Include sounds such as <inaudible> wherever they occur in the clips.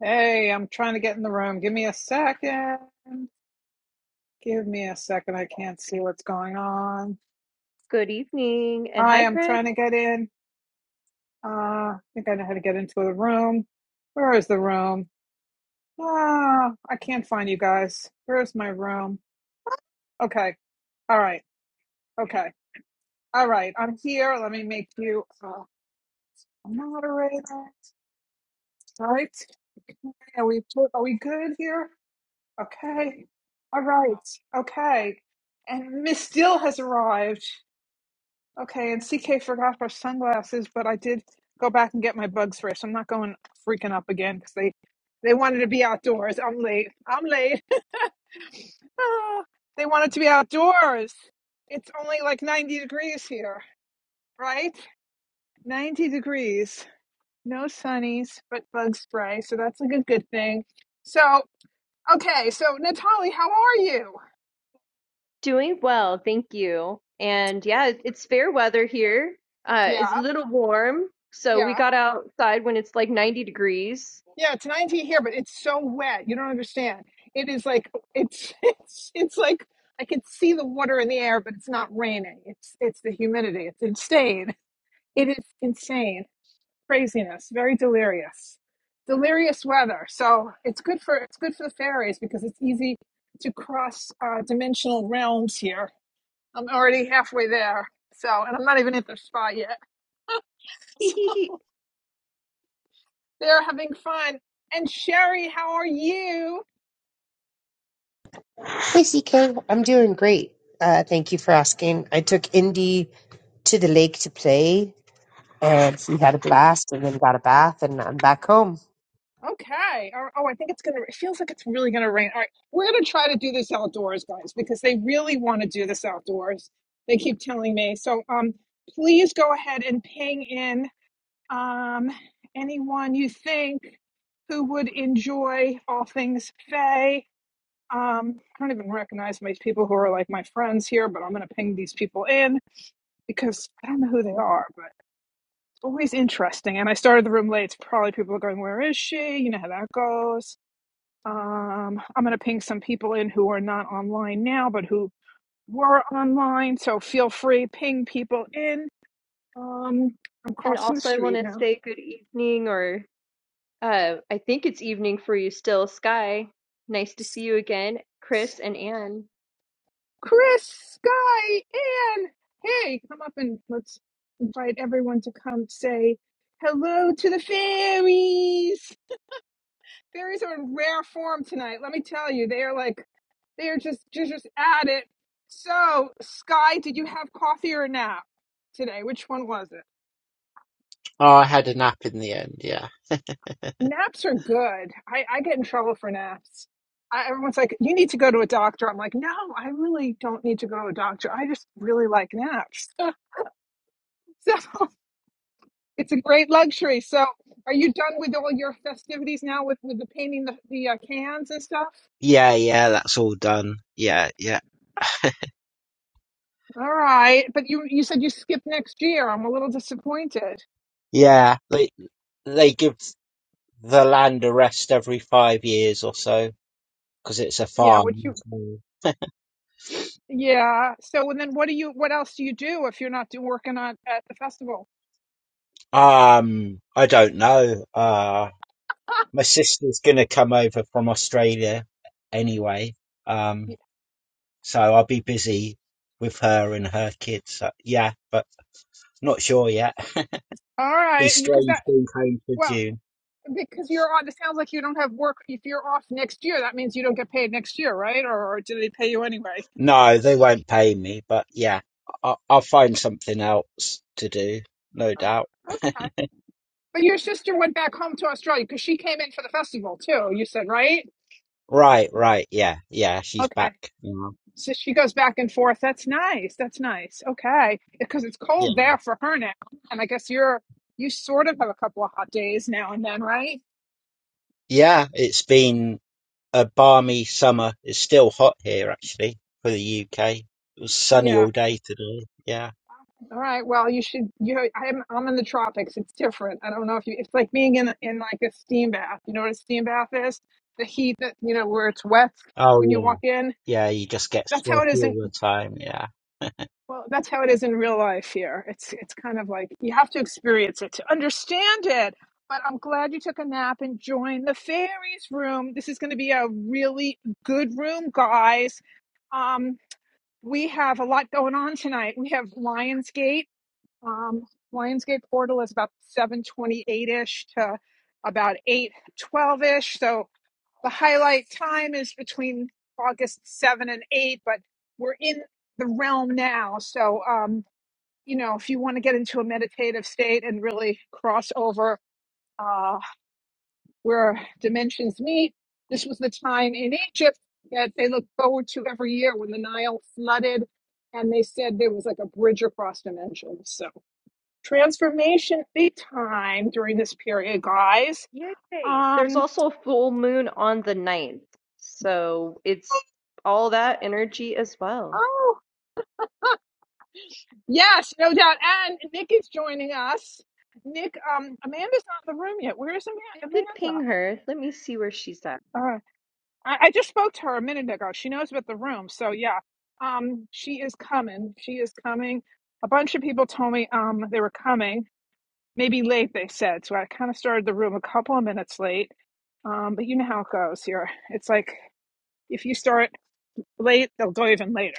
Hey, I'm trying to get in the room. Give me a second. Give me a second. I can't see what's going on. Good evening. And hi, Hi, I'm Chris. trying to get in. Uh, I think I know how to get into the room. Where is the room? Ah, I can't find you guys. Where's my room? Okay. All right. Okay. All right. I'm here. Let me make you uh, a moderator. All right. Okay. Are we are we good here? Okay. All right. Okay. And Miss Dill has arrived. Okay. And CK forgot her sunglasses, but I did go back and get my bug spray. So I'm not going freaking up again because they they wanted to be outdoors. I'm late. I'm late. <laughs> Ah, they wanted to be outdoors. It's only like 90 degrees here, right? 90 degrees. No sunnies, but bug spray. So that's like a good thing. So, okay. So, Natalie, how are you? Doing well, thank you. And yeah, it- it's fair weather here. Uh, it's a Yeah. little warm, so we yeah. got outside when it's like 90 degrees. Yeah, it's 90 here, but it's so wet. You don't understand. It is like it's <laughs> it's it's like I can see the water in the air, but it's not raining. It's it's the humidity. It's insane. It is insane. Craziness. Very delirious. Delirious weather. So it's good for it's good for the fairies because it's easy to cross uh, dimensional realms here. I'm already halfway there. So and I'm not even at the spot yet. <laughs> So <laughs> they're having fun. And Sherry, how are you? Hey, CK, I'm doing great. Uh, thank you for asking. I took Indy to the lake to play, and he had a blast, and then got a bath, and I'm back home. Okay. Oh, oh, I think it's gonna. It feels like it's really gonna rain. All right, we're gonna try to do this outdoors, guys, because they really want to do this outdoors. They keep telling me. So, um, please go ahead and ping in um anyone you think who would enjoy all things Faye. Um, I don't even recognize most people who are like my friends here, but I'm gonna ping these people in because I don't know who they are, but it's always interesting. And I started the room late. It's probably people are going, "Where is she?" You know how that goes. Um, I'm going to ping some people in who are not online now, but who were online. So feel free, ping people in. Um, I'm And crossing the also, I want street to now. say good evening, or uh, I think it's evening for you still, Sky. Nice to see you again, Chris and Anne. Chris, Sky, Ann. Hey, come up and let's invite everyone to come say hello to the fairies. Fairies are in rare form tonight. Let me tell you, they are like they are just just just at it. So, Sky, did you have coffee or a nap today? Which one was it? Oh, I had a nap in the end. Yeah, Naps are good. I, I get in trouble for naps. I, everyone's like, you need to go to a doctor. I'm like, no, I really don't need to go to a doctor. I just really like naps. <laughs> So it's a great luxury. So are you done with all your festivities now with, with the painting the, the uh, cans and stuff? Yeah, yeah, that's all done. Yeah, yeah. All right. But you, you said you skip next year. I'm a little disappointed. yeah. They they give the land a rest every five years or so because it's a farm. so- Yeah. So and then what do you what else do you do if you're not do, working on at the festival? Um, I don't know. Uh, my sister's gonna come over from Australia anyway. Um, so I'll be busy with her and her kids. So, yeah, but not sure yet. <laughs> All be right. You- strange being home for Well, June. Because you're on, it sounds like you don't have work. If you're off next year, that means you don't get paid next year, right? Or, or do they pay you anyway? No, they won't pay me, but yeah, I- I'll find something else to do, no doubt. Okay. But your sister went back home to Australia because she came in for the festival too, you said, right? Right, right, yeah, yeah, she's back now. So she goes back and forth. That's nice. That's nice. Okay. Because it's Yeah. cold there for her now. And I guess you're, you sort of have a couple of hot days now and then, right? Yeah, it's been a balmy summer. It's still hot here, actually, for the UK. It was sunny all day today, yeah. All right. Well, you should, you, I'm, I'm in the tropics. It's different. I don't know if you, it's like being in, in like a steam bath. You know what a steam bath is? the heat that you know where it's wet Oh, yeah, walk in. yeah, you just get That's how it sweaty is all in the time, yeah. well, that's how it is in real life here. It's it's kind of like you have to experience it to understand it. But I'm glad you took a nap and joined the fairies room. This is going to be a really good room, guys. Um, we have a lot going on tonight. We have Lionsgate. Um, Lionsgate portal is about 7:28 ish to about 8:12 ish. So The highlight time is between August 7 and 8, but we're in the realm now. So, um, you know, if you want to get into a meditative state and really cross over uh, where dimensions meet, this was the time in Egypt that they looked forward to every year when the Nile flooded and they said there was like a bridge across dimensions. So, transformation big time during this period, guys. Yay. There's Um, also a full moon on the ninth, so it's all that energy as well. Oh. Yes, no doubt. And Nick is joining us. Nick, um, Amanda's not in the room yet. Where is I Ama- did Amanda? ping her. Let me see where she's at. Uh, I, I just spoke to her a minute ago. She knows about the room, so yeah. Um, she is coming. She is coming. A bunch of people told me um they were coming. Maybe late, they said. So I kind of started the room a couple of minutes late. Um, but you know how it goes here. It's like if you start late, they'll go even later.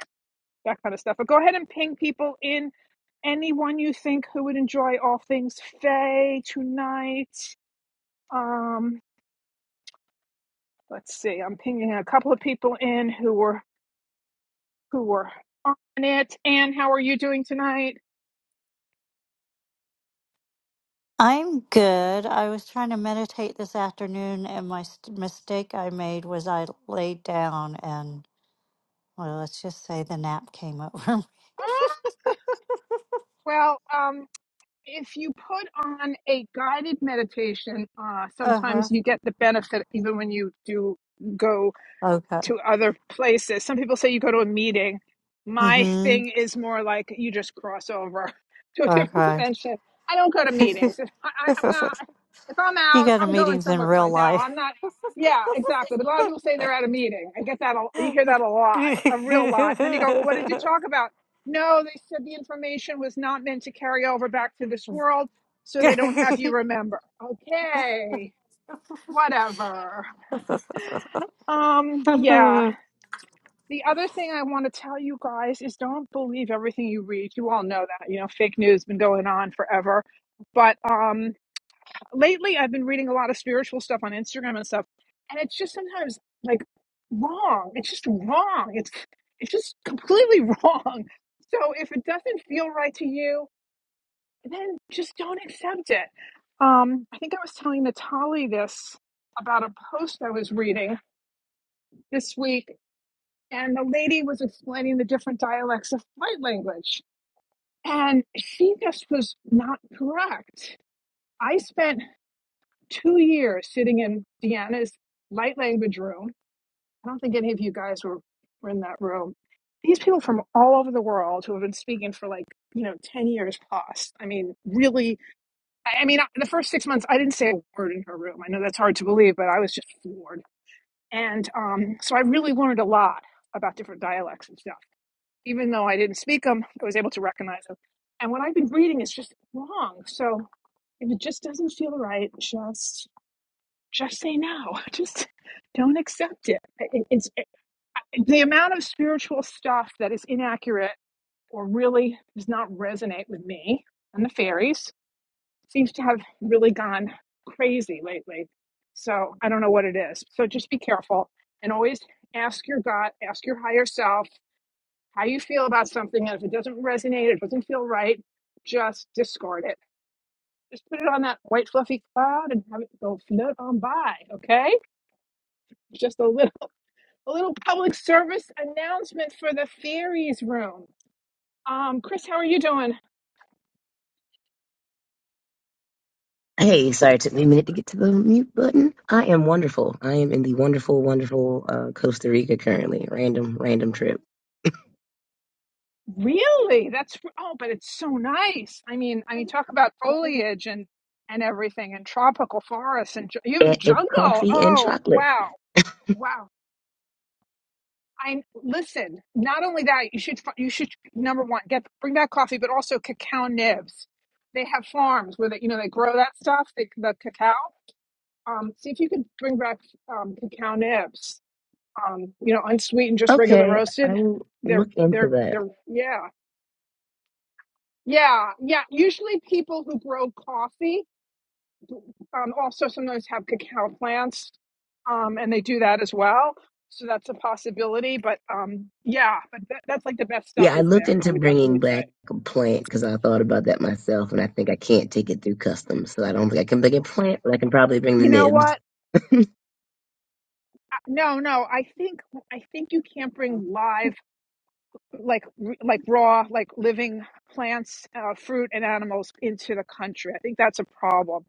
that kind of stuff. But go ahead and ping people in anyone you think who would enjoy all things Faye tonight. Um, let's see. I'm pinging a couple of people in who were who were on it. Anne, how are you doing tonight? I'm good. I was trying to meditate this afternoon, and my st- mistake I made was I laid down, and well, let's just say the nap came over me. Uh, <laughs> Well, um, if you put on a guided meditation, uh, uh huh. sometimes you get the benefit even when you do go Okay. to other places. Some people say you go to a meeting. Mm My hmm. thing is more like you just cross over <laughs> to a different Okay. dimension. I don't go to meetings. If I, I, I'm not, <laughs> if I'm you out, go to I'm going meetings in somewhere real fun. No, life. I'm not. Yeah, exactly. But a lot of people say they're at a meeting. I get that. A, you hear that a lot, a real lot. And then you go, well, what did you talk about? No, they said the information was not meant to carry over back to this world, so they don't have you <laughs> remember. Okay, whatever. Um, yeah. <laughs> The other thing I want to tell you guys is don't believe everything you read. You all know that. You know, fake news has been going on forever. But um lately I've been reading a lot of spiritual stuff on Instagram and stuff, and it's just sometimes like wrong. It's just wrong. It's it's just completely <laughs> wrong. So if it doesn't feel right to you, then just don't accept it. Um I think I was telling Natalie this about a post I was reading this week and the lady was explaining the different dialects of light language. And she just was not correct. I spent two years sitting in Deanna's light language room. I don't think any of you guys were, were in that room. These people from all over the world who have been speaking for like, you know, 10 years plus. I mean, really, I I mean, the first six months, I didn't say a word in her room. I know that's hard to believe, but I was just floored. And um, so I really learned a lot about different dialects and stuff even though I didn't speak them, I was able to recognize them. And what I've been reading is just wrong. So if it just doesn't feel right, just just say no. <laughs> Just don't accept it. It- It's it- the amount of spiritual stuff that is inaccurate or really does not resonate with me and the fairies seems to have really gone crazy lately. So I don't know what it is. So just be careful and always ask your God, ask your higher self how you feel about something and if it doesn't resonate it doesn't feel right just discard it just put it on that white fluffy cloud and have it go float on by okay just a little <laughs> a little public service announcement for the fairies room um chris how are you doing Hey, sorry, it took me a minute to get to the mute button. I am wonderful. I am in the wonderful, wonderful uh, Costa Rica currently. Random, random trip. really that's oh but it's so nice i mean i mean talk about And foliage and and everything and tropical forests and ju- you have the it's jungle coffee and oh chocolate. wow wow I listen. Not only that, you should you should number one get bring back coffee, but also cacao nibs. They have farms where they you know they grow that stuff, they, the cacao. Um, see if you could bring back um, cacao nibs. Um, you know, unsweetened, just regular Okay, roasted. I will They're look into they're that. they're yeah yeah yeah. Usually, people who grow coffee Um, also, sometimes have cacao plants, um, and they do that as well. So that's a possibility. But um, yeah, but that, that's like the best stuff Yeah, I is looked there. I into would bringing definitely say. back a plant because I thought about that myself, and I think I can't take it through customs, so I don't think I can bring a plant, but I can probably bring the You know nibs. what? Uh, No, no. I think I think you can't bring live, like r- like raw, like living plants, uh, fruit, and animals into the country. I think that's a problem.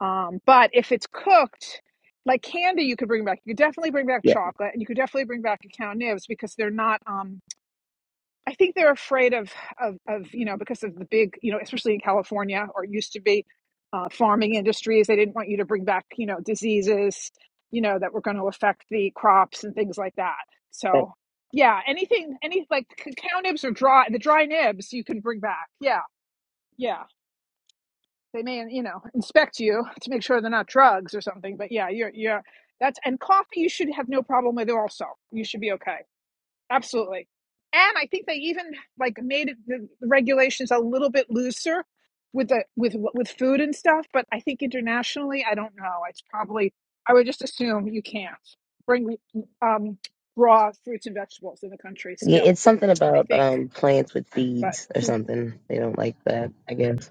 Um, but if it's cooked, like candy, you could bring back. You could definitely bring back Yeah, chocolate, and you could definitely bring back cacao nibs because they're not. Um, I think they're afraid of, of, of, you know, because of the big, you know, especially in California or used to be uh, farming industries. They didn't want you to bring back, you know, diseases, you know, that were going to affect the crops and things like that. but- So, yeah, anything, any like c- cow nibs or dry, the dry nibs you can bring back. Yeah, yeah. They may, you know, inspect you to make sure they're not drugs or something. But yeah, you're, you're, that's, and coffee you should have no problem with also. You should be okay. Absolutely. And I think they even like made it, the regulations a little bit looser with the with with food and stuff, but I think internationally, I don't know. It's probably I would just assume you can't bring um raw fruits and vegetables in the country yeah, still, it's something I about think. um plants with but. seeds or something. They don't like that, I guess.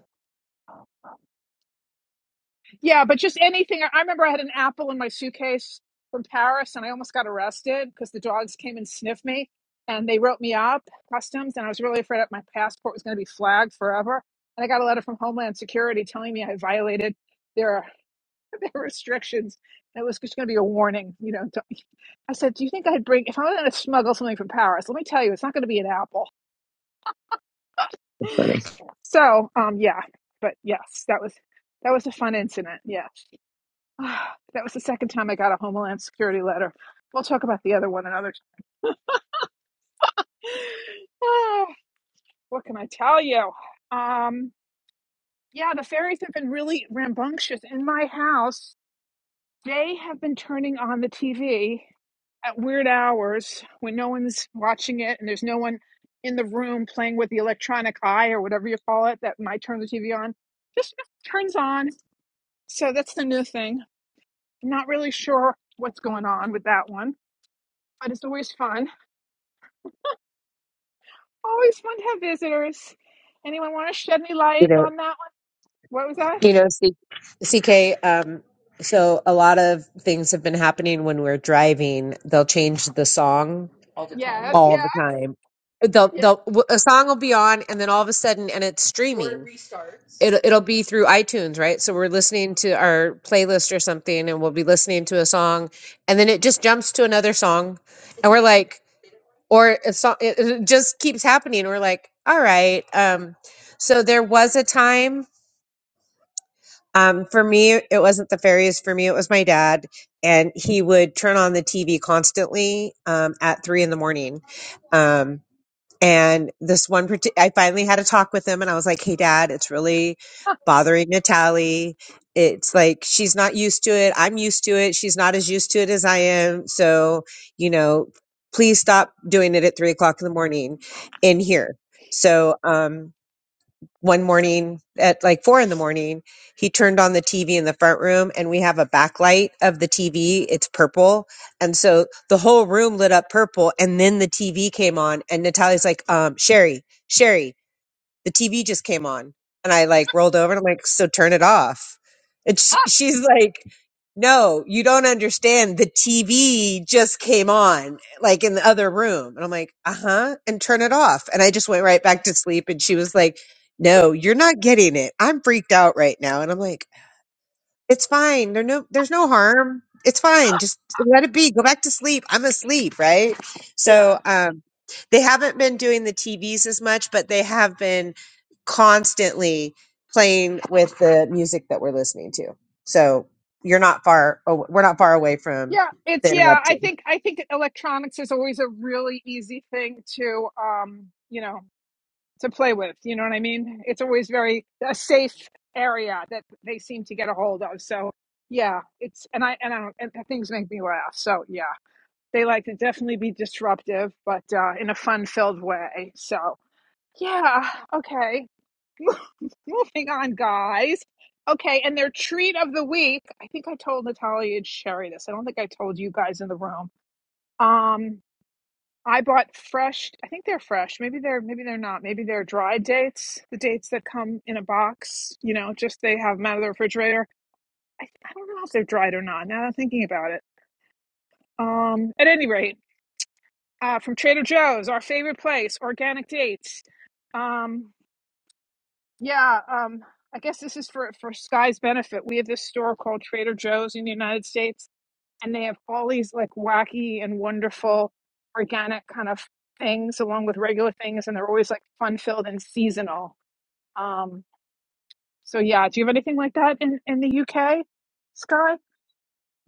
Yeah, but just anything. I I remember I had an apple in my suitcase from Paris and I almost got arrested because the dogs came and sniffed me and they wrote me up customs and I was really afraid that my passport was going to be flagged forever. And I got a letter from Homeland Security telling me I violated their <laughs> their restrictions. It was just going to be a warning, you know. To, <laughs> I said, "Do you think I'd bring if I am going to smuggle something from Paris? Let me tell you, it's not going to be an apple." <gasps> It's <laughs> funny. So, um, yeah, but yes, that was that was a fun incident. Yeah. <sighs> that was the second time I got a Homeland Security letter. We'll talk about the other one another time. <sighs> what can I tell you? Um, yeah, the fairies have been really rambunctious in my house. They have been turning on the TV at weird hours when no one's watching it and there's no one in the room playing with the electronic eye or whatever you call it that might turn the TV on. Just turns on. So that's the new thing. Not really sure what's going on with that one, but it's always fun Always fun to have visitors. Anyone want to shed any You light know, on that one? What was that? you know, C- CK. Um, so a lot of things have been happening when we're driving. They'll change the song Yes, yeah, all the time. They'll, yeah. they'll, w- a song will be on, and then all of a sudden, and it's streaming. it'll it'll be through iTunes, right? So we're listening to our playlist or something and we'll be listening to a song and then it just jumps to another song and we're like or a song it, it just keeps happening. We're like, all right. Um so there was a time um for me it wasn't the fairies for me it was my dad and he would turn on the TV constantly um at three in the morning. Um, and this one, parti- I finally had a talk with him and I was like, hey, dad, it's really bothering Natalie. It's like she's not used to it. I'm used to it. She's not as used to it as I am. So, you know, please stop doing it at three o'clock in the morning in here. So, um, one morning at like four in the morning, he turned on the TV in the front room and we have a backlight of the TV. It's purple. And so the whole room lit up purple and then the TV came on and Natalia's like, um, Sherry, Sherry the TV just came on. And I like rolled over and I'm like, so turn it off. And <laughs> she, <laughs> she's like, no, you don't understand. The TV just came on, like in the other room. And I'm like, uh huh. And turn it off. And I just went right back to sleep. And she was like, no, you're not getting it. I'm freaked out right now. And I'm like, it's fine. There no there's no harm. It's fine. Just let it be. Go back to sleep. I'm asleep, right? yeah So um they haven't been doing the TVs as much, but they have been constantly playing with the music that we're listening to. So you're not far aw- we're not far away from yeah it's the yeah i interruption. think i think electronics is always a really easy thing to um you know to play with you know what i mean it's always very a safe area that they seem to get a hold of so yeah it's and i and i don't and things make me laugh so yeah they like to definitely be disruptive but uh in a fun filled way so Yeah. Okay. <laughs> Moving on, guys. Okay, and their treat of the week. I think I told Natalia and Sherry this. I don't think I told you guys in the room. Um, I bought fresh. I think they're fresh. Maybe they're. Maybe they're not. Maybe they're dried dates. The dates that come in a box. You know, just they have them out of the refrigerator. I, I don't know if they're dried or not. Now that I'm thinking about it. Um, at any rate, uh, from Trader Joe's, our favorite place, organic dates. um. Yeah, um, I guess this is for for Sky's benefit. We have this store called Trader Joe's in the United States, and they have all these like wacky and wonderful organic kind of things along with regular things, and they're always like fun filled and seasonal. Um, so yeah, do you have anything like that in in the UK, Sky?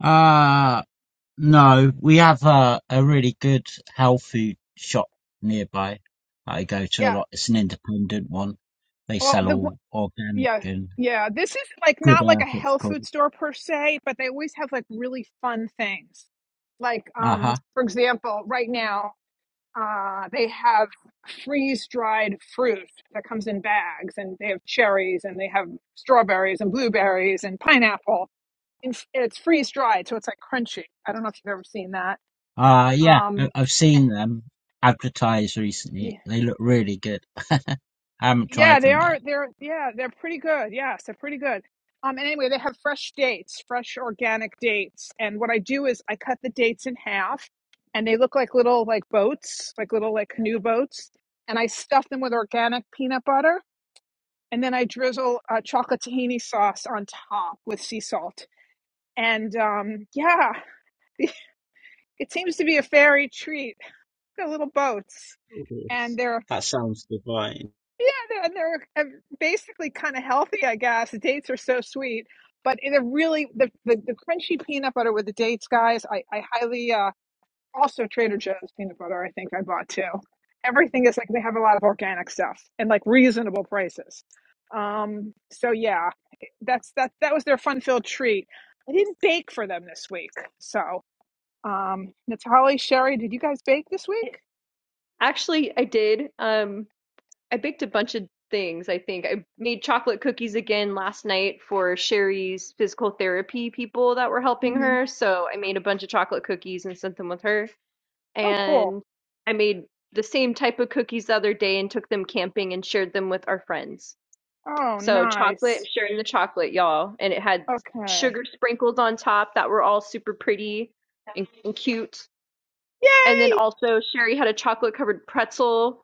Ah. No, we have a, a really good health food shop nearby that I go to a Yeah. lot. It's an independent one. They Well, sell the all organic yeah. and Yeah, this is like good not like a earth, it's health called. food store per se, but they always have like really fun things like um Uh-huh. for example right now Uh, they have freeze dried fruit that comes in bags, and they have cherries, and they have strawberries, and blueberries, and pineapple. And f- it's freeze dried, so it's like crunchy. I don't know if you've ever seen that. Uh, yeah, I- I've seen them advertised Y- recently. They look really good. <laughs> I haven't Yeah, tried they them yet. are. They're yeah, they're pretty good. Yes, they're pretty good. Um, and anyway, they have fresh dates, fresh organic dates. And what I do is I cut the dates in half, and they look like little like boats, like little like canoe boats. And I stuff them with organic peanut butter and then I drizzle uh, chocolate tahini sauce on top with sea salt. And um, yeah, <laughs> it seems to be a fairy treat. The little boats, Ooh, and they're That sounds divine. yeah, they're, and they're uh, basically kind of healthy, I guess. The dates are so sweet, but they're really the, the the crunchy peanut butter with the dates, guys. I I highly uh, Also, Trader Joe's peanut butter, I think I bought too. Everything is like they have a lot of organic stuff and like reasonable prices. Um, so yeah, that's that that was their fun-filled treat. I didn't bake for them this week. So, um, Natalie, Sherry, did you guys bake this It- week? Actually, I did. Um, I baked a bunch of things, I think. I made chocolate cookies again last night for Sherry's physical therapy people that were helping hmm her. So I made a bunch of chocolate cookies and sent them with her. Oh, cool. And I made the same type of cookies the other day and took them camping and shared them with our friends. Oh, So chocolate, nice. sharing the chocolate, y'all. And it had Okay. sugar sprinkles on top that were all super pretty and, and cute. And then Yay! also Sherry had a chocolate covered pretzel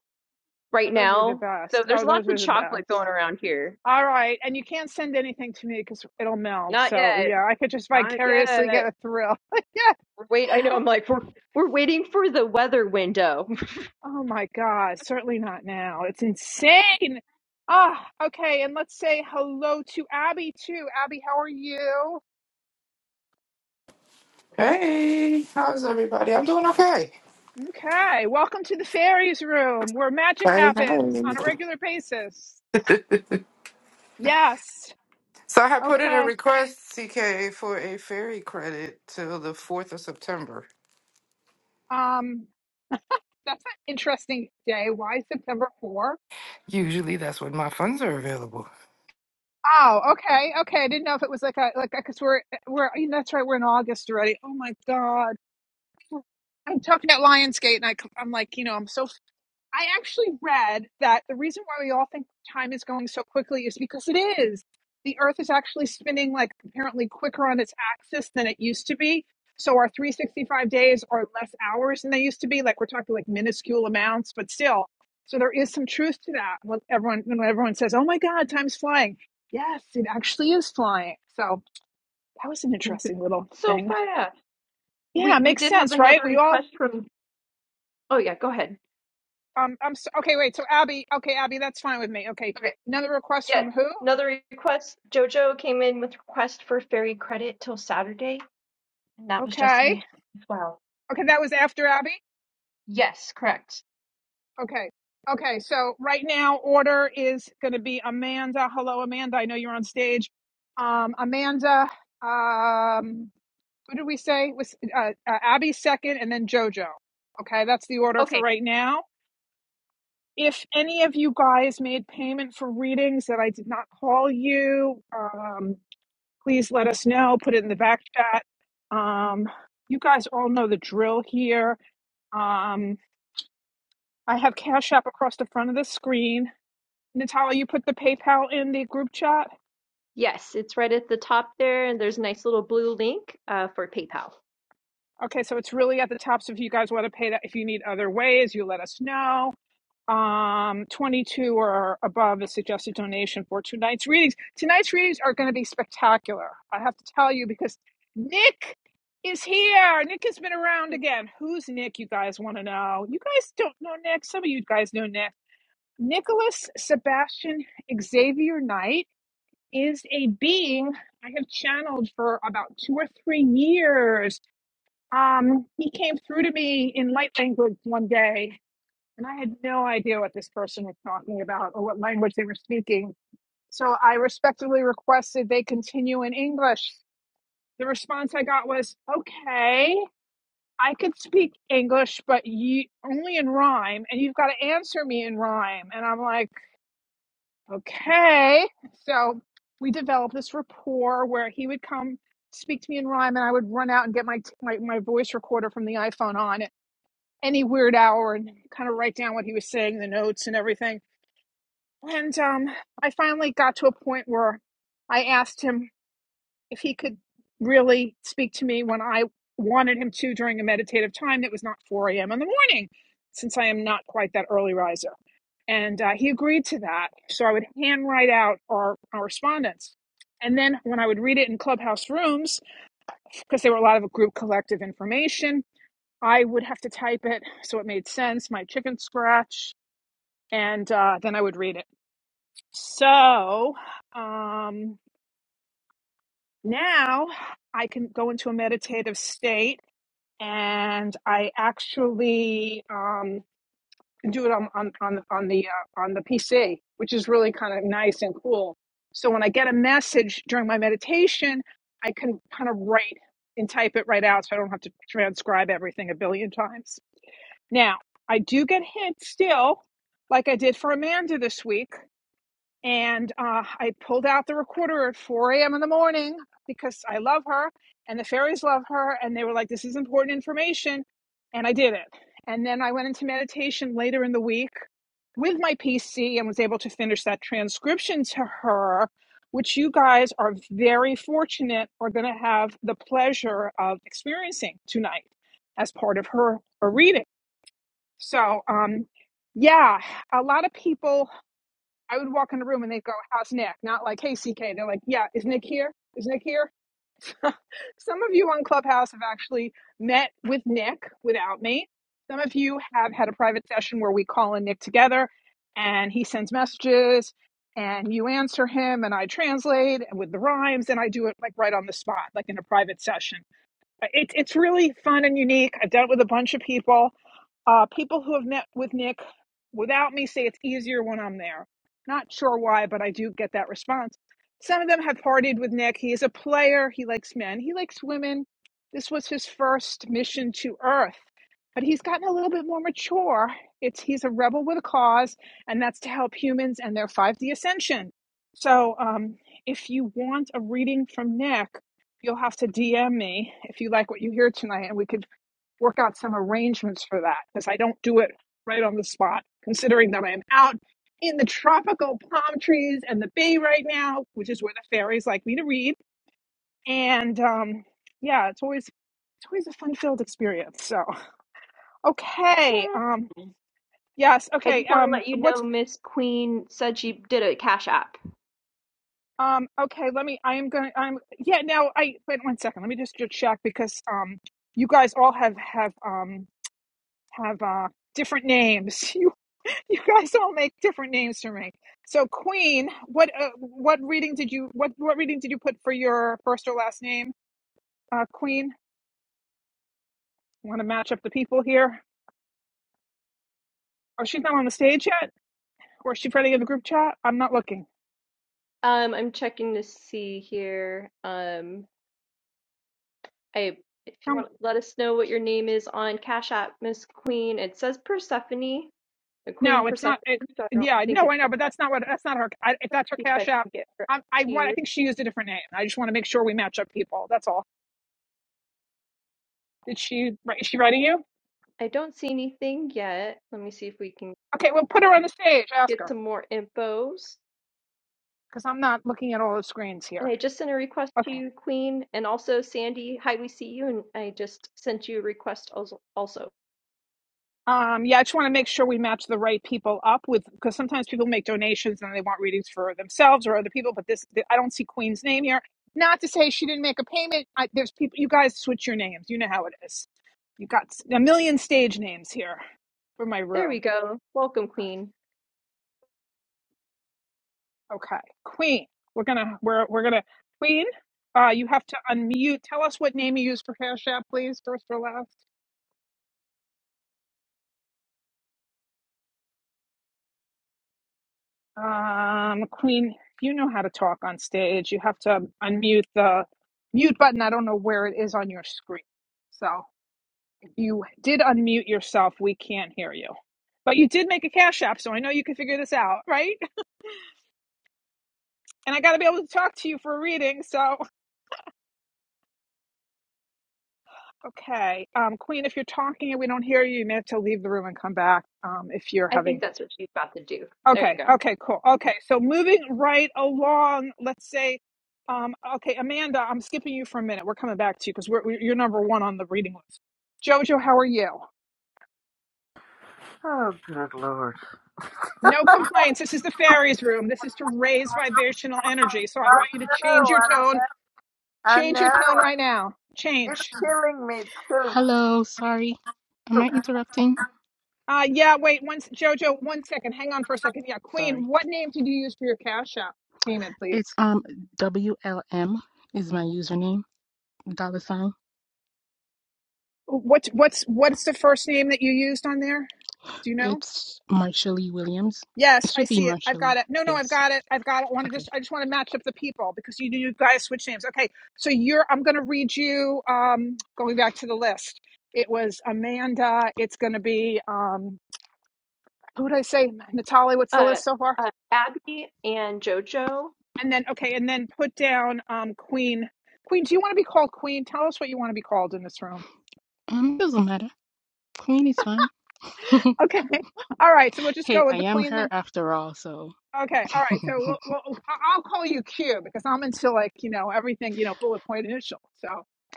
Oh, right those were the now. So best. there's Oh, lots those of were the chocolate best. going around here. All right, and you can't send anything to me because it'll melt. Not So yet. yeah, I could just Not vicariously get yet. a thrill. <laughs> Yeah. We're Wait, I know. I'm like we're we're waiting for the weather window. Oh my God, certainly not now. It's insane. Ah, okay, and let's say hello to Abby too. Abby, how are you? Hey, how's everybody? I'm doing okay. Okay, welcome to the fairies room where magic Hey, happens hey. on a regular basis. Yes. So I had put in a Okay. request, CK, for a ferry credit till the 4th of September. Um, that's an interesting day. Why September 4? Usually that's when my funds are available. Oh, okay, okay. I didn't know if it was like a like because we're we're you know, that's right. We're in August already. Oh my God. I'm talking about Lionsgate, and I, am like, you know, I'm so I actually read that the reason why we all think time is going so quickly is because it is. The Earth is actually spinning like apparently quicker on its axis than it used to be. So our 365 days are less hours than they used to be. Like we're talking like minuscule amounts, but still. So there is some truth to that. When everyone when everyone says, "Oh my God, time's flying," yes, it actually is flying. So that was an <laughs> interesting little so thing. far, Yeah, We it we makes did have sense, right? another We all request from. Oh yeah, go ahead. Um, I'm so, okay. Wait. So Abby. Okay, Abby, that's fine with me. Okay. Okay. Another request Yeah, from who? another request. JoJo came in with request for ferry credit till Saturday, and that was just in Okay. the as well. Okay, that was after Abby. Yes, correct. Okay. Okay. So right now, order is going to be Amanda. Hello, Amanda. I know you're on stage. Um, Amanda. Um, who did we say was uh, uh, Abby second, and then JoJo. Okay, that's the order for Okay. right now. If any of you guys made payment for readings that I did not call you, um, please let us know. Put it in the back chat. Um, you guys all know the drill here. Um, I have Cash App across the front of the screen. Natalia, you put the PayPal in the group chat. Yes, it's right at the top there, and there's a nice little blue link uh, for PayPal. Okay, so it's really at the top. So if you guys want to pay that, if you need other ways, you let us know. um 22 or above is suggested donation for tonight's readings tonight's readings are going to be spectacular i have to tell you because nick is here nick has been around again who's nick you guys want to know you guys don't know nick some of you guys know nick nicholas sebastian xavier knight is a being i have channeled for about two or three years um he came through to me in light language one day and I had no idea what this person was talking about or what language they were speaking. So I respectfully requested they continue in English. The response I got was, okay, I could speak English, but you only in rhyme, and you've got to answer me in rhyme. And I'm like, okay. So we developed this rapport where he would come speak to me in rhyme, and I would run out and get my, my, my voice recorder from the iPhone on at any weird hour and kind of write down what he was saying, the notes and everything And um, I finally got to a point where I asked him if he could really speak to me when I wanted him to during a meditative time that was not 4 a.m. in the morning, since I am not quite that early riser. And uh, he agreed to that. So I would handwrite out our correspondence. And then when I would read it in clubhouse rooms, because there were a lot of group collective information, I would have to type it so it made sense, my chicken scratch, and uh, then I would read it. So um, now I can go into a meditative state, and I actually um, do it on on on, on the uh, on the PC, which is really kind of nice and cool. So when I get a message during my meditation, I can kind of write and type it right out, so I don't have to transcribe everything a billion times. Now I do get hit still, like I did for Amanda this week And uh, I pulled out the recorder at 4 a.m. in the morning because I love her and the fairies love her. And they were like, this is important information. And I did it. And then I went into meditation later in the week with my PC and was able to finish that transcription to her, which you guys are very fortunate are going to have the pleasure of experiencing tonight as part of her, her reading. So, um, yeah, a lot of people I would walk in the room and they'd go, "How's Nick?" Not like, "Hey, CK." They're like, "Yeah, is Nick here? Is Nick here?" <laughs> Some of you on Clubhouse have actually met with Nick without me. Some of you have had a private session where we call in Nick together, and he sends messages, and you answer him, and I translate with the rhymes, and I do it like right on the spot, like in a private session. It's it's really fun and unique. I've done it with a bunch of people. Uh, people who have met with Nick without me say it's easier when I'm there. Not sure why, but I do get that response. Some of them have partied with Nick. He is a player. He likes men. He likes women. This was his first mission to Earth, but he's gotten a little bit more mature. It's he's a rebel with a cause, and that's to help humans and their 5D ascension. So, um, if you want a reading from Nick, You'll have to DM me if you like what you hear tonight, and we could work out some arrangements for that because I don't do it right on the spot, considering that I am out in the tropical palm trees and the bay right now, which is where the fairies like me to read. And um, yeah, it's always it's always a fun filled experience. So okay, Yeah. um, yes, I okay. just want to Um, let you what's know Miss Queen said she did a Cash App. um, okay, let me. I am going. to I'm. Yeah. Now, I wait one second. Let me just check because um, you guys all have have um have uh, different names. <laughs> You you guys all make different names for me. So Queen, what uh, what reading did you what what reading did you put for your first or last name? Uh, Queen, want to match up the people here? Oh, she's not on the stage yet, or is she part of the group chat? I'm not looking. Um, I'm checking to see here. Um, I if you Um, want, to let us know what your name is on Cash App, Miss Queen. It says Persephone, the Queen no, it's not. Persephone, It, so I don't yeah, think no, it's I know, but that. that's not what that's not her. I, if that's her See if I cash app, can get her up I, I want. I here. think she used a different name. I just want to make sure we match up people. That's all. Did she? Is she writing you? I don't see anything yet. Let me see if we can Okay, well, put her on the stage. Ask her. get some more infos. because I'm not looking at all the screens And here. I just sent a request to Okay. you, Queen, and also Sandy. Hi, we see you, and I just sent you a request als- also. Um, yeah, I just want to make sure we match the right people up with, because sometimes people make donations and they want readings for themselves or other people. But this, I don't see Queen's name here. Not to say she didn't make a payment. I, there's people. You guys switch your names. You know how it is. You got a a million stage names here for my There room. we go. Welcome, Queen. Okay, Queen. We're gonna. We're we're gonna. Queen. Uh, you have to unmute. Tell us what name you use for Cash App, please, first or last. Um, Queen, you know how to talk on stage. You have to unmute the mute button. I don't know where it is on your screen. So if you did unmute yourself, we can't hear you. But you did make a cash app, so I know you can figure this out, right? And I got to be able to talk to you for a reading. So, okay. Um, Queen, if you're talking and we don't hear you, you may have to leave the room and come back. Um, if you're I having think that's what she's about to do. There you Okay, go. okay, cool. Okay, so moving right along, let's say, um, okay, Amanda, I'm skipping you for a minute. We're coming back to you because we're, we you're number one on the reading list. Jojo, how are you? Oh, good lord. No complaints. This is the fairies room. This is to raise vibrational energy. So I I want you to know. change your I, tone. Change your know. tone right now. It's Change. killing me. It's killing Hello, sorry. Am me. I interrupting? Uh, yeah, wait, one, s- Jojo, one second. Hang on for a second. Yeah, Queen, Sorry. what name did you use for your cash app payment, please? It's um WLM is my username, dollar sign. What's what's, what's the first name that you used on there? Do you know? It's Marshallie Williams. It Yes, I should be see it. I've Marshallie. got it. No, no, I've Yes. got it. I've got it. I want to Okay. just I just want to match up the people because you you guys switch names. Okay. So you're I'm going to read you um going back to the list. It was Amanda, it's going to be um who did I say? Natalie, what's the Uh, list so far? uh, Abby and JoJo, And then okay, and then put down um Queen. Queen, do you want to be called Queen? Tell us what you want to be called in this room. Um, doesn't matter. Queen is fine. Okay. <laughs> All right. So we'll <laughs> just hey, go I with the am Queen then. her after all, so Okay, all right. <laughs> So we'll, we'll, oh, I- I'll call you Q because I'm into like you know everything you know bullet point initial. So,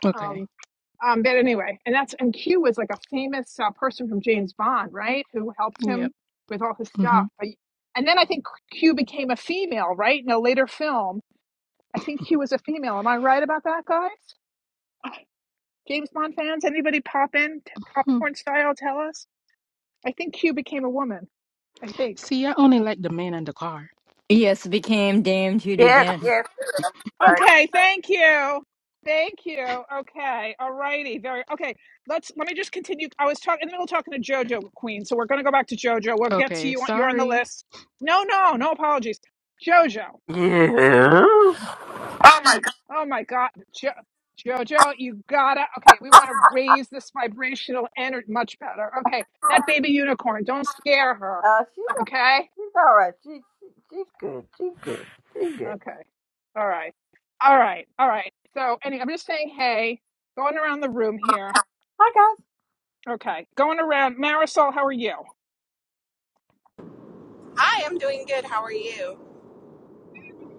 okay. um, um, but anyway, and that's and Q was like a famous uh, person from James Bond, right? Who helped Yep. him with all his Mm-hmm. stuff. But- And then I think Q became a female, right? In a later film, I think Q was a female. Am I right about that, guys? James Bond fans, anybody pop in Hmm. popcorn style? Tell us. I think Q became a woman. I think. See, I only like the man and the car. Yes, became Dame Judy Yes, Dench. yes. Right. Okay, thank you. Thank you. Okay. All righty. Very okay. Let's let me just continue. I was talking in the middle of talking to Jojo Queen, so we're gonna go back to Jojo. We'll get to Okay, you. on- You're on the sorry. list. No, no, no apologies. Jojo. Yeah. Oh my god. Oh my god. Jo- Jojo, you gotta okay, we wanna raise this vibrational energy much better. Okay. That baby unicorn, don't scare her. Uh, she's Okay? she's all right. She, she she's good. She's good. She's good. Okay. All right. All right. All right. So anyway, I'm just saying hey, going around the room here. Hi Okay, going around. Marisol, how are you? I am doing good. How are you?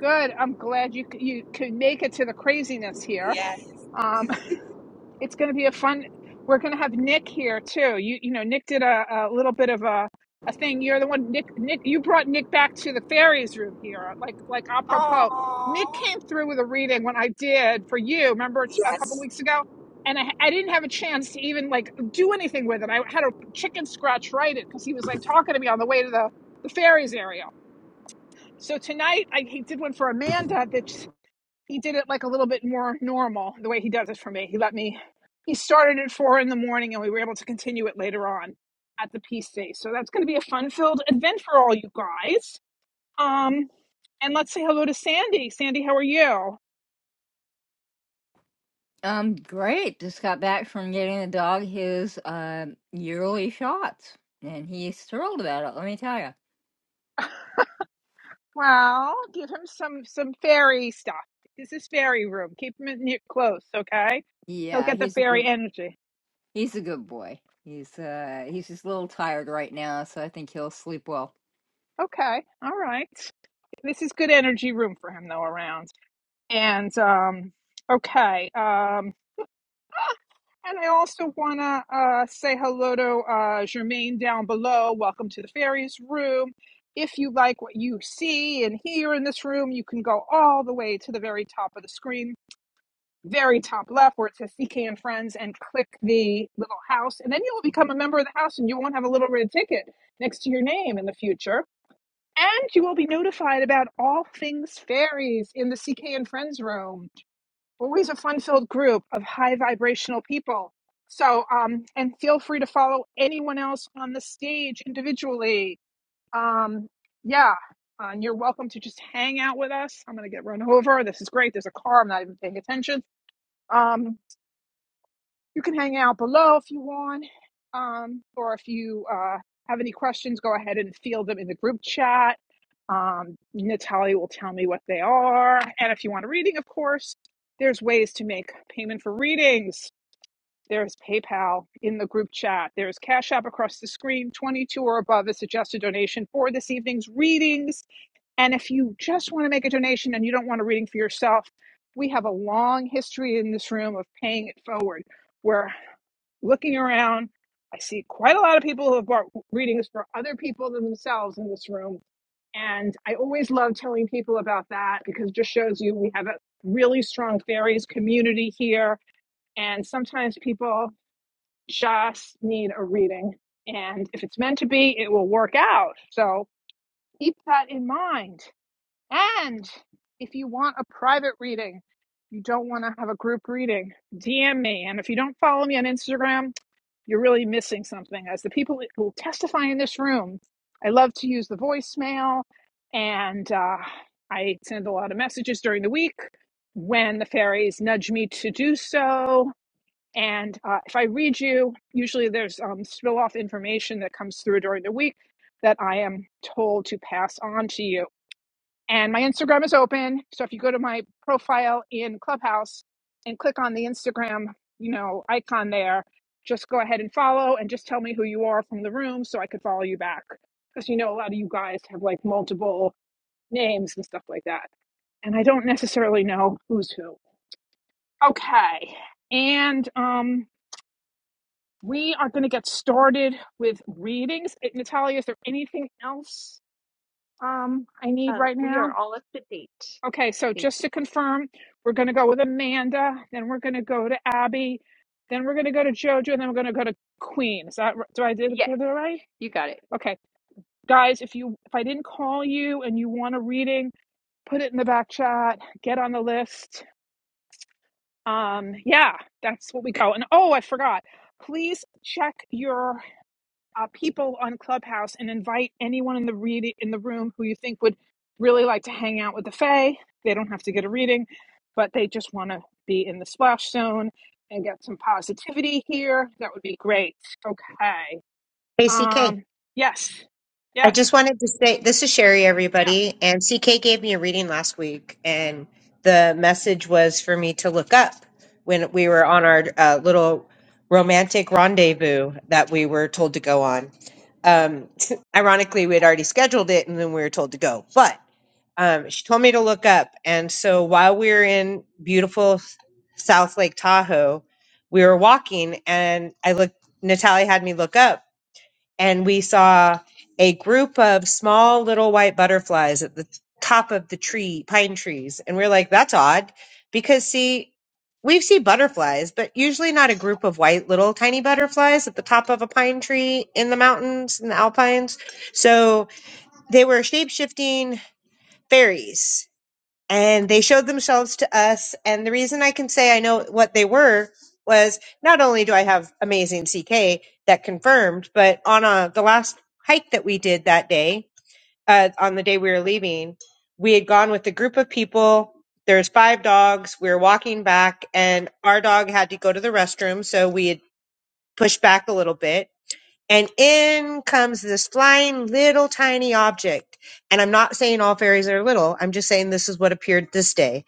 Good. I'm glad you c- you could make it to the craziness here. Yes. Um, <laughs> it's going to be a fun. We're going to have Nick here too. You you know Nick did a, a little bit of a a thing. You're the one Nick Nick you brought Nick back to the fairies room here. Like like apropos, Nick Oh, came through with a reading when I did for you. Remember it's a couple yes. weeks ago. And I, I didn't have a chance to even like do anything with it. I had a chicken scratch write it because he was like talking to me on the way to the the fairies area. So tonight I he did one for Amanda that he did it like a little bit more normal the way he does it for me. He let me he started at four in the morning and we were able to continue it later on at the peace day. So that's gonna be a fun filled event for all you guys. Um and let's say hello to Sandy. Sandy, how are you? Um, great. Just got back from getting the dog his uh, yearly shots, and he's thrilled about it. Let me tell you. Well, give him some some fairy stuff. This is fairy room. Keep him in near close, okay? He'll Yeah, get the he's a fairy good, energy. he's a good boy. He's uh he's just a little tired right now, so I think he'll sleep well. Okay, all right. This is good energy room for him though around. And um, okay. Um, <gasps> ah, and I also want to uh, say hello to uh, Jermaine down below. Welcome to the Fairies Room. If you like what you see and hear in this room, you can go all the way to the very top of the screen, very top left where it says CK and Friends, and click the little house. And then you will become a member of the house and you won't have a little red ticket next to your name in the future. And you will be notified about all things fairies in the CK and Friends room always a fun filled group of high vibrational people. So, um, and feel free to follow anyone else on the stage individually. Um, yeah, uh, and you're welcome to just hang out with us. I'm going to get run over. This is great. There's a car. I'm not even paying attention. Um, you can hang out below if you want. Um, or if you uh, have any questions, go ahead and field them in the group chat. Um, Natalia will tell me what they are. And if you want a reading, of course, there's ways to make payment for readings. There's PayPal in the group chat. There's Cash App across the screen. 22 or above is suggested donation for this evening's readings. And if you just want to make a donation and you don't want a reading for yourself, we have a long history in this room of paying it forward. where looking around, I see quite a lot of people who have bought readings for other people than themselves in this room. And I always love telling people about that because it just shows you we have a really strong fairies community here. And sometimes people just need a reading. And if it's meant to be, it will work out. So keep that in mind. And if you want a private reading, you don't want to have a group reading, DM me. And if you don't follow me on Instagram, you're really missing something. As the people who testify in this room, I love to use the voicemail and uh, I send a lot of messages during the week when the fairies nudge me to do so. And uh, if I read you, usually there's um, spill off information that comes through during the week that I am told to pass on to you. And my Instagram is open. So if you go to my profile in Clubhouse and click on the Instagram, you know, icon there, just go ahead and follow and just tell me who you are from the room so I could follow you back. Because you know, a lot of you guys have like multiple names and stuff like that. And I don't necessarily know who's who. Okay. And um, we are going to get started with readings. Eh, Natalia, is there anything else um, I need uh, right we now? are all up to date. Okay, so Thank just you. to confirm, we're going to go with Amanda, then we're going to go to Abby, then we're going to go to JoJo, and then we're going to go to Queen. Is that r- do I did Yes, did that right? you got it. Okay, guys, if you if I didn't call you and you want a reading, put it in the back chat. Get on the list. Um, yeah, that's what we go. And oh, I forgot. Please check your uh, people on Clubhouse and invite anyone in the read in the room who you think would really like to hang out with the Fae. They don't have to get a reading, but they just want to be in the splash zone and get some positivity here. That would be great. Okay. ACK. Um. Yes. I just Yes. wanted to say this is Sherry, everybody. And CK gave me a reading last week, and the message was for me to look up when we were on our uh, little romantic rendezvous that we were told to go on. Um, <laughs> ironically, we had already scheduled it, and then we were told to go. But um, she told me to look up, and so while we were in beautiful South Lake Tahoe, we were walking, and I looked. Natalie had me look up and we saw a group of small little white butterflies at the top of the tree, pine trees. And we're like, that's odd because see, we see butterflies, but usually not a group of white little tiny butterflies at the top of a pine tree in the mountains in the alpines. So they were shape shifting fairies and they showed themselves to us. And the reason I can say I know what they were was not only do I have amazing CK that confirmed, but on a, the last hike that we did that day, uh, on the day we were leaving, we had gone with a group of people. There's five dogs. We were walking back, and our dog had to go to the restroom, so we had pushed back a little bit and in comes this flying little tiny object. And I'm not saying all fairies are little. I'm just saying this is what appeared this day.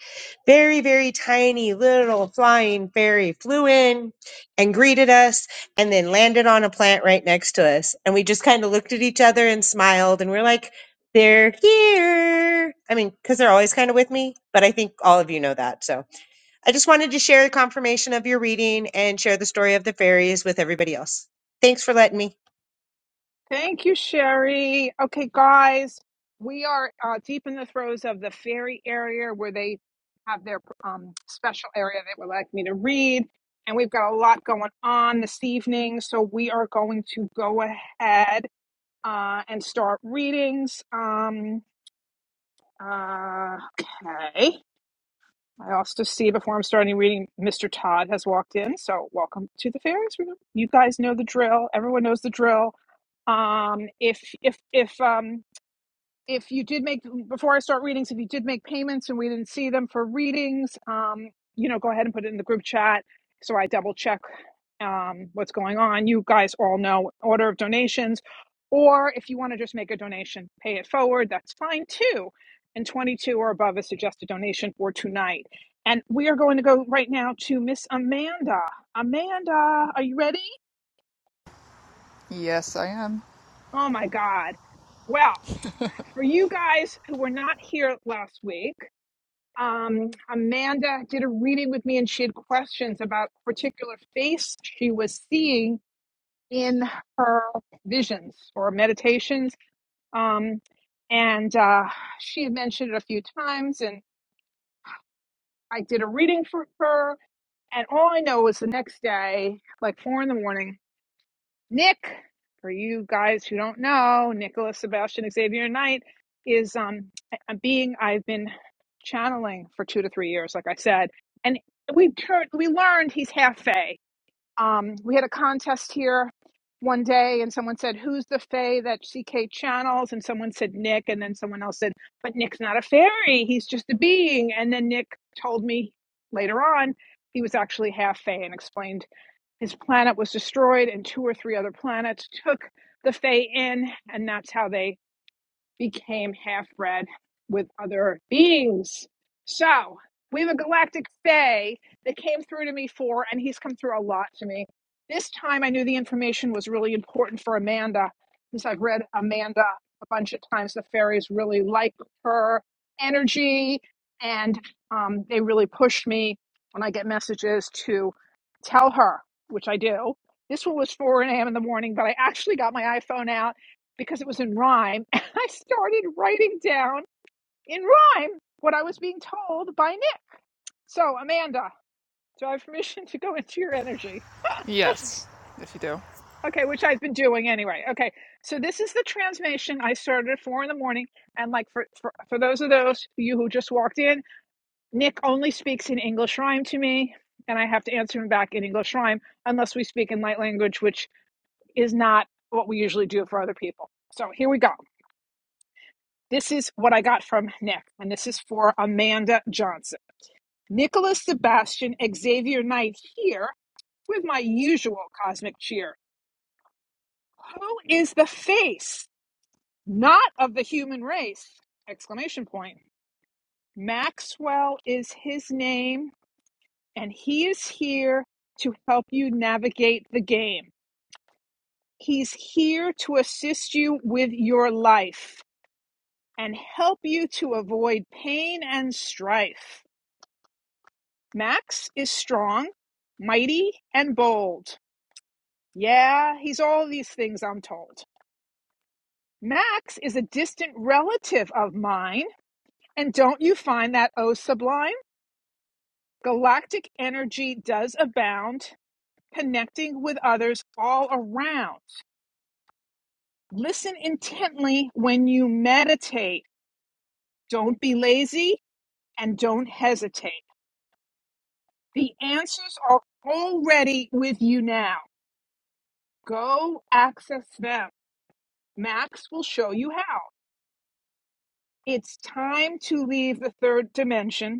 Very, very tiny little flying fairy flew in and greeted us and then landed on a plant right next to us. And we just kind of looked at each other and smiled and we're like, they're here. I mean, because they're always kind of with me, but I think all of you know that. So I just wanted to share the confirmation of your reading and share the story of the fairies with everybody else. Thanks for letting me. Thank you, Sherry. Okay, guys, we are uh, deep in the throes of the fairy area where they have their um, special area they would like me to read. And we've got a lot going on this evening. So we are going to go ahead uh, and start readings. Um, uh, okay. I also see before I'm starting reading, Mr. Todd has walked in. So welcome to the fairies room. You guys know the drill. Everyone knows the drill. Um, if if if um, if you did make before I start readings, if you did make payments and we didn't see them for readings, um, you know, go ahead and put it in the group chat so I double check um, what's going on. You guys all know order of donations, or if you want to just make a donation, pay it forward. That's fine too. And 22 or above is suggested donation for tonight. And we are going to go right now to Miss Amanda. Amanda, are you ready? Yes, I am. Oh my God. Well, for you guys who were not here last week. Um, Amanda did a reading with me and she had questions about a particular face she was seeing in her visions or meditations. Um, and uh, she had mentioned it a few times, and I did a reading for her. And all I know was the next day, like four in the morning, Nick, for you guys who don't know, Nicholas Sebastian Xavier Knight is um a being I've been channeling for two to three years, like I said, and we turned we learned he's half fae. Um, we had a contest here one day, and someone said, "Who's the fae that CK channels?" And someone said Nick, and then someone else said, "But Nick's not a fairy; he's just a being." And then Nick told me later on he was actually half fae and explained his planet was destroyed, and two or three other planets took the Fae in, and that's how they became half bred with other beings. So we have a galactic fae that came through to me for, and he's come through a lot to me. This time I knew the information was really important for Amanda, since I've read Amanda a bunch of times. The fairies really like her energy, and um, they really push me when I get messages to tell her, which I do. This one was 4 a.m. in the morning, but I actually got my iPhone out because it was in rhyme I started writing down in rhyme what I was being told by Nick. So, Amanda, do I have permission to go into your energy? Yes, if you do. Okay, which I've been doing anyway. Okay, so this is the transmission I started at four in the morning. And like for, for, for those of those of you who just walked in, Nick only speaks in English rhyme to me, and I have to answer him back in English rhyme unless we speak in light language, which is not what we usually do for other people. So here we go. This is what I got from Nick, and this is for Amanda Johnson. Nicholas Sebastian Xavier Knight here with my usual cosmic cheer. Who is the face, not of the human race? Exclamation point. Maxwell is his name, and he is here to help you navigate the game. He's here to assist you with your life and help you to avoid pain and strife. Max is strong, mighty, and bold. Yeah, he's all these things, I'm told. Max is a distant relative of mine, and don't you find that oh sublime? Galactic energy does abound, connecting with others all around. Listen intently when you meditate. Don't be lazy and don't hesitate. The answers are already with you now. Go access them. Max will show you how. It's time to leave the third dimension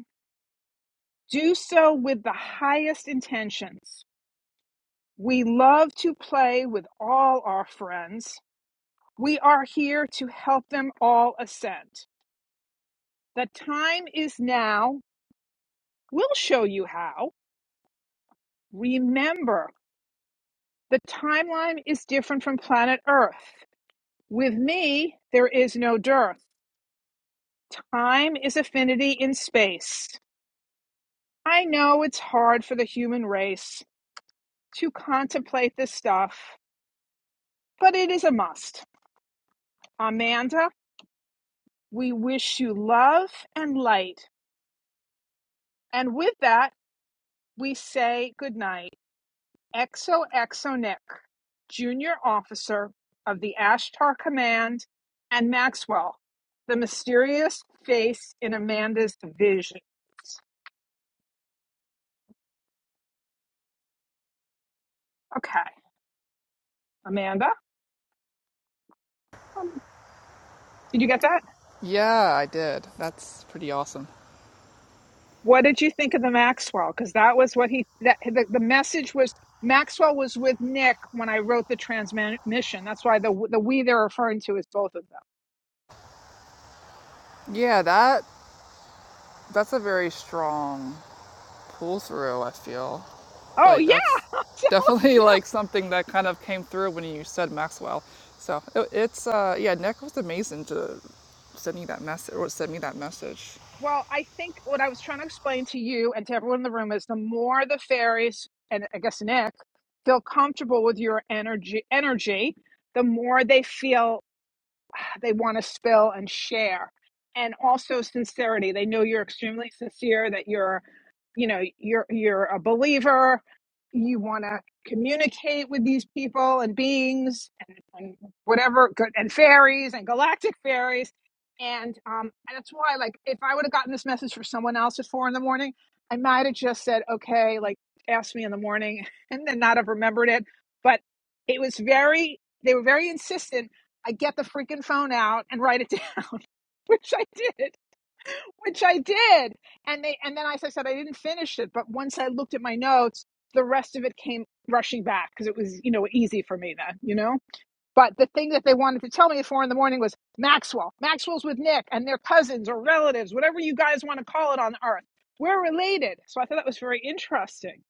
Do so with the highest intentions. We love to play with all our friends. We are here to help them all ascend. The time is now. We'll show you how. Remember, the timeline is different from planet Earth. With me, there is no dearth. Time is affinity in space. I know it's hard for the human race to contemplate this stuff, but it is a must. Amanda, We wish you love and light. And with that, we say goodnight. XOXO Nick, Junior Officer of the Ashtar Command, and Maxwell, the mysterious face in Amanda's vision. Okay, Amanda, um, did you get that? Yeah, I did. That's pretty awesome. What did you think of the Maxwell? Because that was what he, that, the, the message was Maxwell was with Nick when I wrote the transmission. That's why the, the we they're referring to is both of them. Yeah, that that's a very strong pull through, I feel. Oh, Like yeah, that's <laughs> <laughs> thank definitely you. like something that kind of came through when you said Maxwell. So, it, it's uh yeah, Nick was amazing to send me that message or send me that message. Well, I think what I was trying to explain to you and to everyone in the room is the more the fairies and I guess Nick feel comfortable with your energy energy, the more they feel they want to spill and share. And also sincerity. They know you're extremely sincere, that you're, you know, you're you're a believer, you want to communicate with these people and beings and, and whatever good and fairies and galactic fairies and um and that's why like if i would have gotten this message for someone else at four in the morning i might have just said okay like ask me in the morning <laughs> and then not have remembered it but it was very they were very insistent I get the freaking phone out and write it <laughs> down, which I did, which I did. And they and then as I said, I didn't finish it, but once I looked at my notes, the rest of it came rushing back because it was, you know, easy for me then, you know? But the thing that they wanted to tell me at four in the morning was Maxwell. Maxwell's with Nick and their cousins or relatives, whatever you guys want to call it on earth. We're related. So I thought that was very interesting,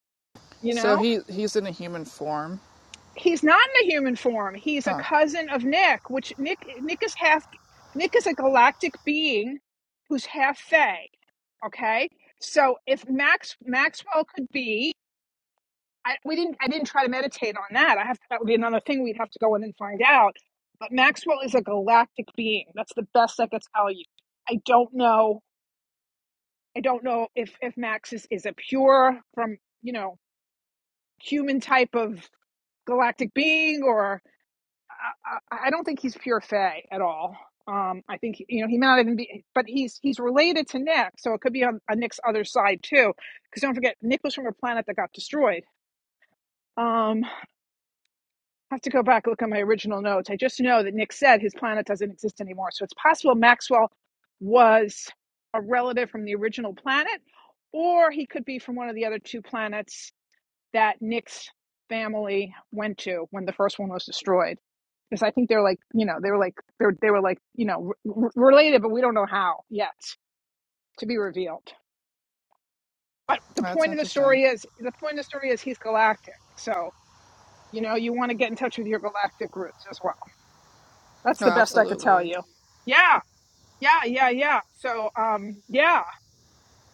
you So know? he he's in a human form. he's not in the human form. He's a Huh. cousin of Nick, which Nick Nick is half Nick is a galactic being who's half Fey. Okay, so if Max Maxwell could be, I, we didn't I didn't try to meditate on that. I have that would be another thing we'd have to go in and find out. But Maxwell is a galactic being. That's the best I could tell you. I don't know. I don't know if if Max is is a pure from you know human type of galactic being or I, I don't think he's pure Fey at all. Um, I think you know he might even be, but he's he's related to Nick, so it could be on, on Nick's other side too. Because don't forget, Nick was from a planet that got destroyed. Um, I have to go back and look at my original notes. I just know that Nick said his planet doesn't exist anymore, so it's possible Maxwell was a relative from the original planet, or he could be from one of the other two planets that Nick's family went to when the first one was destroyed. Because I think they're like, you know, they were like, they were, they were like, you know, r- related, but we don't know how yet to be revealed. But the That's point of the interesting. story is, the point of the story is he's galactic. So, you know, you want to get in touch with your galactic roots as well. That's Oh, the best I could tell absolutely. you. Yeah, yeah, yeah, yeah. So, um, yeah.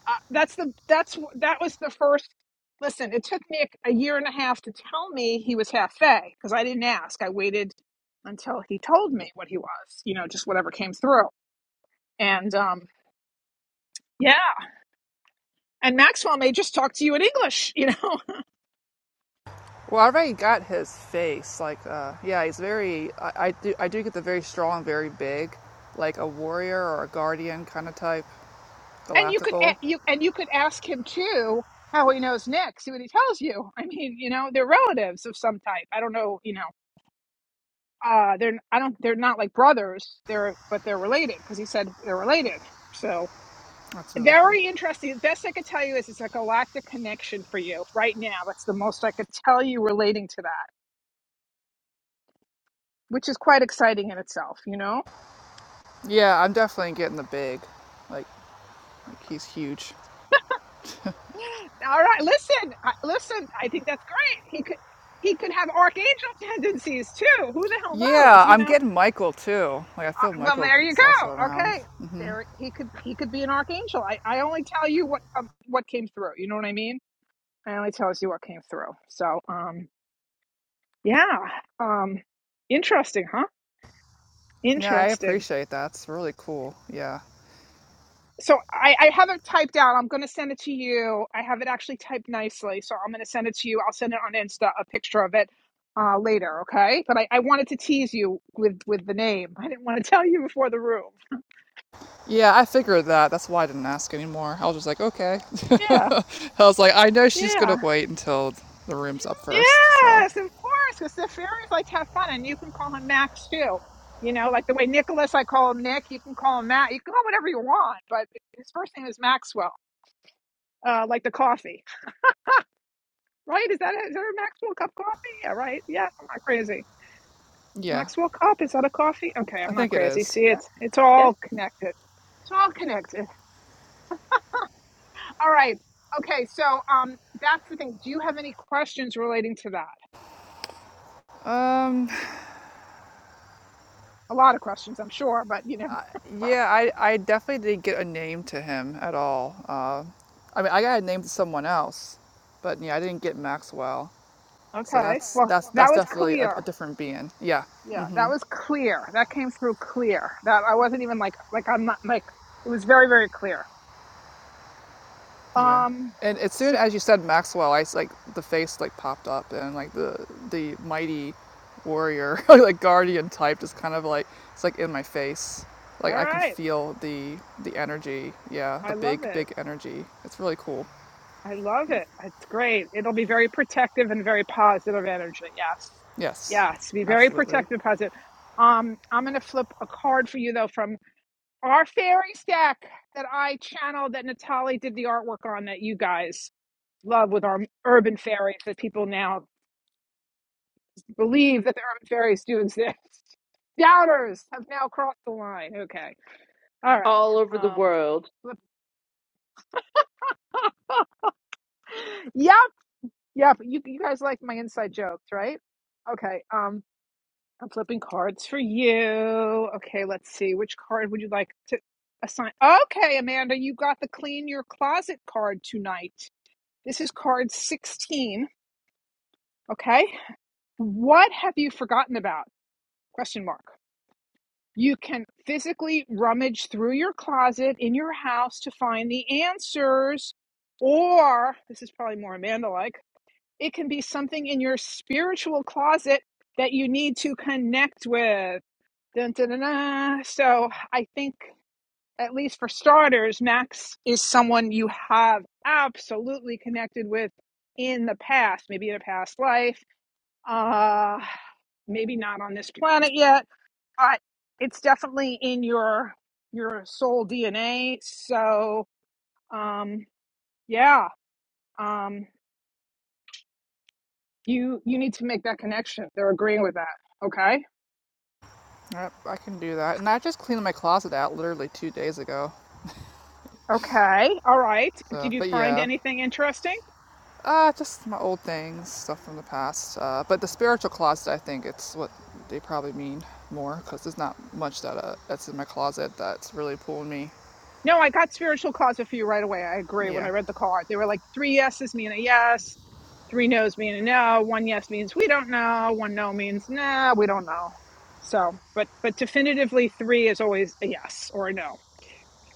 uh, that's the that's that was the first listen it took me a, a year and a half to tell me he was half fay because i didn't ask i waited until he told me what he was you know just whatever came through and um yeah and maxwell may just talk to you in english you know Well, I already got his face. Like, uh, yeah, he's very. I, I do. I do get the very strong, very big, like a warrior or a guardian kind of type, <laughs> and you could galactical. a- you and you could ask him too how he knows nick see what he tells you i mean you know they're relatives of some type i don't know you know uh they're i don't they're not like brothers they're but they're related because he said they're related so That's really cool. Very interesting. The best I could tell you is it's like a galactic connection for you right now. That's the most I could tell you relating to that, which is quite exciting in itself, you know? Yeah, I'm definitely getting the big. Like, like he's huge. All right, listen, I, listen, I think that's great. He could he could have archangel <laughs> tendencies too. Who the hell knows, Yeah, you I'm know? getting Michael too. Like, I feel Uh, well, Michael there you is also go. around. Okay. There he could he could be an archangel. I, I only tell you what um, what came through. You know what I mean? I only tells you what came through. So, um yeah. Um interesting, huh? Yeah, I Interesting. appreciate that. It's really cool. Yeah. so I, I have it typed out. I'm going to send it to you. I have it actually typed nicely, so I'm going to send it to you. I'll send it on Insta a picture of it uh, later, okay? But I, I wanted to tease you with with the name. I didn't want to <laughs> tell you before the room. Yeah, I figured that. That's why I didn't ask anymore. I was just like, okay. <laughs> Yeah, I was like, I know she's yeah, gonna wait until the room's up first. So. yes, of course, because the fairies like to have fun, and you can call him Max too. You know, like the way Nicholas, I call him Nick. You can call him Matt. You can call him whatever you want, but his first name is Maxwell. Uh, like the coffee, right? Is that it? Is there a Maxwell cup coffee? Yeah, right. Yeah, I'm not crazy. Yeah, Maxwell Cup is that a coffee? Okay, I I'm not think it crazy. is. See, Yeah. it's it's Yes. all connected. It's all connected. All right. Okay, so um, that's the thing. Do you have any questions relating to that? Um, A lot of questions, I'm sure, but you know. yeah, I, I definitely didn't get a name to him at all. Uh, I mean, I got a name to someone else, but yeah, I didn't get Maxwell. So Okay. that's Well, that's that that's was definitely a, clear. a different being. Yeah, Yeah, that was clear. That came through clear. That I wasn't even like like I'm not like it was very very clear. yeah. Um. And as soon So as you said Maxwell, I s- like the face like popped up and like the the mighty warrior <laughs> like guardian type just kind of like it's like in my face. Like all I can right, feel the the energy. Yeah, the I love big it. big energy. It's really cool. I love it. It's great. It'll be very protective and very positive energy. Yes. Yes, Yes. Be very absolutely. protective, positive. Um, I'm going to flip a card for you, though, from our fairy stack that I channeled that Natalie did the artwork on that you guys love with our urban fairies that people now believe that the urban fairies do exist. <laughs> Doubters have now crossed the line. Okay. All right. All over the Um, world. flip- yep. Yep. You, you guys like my inside jokes, right? Okay. Um, I'm flipping cards for you. Okay, let's see. Which card would you like to assign? Okay, Amanda, you got the clean your closet card tonight. This is card 16. Okay. What have you forgotten about? Question mark. You can physically rummage through your closet in your house to find the answers, or this is probably more Amanda like, it can be something in your spiritual closet that you need to connect with. Dun, dun, dun, dun. So I think, at least for starters, Max is someone you have absolutely connected with in the past, maybe in a past life, uh, maybe not on this planet yet, but it's definitely in your your soul DNA. So um, yeah, um, you you need to make that connection. They're agreeing with that. Okay. Yep, I can do that. And I just cleaned my closet out literally two days ago. Okay. All right. So, Did you but find yeah, anything interesting? uh, just my old things, stuff from the past. Uh, but the spiritual closet, I think it's what they probably mean more because there's not much that uh, that's in my closet that's really pulling me. No, I got spiritual closet for you right away. I agree. When I Yeah, read the card, they were like three yeses mean a yes, three nos mean a no, one yes means we don't know, one no means nah, we don't know. So, but but definitively three is always a yes or a no.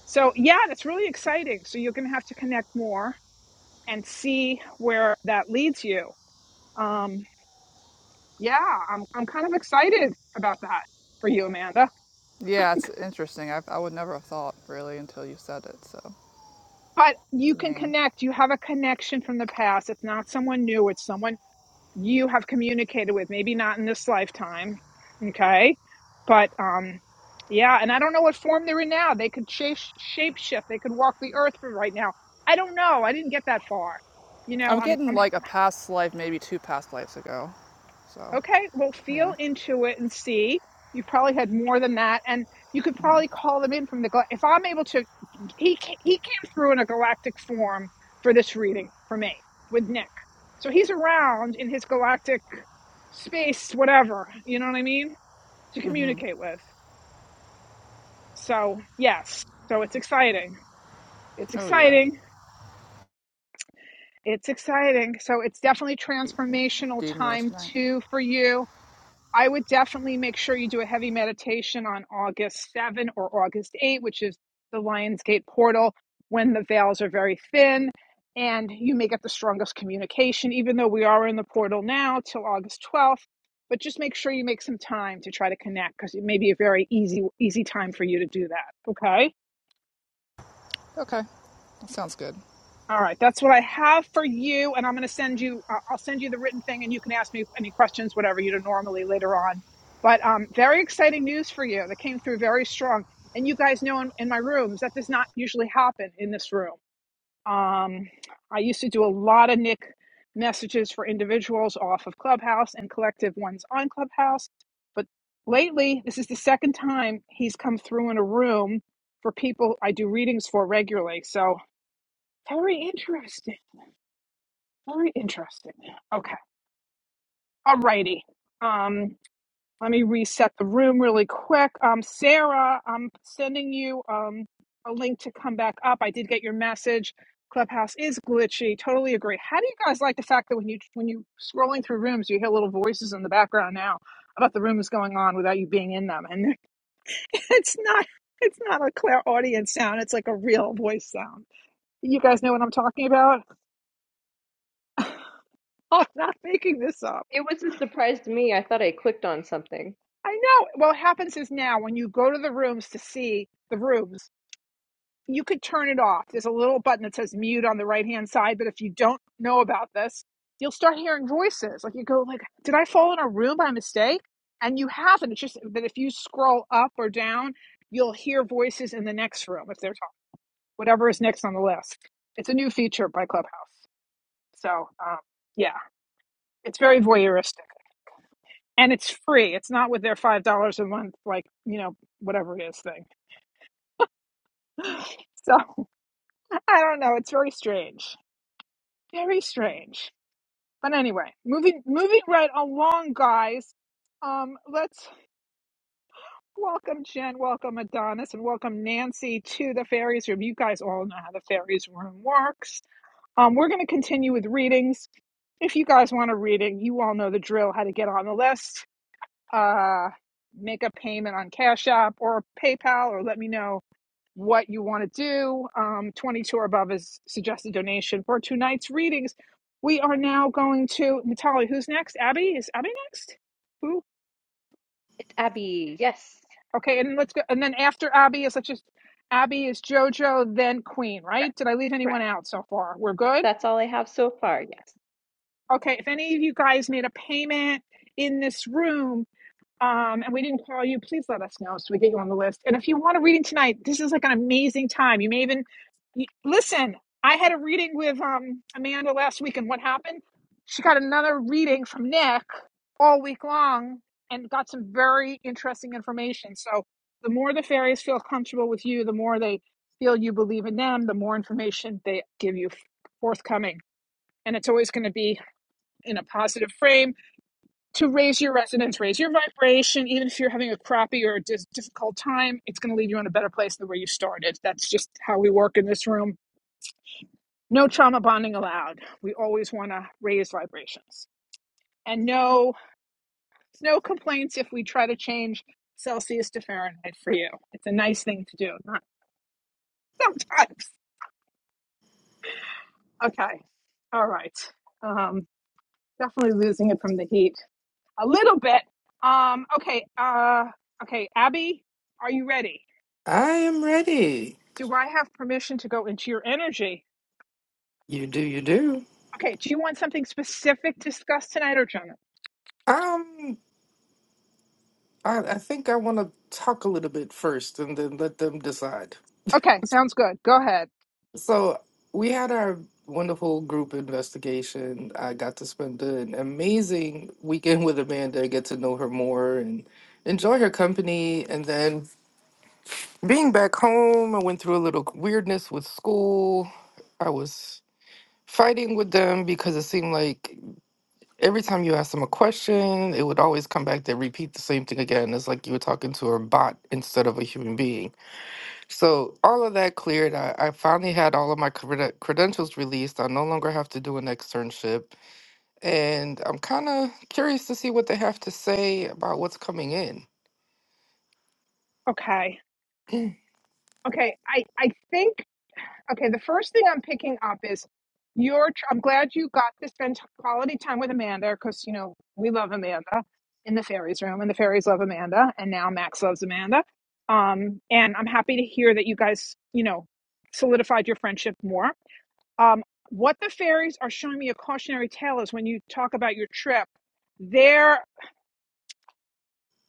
So yeah, that's really exciting. So you're gonna have to connect more and see where that leads you. Um, yeah, I'm I'm kind of excited about that for you, Amanda. yeah, it's interesting. I I would never have thought really until you said it. So But you the can name. connect. You have a connection from the past. It's not someone new. It's someone you have communicated with maybe not in this lifetime okay but um yeah and i don't know what form they're in now they could shape shape shift they could walk the earth for right now i don't know i didn't get that far you know I'm i'm getting i'm like a past life, maybe two past lives ago. So Okay, well, feel yeah. into it and see. You've probably had more than that, and you could probably call them in from the. If I'm able to, he he came through in a galactic form for this reading for me with Nick, so he's around in his galactic space, whatever you know what I mean, to Mhm. communicate with. So yes, so it's exciting. It's Oh yeah. exciting. It's exciting. So it's definitely transformational Do more time tonight. too for you I would definitely make sure you do a heavy meditation on August 7 or August 8, which is the Lionsgate portal when the veils are very thin and you may get the strongest communication, even though we are in the portal now till August 12th. But just make sure you make some time to try to connect because it may be a very easy, easy time for you to do that. Okay. Okay, that sounds good. All right, that's what I have for you, and I'm going to send you. Uh, I'll send you the written thing, and you can ask me any questions, whatever you do normally later on. But um, very exciting news for you that came through very strong. And you guys know in, in my rooms that does not usually happen in this room. Um, I used to do a lot of Nick messages for individuals off of Clubhouse and collective ones on Clubhouse, but lately this is the second time he's come through in a room for people I do readings for regularly. So very interesting. Very interesting. Okay. Alrighty. Um, let me reset the room really quick. Um, Sarah, I'm sending you um a link to come back up. I did get your message. Clubhouse is glitchy. Totally agree. How do you guys like the fact that when you when you scrolling through rooms, you hear little voices in the background now about the rooms going on without you being in them, and <laughs> it's not it's not a clear audience sound. It's like a real voice sound. You guys know what I'm talking about. <laughs> I'm not making this up. It was a surprise to me. I thought I clicked on something. I know. Well, what happens is now when you go to the rooms to see the rooms, you could turn it off. There's a little button that says mute on the right hand side, but if you don't know about this, you'll start hearing voices. Like you go like, "Did I fall in a room by mistake?" And you haven't. It's just that if you scroll up or down, you'll hear voices in the next room if they're talking. Whatever is next on the list. It's a new feature by Clubhouse. So, um, yeah, it's very voyeuristic and it's free. It's not with their $5 a month like, you know, whatever it is thing. So <laughs> I don't know. It's very strange. Very strange. But anyway, moving moving right along, guys. Um, let's welcome Jen, welcome Adonis, and welcome Nancy to the fairies room. You guys all know how the fairies room works. Um, we're going to continue with readings. If you guys want a reading, you all know the drill: how to get on the list, uh, make a payment on Cash App or PayPal, or let me know what you want to do. Um, 22 or above is suggested donation for tonight's readings. We are now going to Natali. Who's next? Abby is Abby next? Who? It's Abby. Yes. Okay, and let's go. And then after Abby is let's just Abby is JoJo, then Queen. Right? Correct. Did I leave anyone Correct. out so far? We're good. That's all I have so far. Yes. Okay. If any of you guys made a payment in this room, um, and we didn't call you, please let us know so we get you on the list. And if you want a reading tonight, this is like an amazing time. You may even you, listen. I had a reading with um, Amanda last week, and what happened? She got another reading from Nick all week long and got some very interesting information. So, the more the fairies feel comfortable with you, the more they feel you believe in them, the more information they give you forthcoming. And it's always going to be in a positive frame to raise your resonance, raise your vibration. Even if you're having a crappy or a dis- difficult time, it's going to leave you in a better place than where you started. That's just how we work in this room. No trauma bonding allowed. We always want to raise vibrations. And no, no complaints if we try to change Celsius to Fahrenheit for you. It's a nice thing to do. Not sometimes. Okay. All right. Um, definitely losing it from the heat a little bit. Um, okay. Uh, okay. Abby, are you ready? I am ready. Do I have permission to go into your energy? You do, you do. Okay, do you want something specific discussed tonight or general? Um, I, I think I want to talk a little bit first and then let them decide. Okay, sounds good. Go ahead. So we had our wonderful group investigation. I got to spend an amazing weekend with Amanda, get to know her more and enjoy her company. And then being back home, I went through a little weirdness with school. I was fighting with them because it seemed like every time you asked them a question, it would always come back to repeat the same thing again. It's like you were talking to a bot instead of a human being. So all of that cleared. I, I finally had all of my crede- credentials released. I no longer have to do an externship, and I'm kind of curious to see what they have to say about what's coming in. Okay. Okay, I I think okay, the first thing I'm picking up is your tr- I'm glad you got to spend t- quality time with Amanda cuz you know, we love Amanda in the fairies room and the fairies love Amanda and now Max loves Amanda. Um and I'm happy to hear that you guys, you know, solidified your friendship more. Um, what the fairies are showing me a cautionary tale is when you talk about your trip, they're,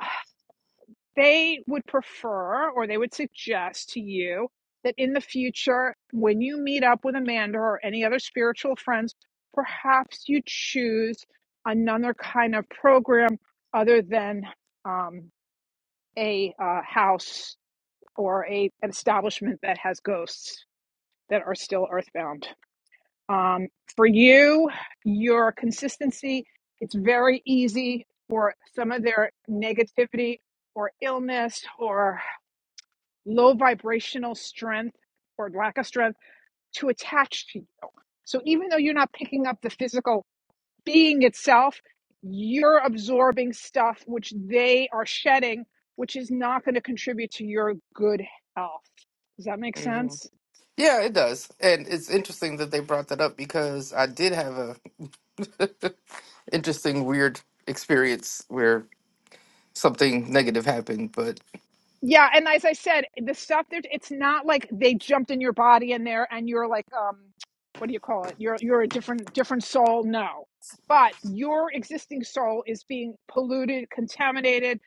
<sighs> they would prefer or they would suggest to you that in the future, when you meet up with Amanda or any other spiritual friends, perhaps you choose another kind of program other than um, a uh, house or a, an establishment that has ghosts that are still earthbound. Um, for you, your consistency, it's very easy for some of their negativity or illness or low vibrational strength or lack of strength to attach to you. So even though you're not picking up the physical being itself, you're absorbing stuff which they are shedding, which is not going to contribute to your good health. Does that make hmm sense? Yeah, it does, and it's interesting that they brought that up because I did have a <laughs> interesting, weird experience where something negative happened. But Yeah, and as I said, the stuff that it's not like they jumped in your body in there and you're like um what do you call it? You're you're a different different soul. No. But your existing soul is being polluted, contaminated.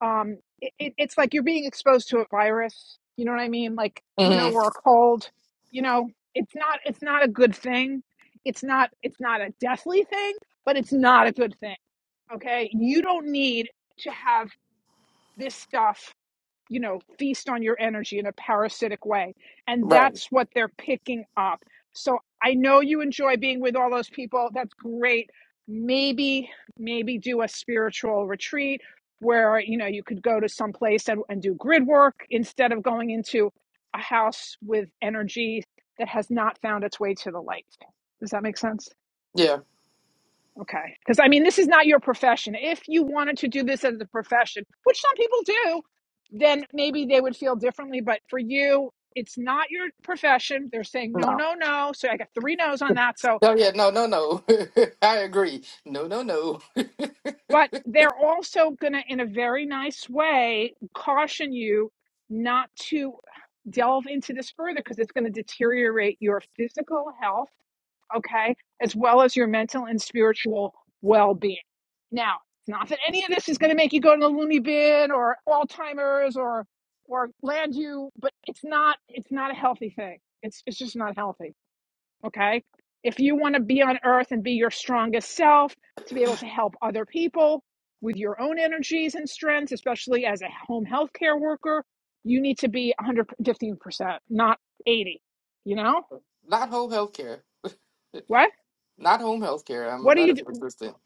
Um it, it, it's like you're being exposed to a virus, you know what I mean? Like, you know, Mhm. or a cold, you know, it's not it's not a good thing. It's not it's not a deathly thing, but it's not a good thing. Okay? You don't need to have this stuff you know, feast on your energy in a parasitic way. And right, that's what they're picking up. So I know you enjoy being with all those people. That's great. Maybe, maybe do a spiritual retreat where, you know, you could go to some place and, and do grid work instead of going into a house with energy that has not found its way to the light. Does that make sense? yeah, Okay. Because I mean, this is not your profession. If you wanted to do this as a profession, which some people do, then maybe they would feel differently. But for you, it's not your profession. They're saying no, no, no, no. So I got three no's on that. So, no, yeah, no, no, no. <laughs> I agree. No, no, no. <laughs> but they're also going to, in a very nice way, caution you not to delve into this further because it's going to deteriorate your physical health okay, as well as your mental and spiritual well being. Now, it's not that any of this is going to make you go to the loony bin or Alzheimer's or or land you, but it's not it's not a healthy thing. It's it's just not healthy. Okay, if you want to be on Earth and be your strongest self to be able to help other people with your own energies and strengths, especially as a home healthcare worker, you need to be 115 percent, not 80. You know Not whole healthcare. what? Not home health care. I'm a What do you do? medical assistant.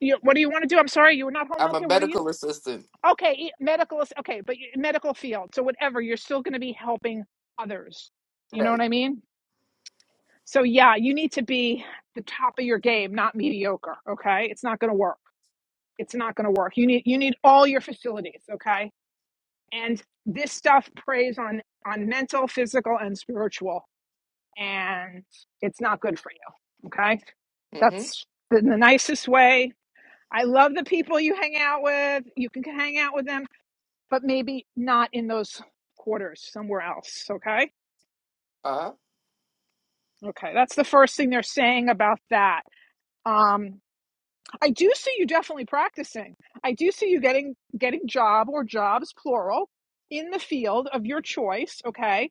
You, what do you want to do? I'm sorry, you were not home I'm health a care. What are you? medical assistant. Okay, e- medical. is- Okay, but you- medical field. So whatever, you're still going to be helping others. You know what Right. I mean? So yeah, you need to be the top of your game, not mediocre. Okay, it's not going to work. It's not going to work. You need you need all your facilities. Okay, and this stuff preys on on mental, physical, and spiritual, and it's not good for you. Okay, Mm-hmm. that's the, the nicest way. I love the people you hang out with. You can hang out with them but maybe not in those quarters, somewhere else. Okay. Uh, Okay. That's the first thing they're saying about that. Um, I do see you definitely practicing. I do see you getting getting job or jobs plural in the field of your choice. Okay.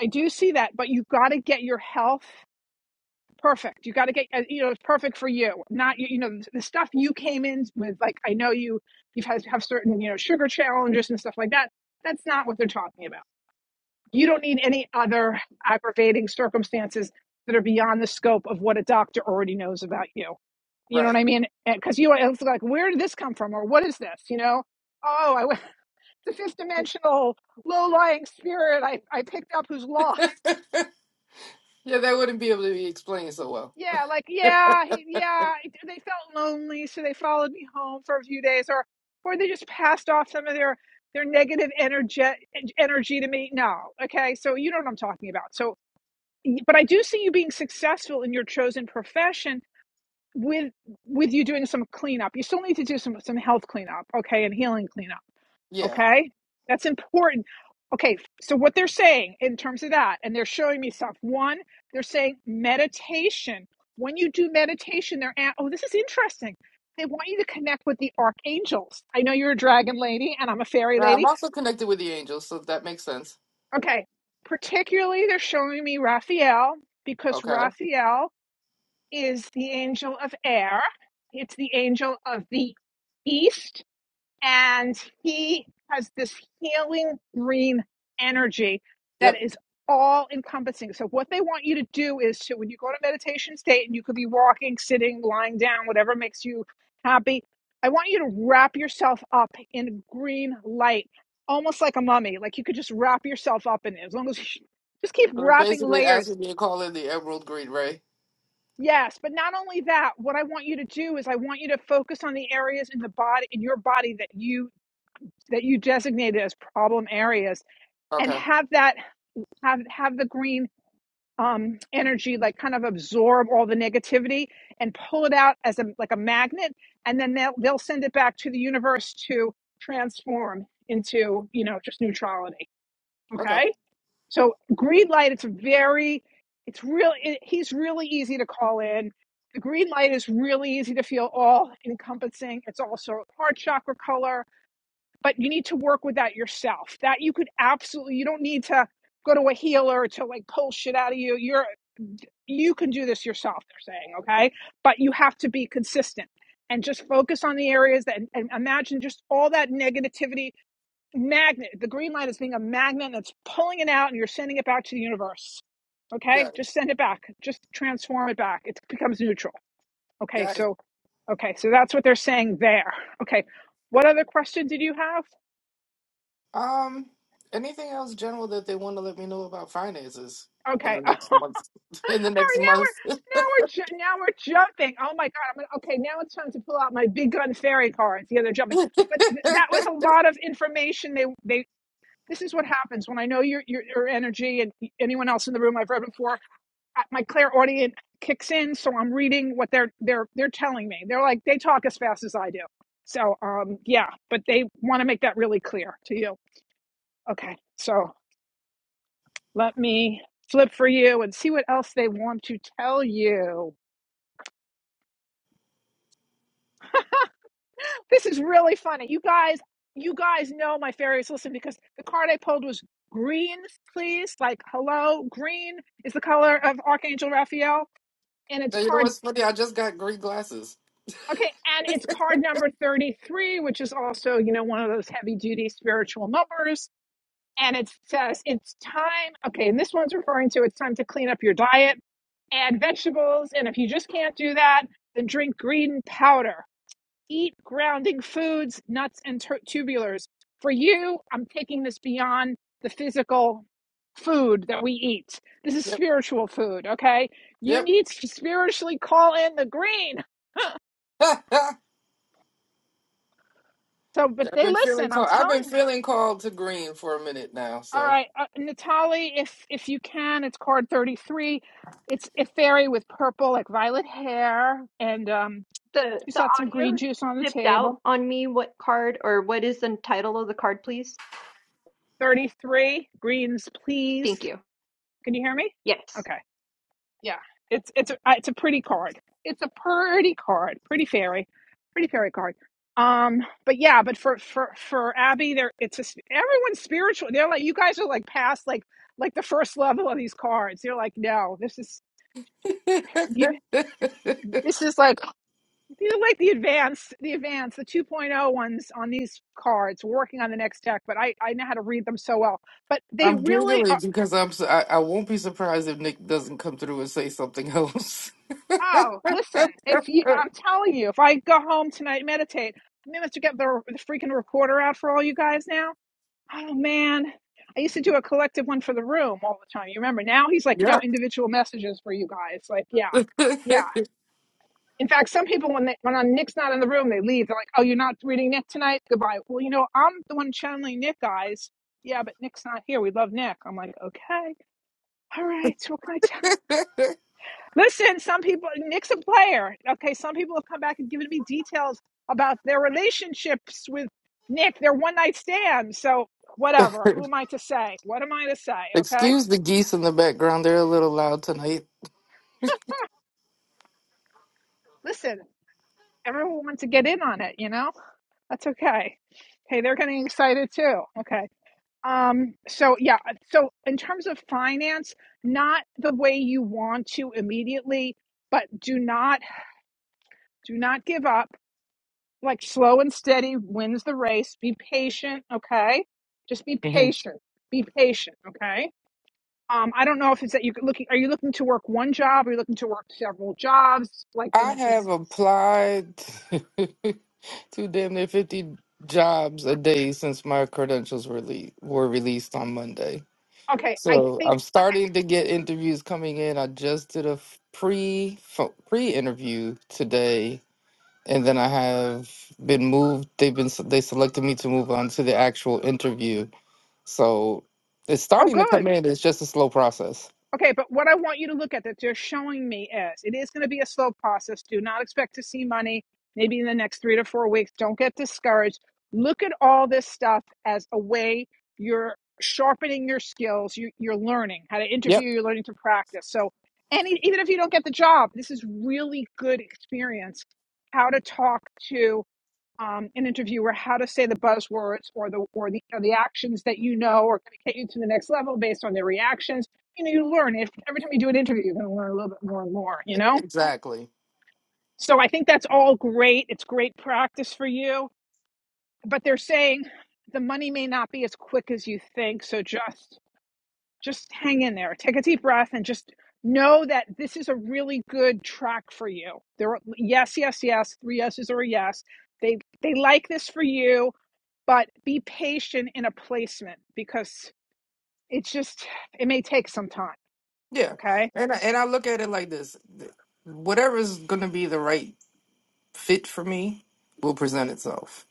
I do see that, but you've got to get your health perfect. You got to get uh, you know it's perfect for you. Not you you know the stuff you came in with. Like I know you you've had have certain you know sugar challenges and stuff like that. That's not what they're talking about you don't need any other aggravating circumstances that are beyond the scope of what a doctor already knows about you. You know what right. I mean? Because you are it's like, where did this come from, or what is this? You know? Oh, I went <laughs> the fifth dimensional low lying spirit. I I picked up who's <laughs> yeah, lost. that wouldn't be able to be explained so well. Yeah, like yeah, he, yeah. They felt lonely, so they followed me home for a few days, or or they just passed off some of their their negative energy energy to me. No, okay. So you know what I'm talking about. So but I do see you being successful in your chosen profession with with you doing some cleanup. You still need to do some some health cleanup, okay, and healing cleanup, Yeah. okay? That's important. Okay, so what they're saying in terms of that, and they're showing me stuff. One, they're saying meditation. When you do meditation, they're at, oh, this is interesting. They want you to connect with the archangels. I know you're a dragon lady, and I'm a fairy Now, I'm lady. also connected with the angels, so that makes sense. Okay, particularly they're showing me Raphael because Okay. Raphael is the angel of air. It's the angel of the east, and he has this healing green energy that Yep. is all encompassing. So, what they want you to do is to, when you go to meditation state, and you could be walking, sitting, lying down, whatever makes you happy, I want you to wrap yourself up in green light, almost like a mummy. Like you could just wrap yourself up in it, as long as you just keep So they're wrapping basically layers asking me to call in the emerald green ray. Yes, but not only that, what I want you to do is I want you to focus on the areas in the body in your body that you that you designated as problem areas and Okay. have that have have the green um energy like kind of absorb all the negativity and pull it out as a like a magnet and then they'll they'll send it back to the universe to transform into, you know, just neutrality. Okay. Okay? So green light, it's very, it's real. It, he's really easy to call in. The green light is really easy to feel all encompassing. It's also heart chakra color, but you need to work with that yourself. That you could absolutely, you don't need to go to a healer to like pull shit out of you. You're, you can do this yourself, they're saying, okay? But you have to be consistent and just focus on the areas that, and imagine just all that negativity magnet. The green light is being a magnet that's pulling it out and you're sending it back to the universe. Okay? Got it. Just send it back. Just transform it back. It becomes neutral. Okay, Got it. so okay, so that's what they're saying there. Okay. What other question did you have? Um, anything else general that they want to let me know about finances in Okay. the <laughs> All next month? <laughs> In the next right, now month. we're <laughs> you now we're ju- now we're jumping. Oh my god. I'm gonna, okay, now it's time to pull out my big gun fairy cards. Yeah, they're jumping. But th- that was a lot of information they they this is what happens when I know your, your your energy and anyone else in the room I've read before I- my clairaudient kicks in so i'm reading what they're they're they're telling me they're like they talk as fast as i do so um yeah but they want to make that really clear to you okay so let me flip for you and see what else they want to tell you this is really funny you guys you guys know my fairies listen because the card i pulled was green please like hello green is the color of archangel raphael and it's know card what's funny? I just got green glasses. Okay, and it's card number 33, which is also, you know, one of those heavy duty spiritual numbers. And it says, it's time, okay, and this one's referring to it's time to clean up your diet, add vegetables. And if you just can't do that, then drink green powder, eat grounding foods, nuts, and tur tubulars. For you, I'm taking this beyond the physical food that we eat. This is Yep, spiritual food, okay? You yep. need to spiritually call in the green. <laughs> I've So, but they been feeling listen, I'm called. I've telling been you. feeling called to green for a minute now, All so right, uh, Natalie, if if you can, it's card thirty three. It's a fairy with purple, like violet hair, and um, The she's the got some green audio juice on the dipped out table. on me. What card or what is the title of the card, please? Thirty three greens, Thank please. you. Can you hear me? Yes. Okay, yeah. It's it's a, uh, it's a pretty card. It's a pretty card, pretty fairy, pretty fairy card. Um, but yeah, but for for for Abby, there it's a, s- everyone's spiritual. They're like you guys are like past like like the first level of these cards. You're like, no, this is. <laughs> you. This is like these are like the advanced, the advanced, the 2.0 ones on these cards. We're working on the next deck, but I I know how to read them so well. But they I'm really are. giggling because I'm. s- I, am i won't be surprised if Nick doesn't come through and say something else. Oh, listen, if you, I'm telling you, if I go home tonight, meditate. I may have to get the, the freaking recorder out for all you guys now. Oh man, I used to do a collective one for the room all the time. You remember? Now he's <laughs> like no yep. individual messages for you guys. Like yeah, yeah. <laughs> In fact, some people when they when uh, Nick's not in the room, they leave. They're like, "Oh, you're not reading Nick tonight? Goodbye." Well, you know, I'm the one channeling Nick, guys. Yeah, but Nick's not here. We love Nick. I'm like, okay, all right. So what can I tell? Listen, some people Nick's a player. Okay, some people have come back and given me details about their relationships with Nick, their one night stand. So whatever. Who am I to say? What am I to say? Okay, Excuse the geese in the background; they're a little loud tonight. listen. Everyone wants to get in on it, you know. That's okay. Hey, they're getting excited too. Okay. Um, so yeah, so in terms of finance, not the way you want to immediately, but do not do not give up. Like slow and steady wins the race. Be patient, okay? Just be Mhm. patient. Be patient, okay? Um, I don't know if it's that you could looking are you looking to work one job? Are you looking to work several jobs? Like and I it's have this applied <laughs> to damn near fifty jobs a day since my credentials were le- were released on Monday. okay, I So think I'm starting to get interviews coming in. I just did a pre pre interview today, and then I have been moved. They've been they selected me to move on to the actual interview. So it's oh starting to good. come in. It's just a slow process. Okay, but what I want you to look at that they're showing me is it is going to be a slow process. Do not expect to see money maybe in the next three to four weeks. Don't get discouraged. Look at all this stuff as a way you're sharpening your skills. You, you're learning how to Yep, interview. You're learning to practice. So, any even if you don't get the job, this is really good experience. How to talk to um, an interviewer how to say the buzzwords or the or the or the actions that you know are going to get you to the next level based on their reactions. You know, you learn if every time you do an interview, you're going to learn a little bit more and more. You know, exactly. so I think that's all great. It's great practice for you, but they're saying the money may not be as quick as you think. So just just hang in there, take a deep breath, and just know that this is a really good track for you. There, are, yes, yes, yes. Three yeses or a yes. They they like this for you but be patient in a placement because it's just it may take some time Yeah, okay and I, and I look at it like this: whatever's going to be the right fit for me will present itself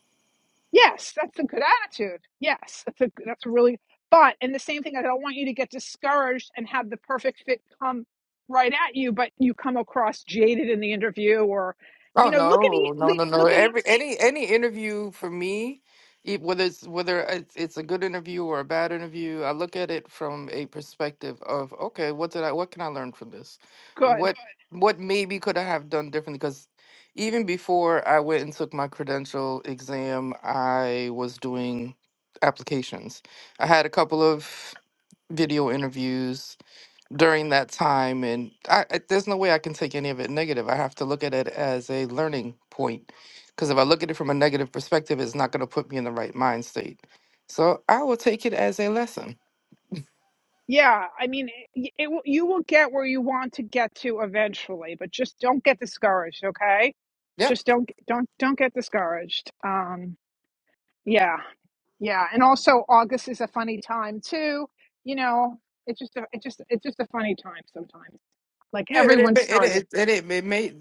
yes that's a good attitude yes that's a that's a really but and the same thing i don't want you to get discouraged and have the perfect fit come right at you but you come across jaded in the interview or you Oh know look at e- no, no, no, no. look at it. Every any any interview for me, e- whether it's whether it's it's a good interview or a bad interview, I look at it from a perspective of okay, what did I what can I learn from this? good What Right. what maybe could I have done differently? Because even before I went and took my credential exam, I was doing applications. I had a couple of video interviews during that time and I, I there's no way I can take any of it negative. I have to look at it as a learning point because if I look at it from a negative perspective, it's not going to put me in the right mind state. So I will take it as a lesson. yeah i mean it, it will you will get where you want to get to eventually but just don't get discouraged okay Yep. just don't don't don't get discouraged um Yeah. Yeah. And also August is a funny time too. You know, it's just a, it's just it's just a funny time sometimes. Like Yeah, it it everyone's it starting, it, it, it, it may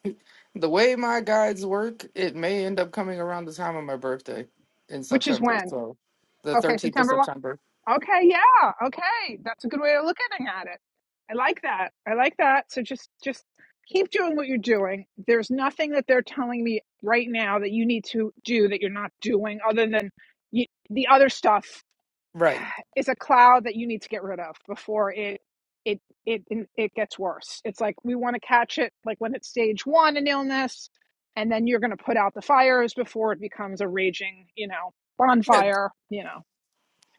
<laughs> the way my guides work, it may end up coming around the time of my birthday in which is September. when? So the Okay, 13th of September 1. September. Okay, yeah. Okay. That's a good way of looking at it. I like that. I like that. So just just keep doing what you're doing. There's nothing that they're telling me right now that you need to do that you're not doing other than you, the other stuff Right. is a cloud that you need to get rid of before it it it it gets worse. It's like we want to catch it like when it's stage one in illness, and then you're going to put out the fires before it becomes a raging, you know, Yeah, bonfire. You know,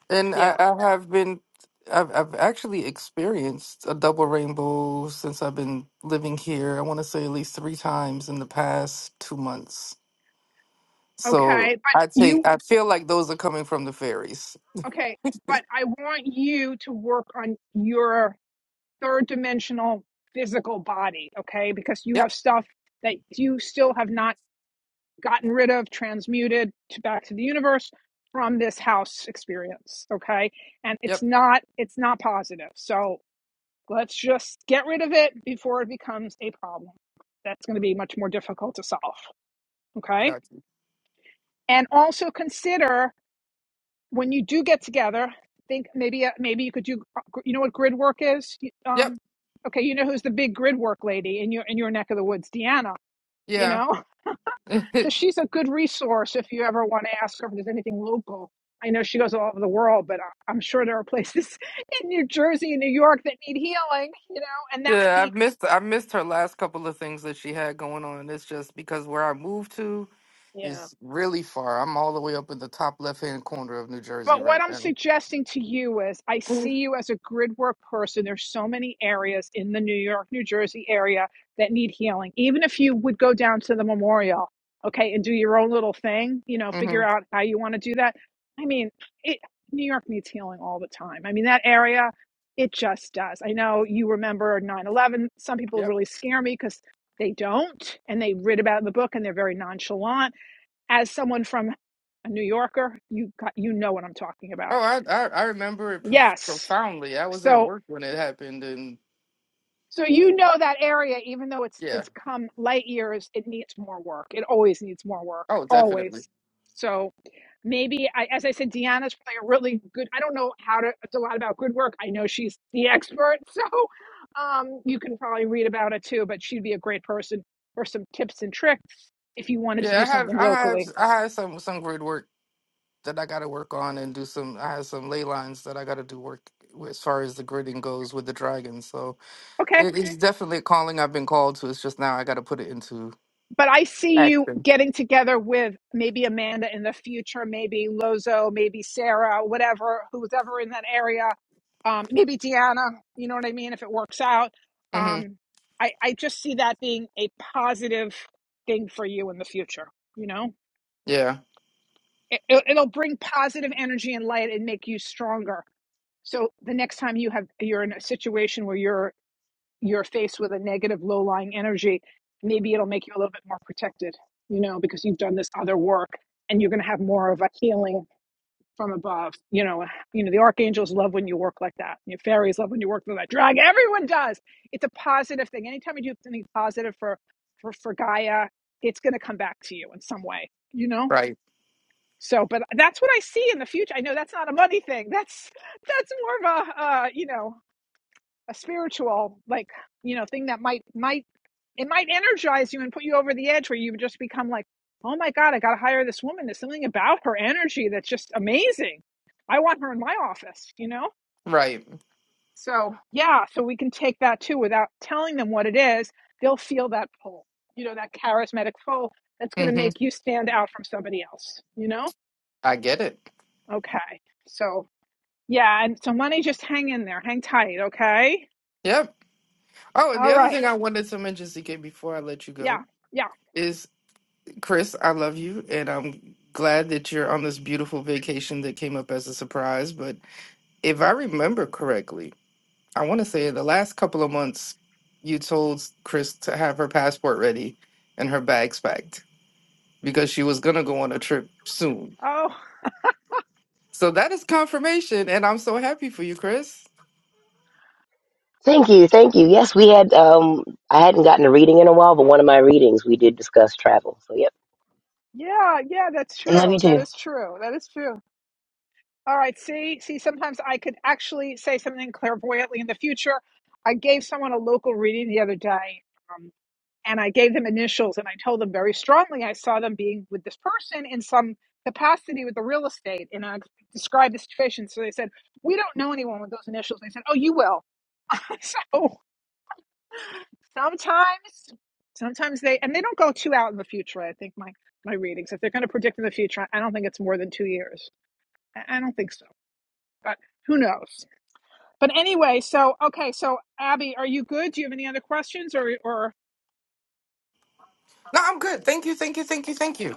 And yeah, I, I have been, I've, I've actually experienced a double rainbow since I've been living here. I want to say at least three times in the past two months. So okay, I but you take, I feel like those are coming from the fairies. okay, but I want you to work on your third dimensional physical body, okay, because you have Yep. stuff that you still have not gotten rid of, transmuted to back to the universe from this house experience. Okay. And it's Yep. not, it's not positive. So let's just get rid of it before it becomes a problem. That's going to be much more difficult to solve. Okay. Got you. And also consider when you do get together, think maybe, uh, maybe you could do, you know what grid work is? Yep. Um, okay. You know who's the big grid work lady in your, in your neck of the woods? Deanna, you Yeah. know? <laughs> So she's a good resource if you ever want to ask her if there's anything local. I know she goes all over the world, but I- I'm sure there are places <laughs> in New Jersey and New York that need healing, you know, and that would yeah. be, I've missed, I missed her last couple of things that she had going on. It's just because where I moved to yeah. is really far. I'm all the way up in the top left hand corner of New Jersey But right what I'm now. suggesting to you is I <laughs> see you as a grid work person. There's so many areas in the New York, New Jersey area that need healing. Even if you would go down to the memorial, okay, and do your own little thing, you know, figure hmm out how you want to do that. I mean, it New York needs healing all the time. I mean, that area, it just does. I know you remember 9/11. Some people Yep. really scare me because they don't and they read about it in the book and they're very nonchalant as someone from a New Yorker, you got, you know what I'm talking Oh, about. I, I I remember it prof- Yes. profoundly. I was at So work when it happened, and so you know that area, even though it's yeah. it's come light years, it needs more work. It always needs more work, Oh, definitely. always. So maybe, I, as I said, Deanna's probably a really good. I don't know how to a lot about good work. I know she's the expert, <laughs> so um, you can probably read about it too. But she'd be a great person for some tips and tricks if you wanted to Yeah, do I have something I have locally. I had some some grid work that I got to work on and do some. I had some ley lines that I got to do work with, as far as the gridding goes with the dragon. So Okay. it, it's Okay. definitely a calling I've been called to. It's just now I got to put it into but I see you action. getting together with maybe Amanda in the future, maybe Lozo, maybe Sarah, whatever, who's ever in that area, um, maybe Deanna, you know what I mean, if it works out. hmm Um, I, I just see that being a positive thing for you in the future, you know? Yeah. It, it, it'll bring positive energy and light and make you stronger. So the next time you have you're in a situation where you're you're faced with a negative low lying energy, maybe it'll make you a little bit more protected, you know, because you've done this other work and you're going to have more of a healing from above. You know, you know the archangels love when you work like that. Your fairies love when you work with that drag. Everyone does. It's a positive thing. Anytime you do something positive for for, for Gaia, it's going to come back to you in some way, you know? Right. So, but that's what I see in the future. I know that's not a money thing. That's that's more of a uh, you know, a spiritual like you know thing that might might it might energize you and put you over the edge where you just become like, oh my God, I got to hire this woman. There's something about her energy that's just amazing. I want her in my office, you know? Right. So, yeah, so we can take that too without telling them what it is. They'll feel that pull, you know, that charismatic pull that's going to hmm make you stand out from somebody else, you know? I get it. Okay. So, yeah. And so, money, just hang in there, hang tight, okay? Yep. Oh, and All the other right. thing I wanted to mention, CK, before I let you Yeah. go, Yeah. is. Chris, I love you, and I'm glad that you're on this beautiful vacation that came up as a surprise. But if I remember correctly, I want to say the last couple of months, you told Chris to have her passport ready and her bags packed because she was going to go on a trip soon. Oh, So that is confirmation, and I'm so happy for you, Chris. Thank you, thank you. Yes, we had. Um, I hadn't gotten a reading in a while, but one of my readings we did discuss travel. So, yep, yeah. Yeah. That's and love you true. too. That is true. That is true. All right. See, see, sometimes I could actually say something clairvoyantly in the future. I gave someone a local reading the other day, um, and I gave them initials, and I told them very strongly I saw them being with this person in some capacity with the real estate, and I described the situation. So they said, "We don't know anyone with those initials." They said, "Oh, you will." <laughs> so sometimes, sometimes they and they don't go too out in the future. I think my my readings, if they're going to predict in the future, I don't think it's more than two years. I I don't think so, but who knows? But anyway, so okay, so Abby, are you good? Do you have any other questions or or No, I'm good. Thank you, thank you, thank you, thank you.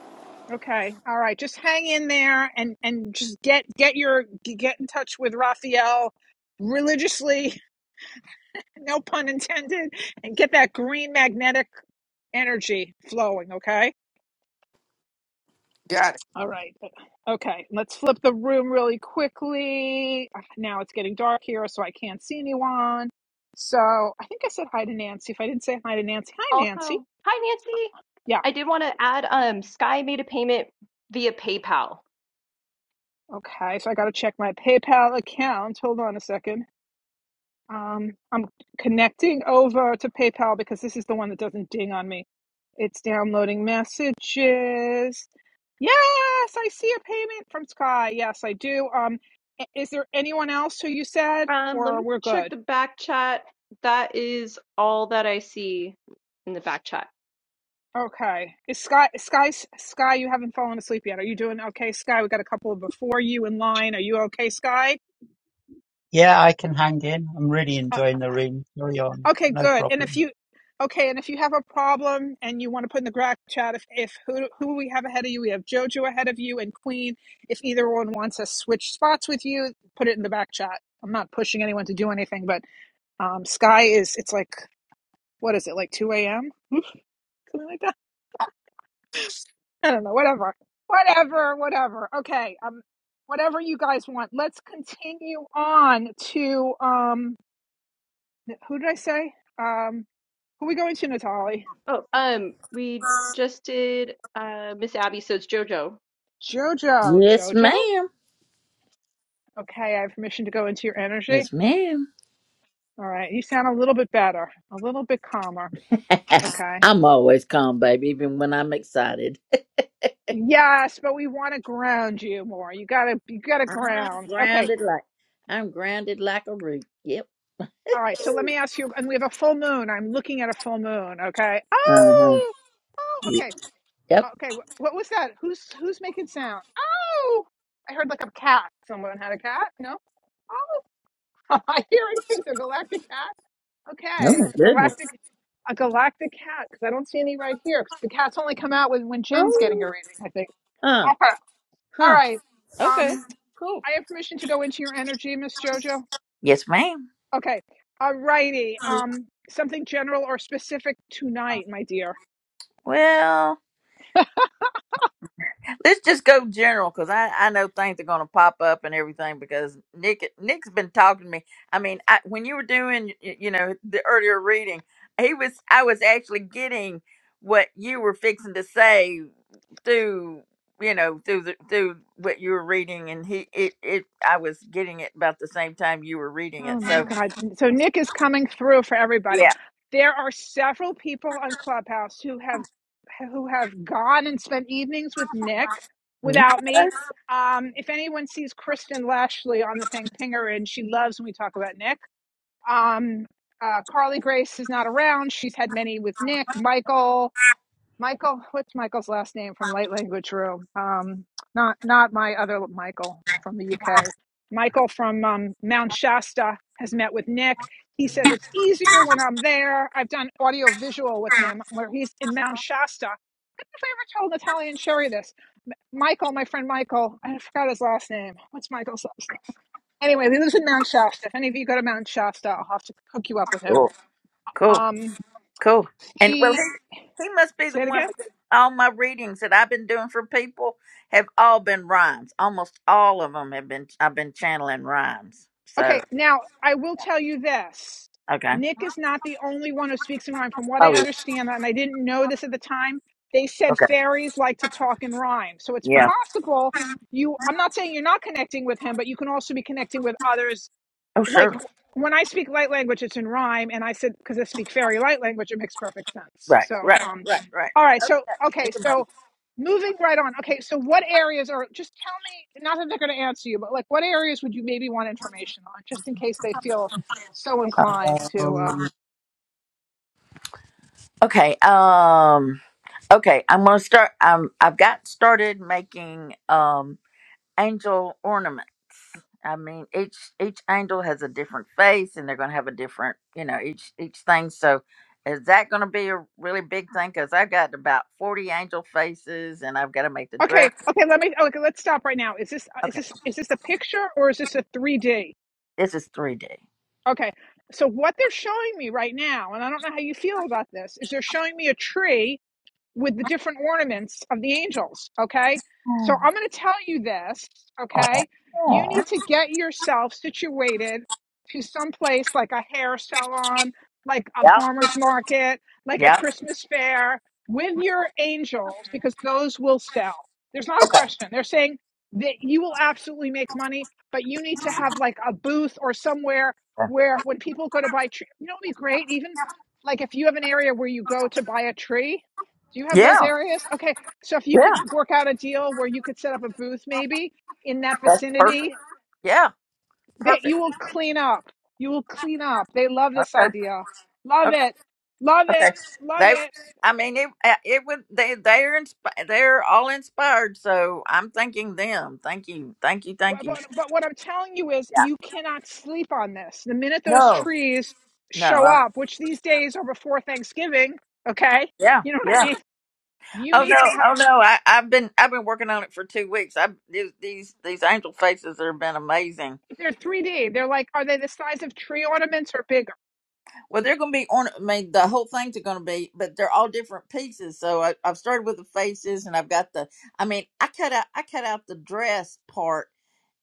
okay, all right, just hang in there and and just get get your get in touch with Raphael religiously, <laughs> no pun intended, and get that green magnetic energy flowing, okay? Got it. All right. Okay, let's flip the room really quickly. Ah, Now it's getting dark here, so I can't see anyone. So I think I said hi to Nancy. If I didn't say hi to Nancy, hi Nancy. Also, hi Nancy. Yeah. I did want to add um Sky made a payment via PayPal. Okay, so I got to check my PayPal account. Hold on a second. Um, I'm connecting over to PayPal because this is the one that doesn't ding on me. It's downloading messages. Yes, I see a payment from Sky. Yes, I do. Um, i- is there anyone else who you said, Um let or me we're check good? the back chat. That is all that I see in the back chat. Okay. Is Sky, Sky, Sky, you haven't fallen asleep yet. Are you doing okay, Sky? We got a couple before you in line. Are you okay, Sky? Yeah, I can hang in. I'm really enjoying the room. Carry on. Okay, No good. And if problem. you okay, and if you have a problem and you want to put in the Grok chat, if, if who who we have ahead of you, we have Jojo ahead of you and Queen. If either one wants to switch spots with you, put it in the back chat. I'm not pushing anyone to do anything, but um, Sky is it's like what is it like 2 a.m. <laughs> something like that. I don't know. Whatever, whatever, whatever. Okay, um, whatever you guys want. Let's continue on to um, who did I say? Um, who are we going to, Natalie? Oh, um we just did uh Miss Abby so it's Jojo. guys. Jojo, Yes, Jojo? ma'am. Okay, I have permission to go into your energy. Yes, ma'am. <laughs> All right, you sound a little bit better, a little bit calmer. Okay. I'm always calm, baby, even when I'm excited. Yes, but we want to ground you more. You gotta, you gotta I'm ground. Okay. grounded like I'm grounded like a root. Yep. All right. So let me ask you, and we have a full moon. I'm looking at a full moon. Okay. Uh huh. Oh, oh. Okay. Yep. Okay. wh- What was that? Who's who's making sound? Oh, I heard like a cat. Someone had a cat. No. Oh, <laughs> I'm hearing things. A galactic cat. Oh Okay, my a goodness. galactic, a galactic cat because I don't see any right here. 'cause the cats only come out when when Jen's getting Oh. her reading, I think. Uh Okay, all huh. right. Okay. Um, Cool. I have permission to go into your energy, Miss Jojo. Yes, ma'am. Okay, all righty. Um, something general or specific tonight, my dear. Well, let's just go general because I, I know things are going to pop up and everything because Nick Nick's been talking to me. I mean, I, when you were doing y- you know the earlier reading, he was I was actually getting what you were fixing to say through you know through the through what you were reading and he it it I was getting it about the same time you were reading it. Oh my So Mhm. God. So Nick is coming through for everybody. yeah, There are several people on Clubhouse who have who have gone and spent evenings with Nick Mhm. without me. That's Um, if anyone sees Kristen Lashley on the thing, ping her in. She loves when we talk about Nick. Um, uh, Carly Grace is not around. She's had many with Nick, Michael. Michael, what's Michael's last name from Light Language Room? Um, not not my other Michael from the UK. Michael from um, Mount Shasta has met with Nick. He says it's easier when I'm there. I've done audio visual with him where he's in Mount Shasta. I don't know if I ever told Natalia and Sherry this. Michael, my friend Michael, I forgot his last name. What's Michael's last name? Anyway, he lives in Mount Shasta. If any of you go to Mount Shasta, I'll have to hook you up with him. cool, cool. Um, Cool. And well, he he, he must be the say it again. one because all my readings that I've been doing for people have all been rhymes. Almost all of them have been. I've been channeling rhymes. So Okay, now I will tell you this. okay. Nick is not the only one who speaks in rhyme. From what I Oh yeah. understand, and I didn't know this at the time, they said Okay. fairies like to talk in rhyme. So it's Yeah. possible you, I'm not saying you're not connecting with him, but you can also be connecting with others Oh like sure. when I speak light language, it's in rhyme, and I said because I speak fairy light language, it makes perfect sense. Right. So, Right. um, Right. Right. all right, so okay, It's so moving right on. Okay, so what areas are? Just tell me, not that they're going to answer you, but like what areas would you maybe want information on, just in case they feel so inclined amazing. to. Um, Uh, okay. Um. Okay. I'm gonna start. Um. I've got started making um angel ornaments. I mean, each each angel has a different face, and they're going to have a different, you know, each each thing. So, is that going to be a really big thing? Because I've got about forty angel faces, and I've got to make the okay, dress. okay, let me. Okay, let's stop right now. Is this uh, is Okay, this is this a picture or is this a three D? this is three D. Okay, so what they're showing me right now, and I don't know how you feel about this, is they're showing me a tree with the different ornaments of the angels. Okay. So I'm going to tell you this. Okay. You Oh. need to get yourself situated to some place like a hair salon, like a Yeah, farmer's market, like a yeah, Christmas fair with your angels because those will sell. There's not a question. They're saying that you will absolutely make money, but you need to have like a booth or somewhere where when people go to buy, tre- you know, it'd be great. Even like if you have an area where you go to buy a tree, do you have yeah, those areas? Okay. So if you yeah. could work out a deal where you could set up a booth maybe in that That's perfect. vicinity, Yeah, that perfect. you will clean up. You will clean up. They love this Okay, idea. Love okay, it. Love okay. it. Love They, it. I mean, it uh, it would they they're insp- they're all inspired. So I'm thanking them. Thank you, thank you, thank But, you. but, but what I'm telling you is Yeah. you cannot sleep on this. The minute those No, trees show no. up, which these days are before Thanksgiving, okay? Yeah, You know what I yeah. mean? You Oh no, need to have, oh no. I, I've been I've been working on it for two weeks. I these these these angel faces have been amazing. they're 3D. They're like, are they the size of tree ornaments or bigger? Well, they're going to be on. I mean, the whole thing's going to be, but they're all different pieces. So I, I've started with the faces, and I've got the. I mean, I cut out I cut out the dress part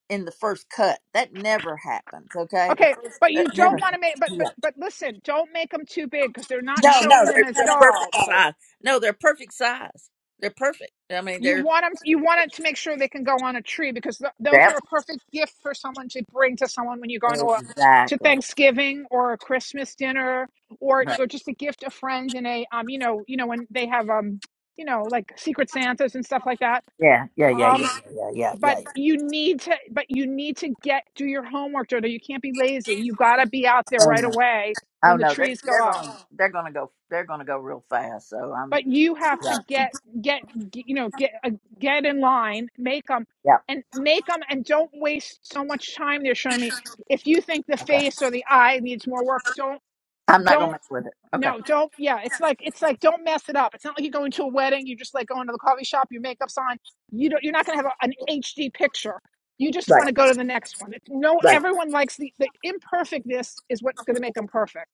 in the first cut. That never happens. Okay, the Okay, first but cut you never. <laughs> don't want happens. to make but Yeah. but but listen, don't make them too big because they're not No, no, showing they're, them as they're perfect dolls. size. No, they're perfect size. They're perfect. I mean, You they're. want them you want it to make sure they can go on a tree because th- those are Yep. a perfect gift for someone to bring to someone when you go into a to Exactly. Thanksgiving or a Christmas dinner or or just a gift of friends in a um you know, you know when they have um you know like secret santas and stuff like that. Yeah, yeah, yeah, yeah, Um yeah, yeah, yeah. but yeah. you need to but you need to get do your homework, Jodo. You can't be lazy. You got to be out there Oh right no, away oh when the no, they're, trees go they're up. gonna they're gonna go they're gonna go real fast. So I'm but you have to yeah get get g- you know get uh, get in line make them yeah and make them and don't waste so much time they're showing me if you think the okay. face or the eye needs more work don't I'm not gonna don't mess with it. Okay, no don't yeah it's like it's like don't mess it up it's not like you're going to a wedding you just like going to the coffee shop your makeup's on you don't you're not going to have a, an hd picture you just right, want to go to the next one it's no right. everyone likes the the imperfectness is what's going to make them perfect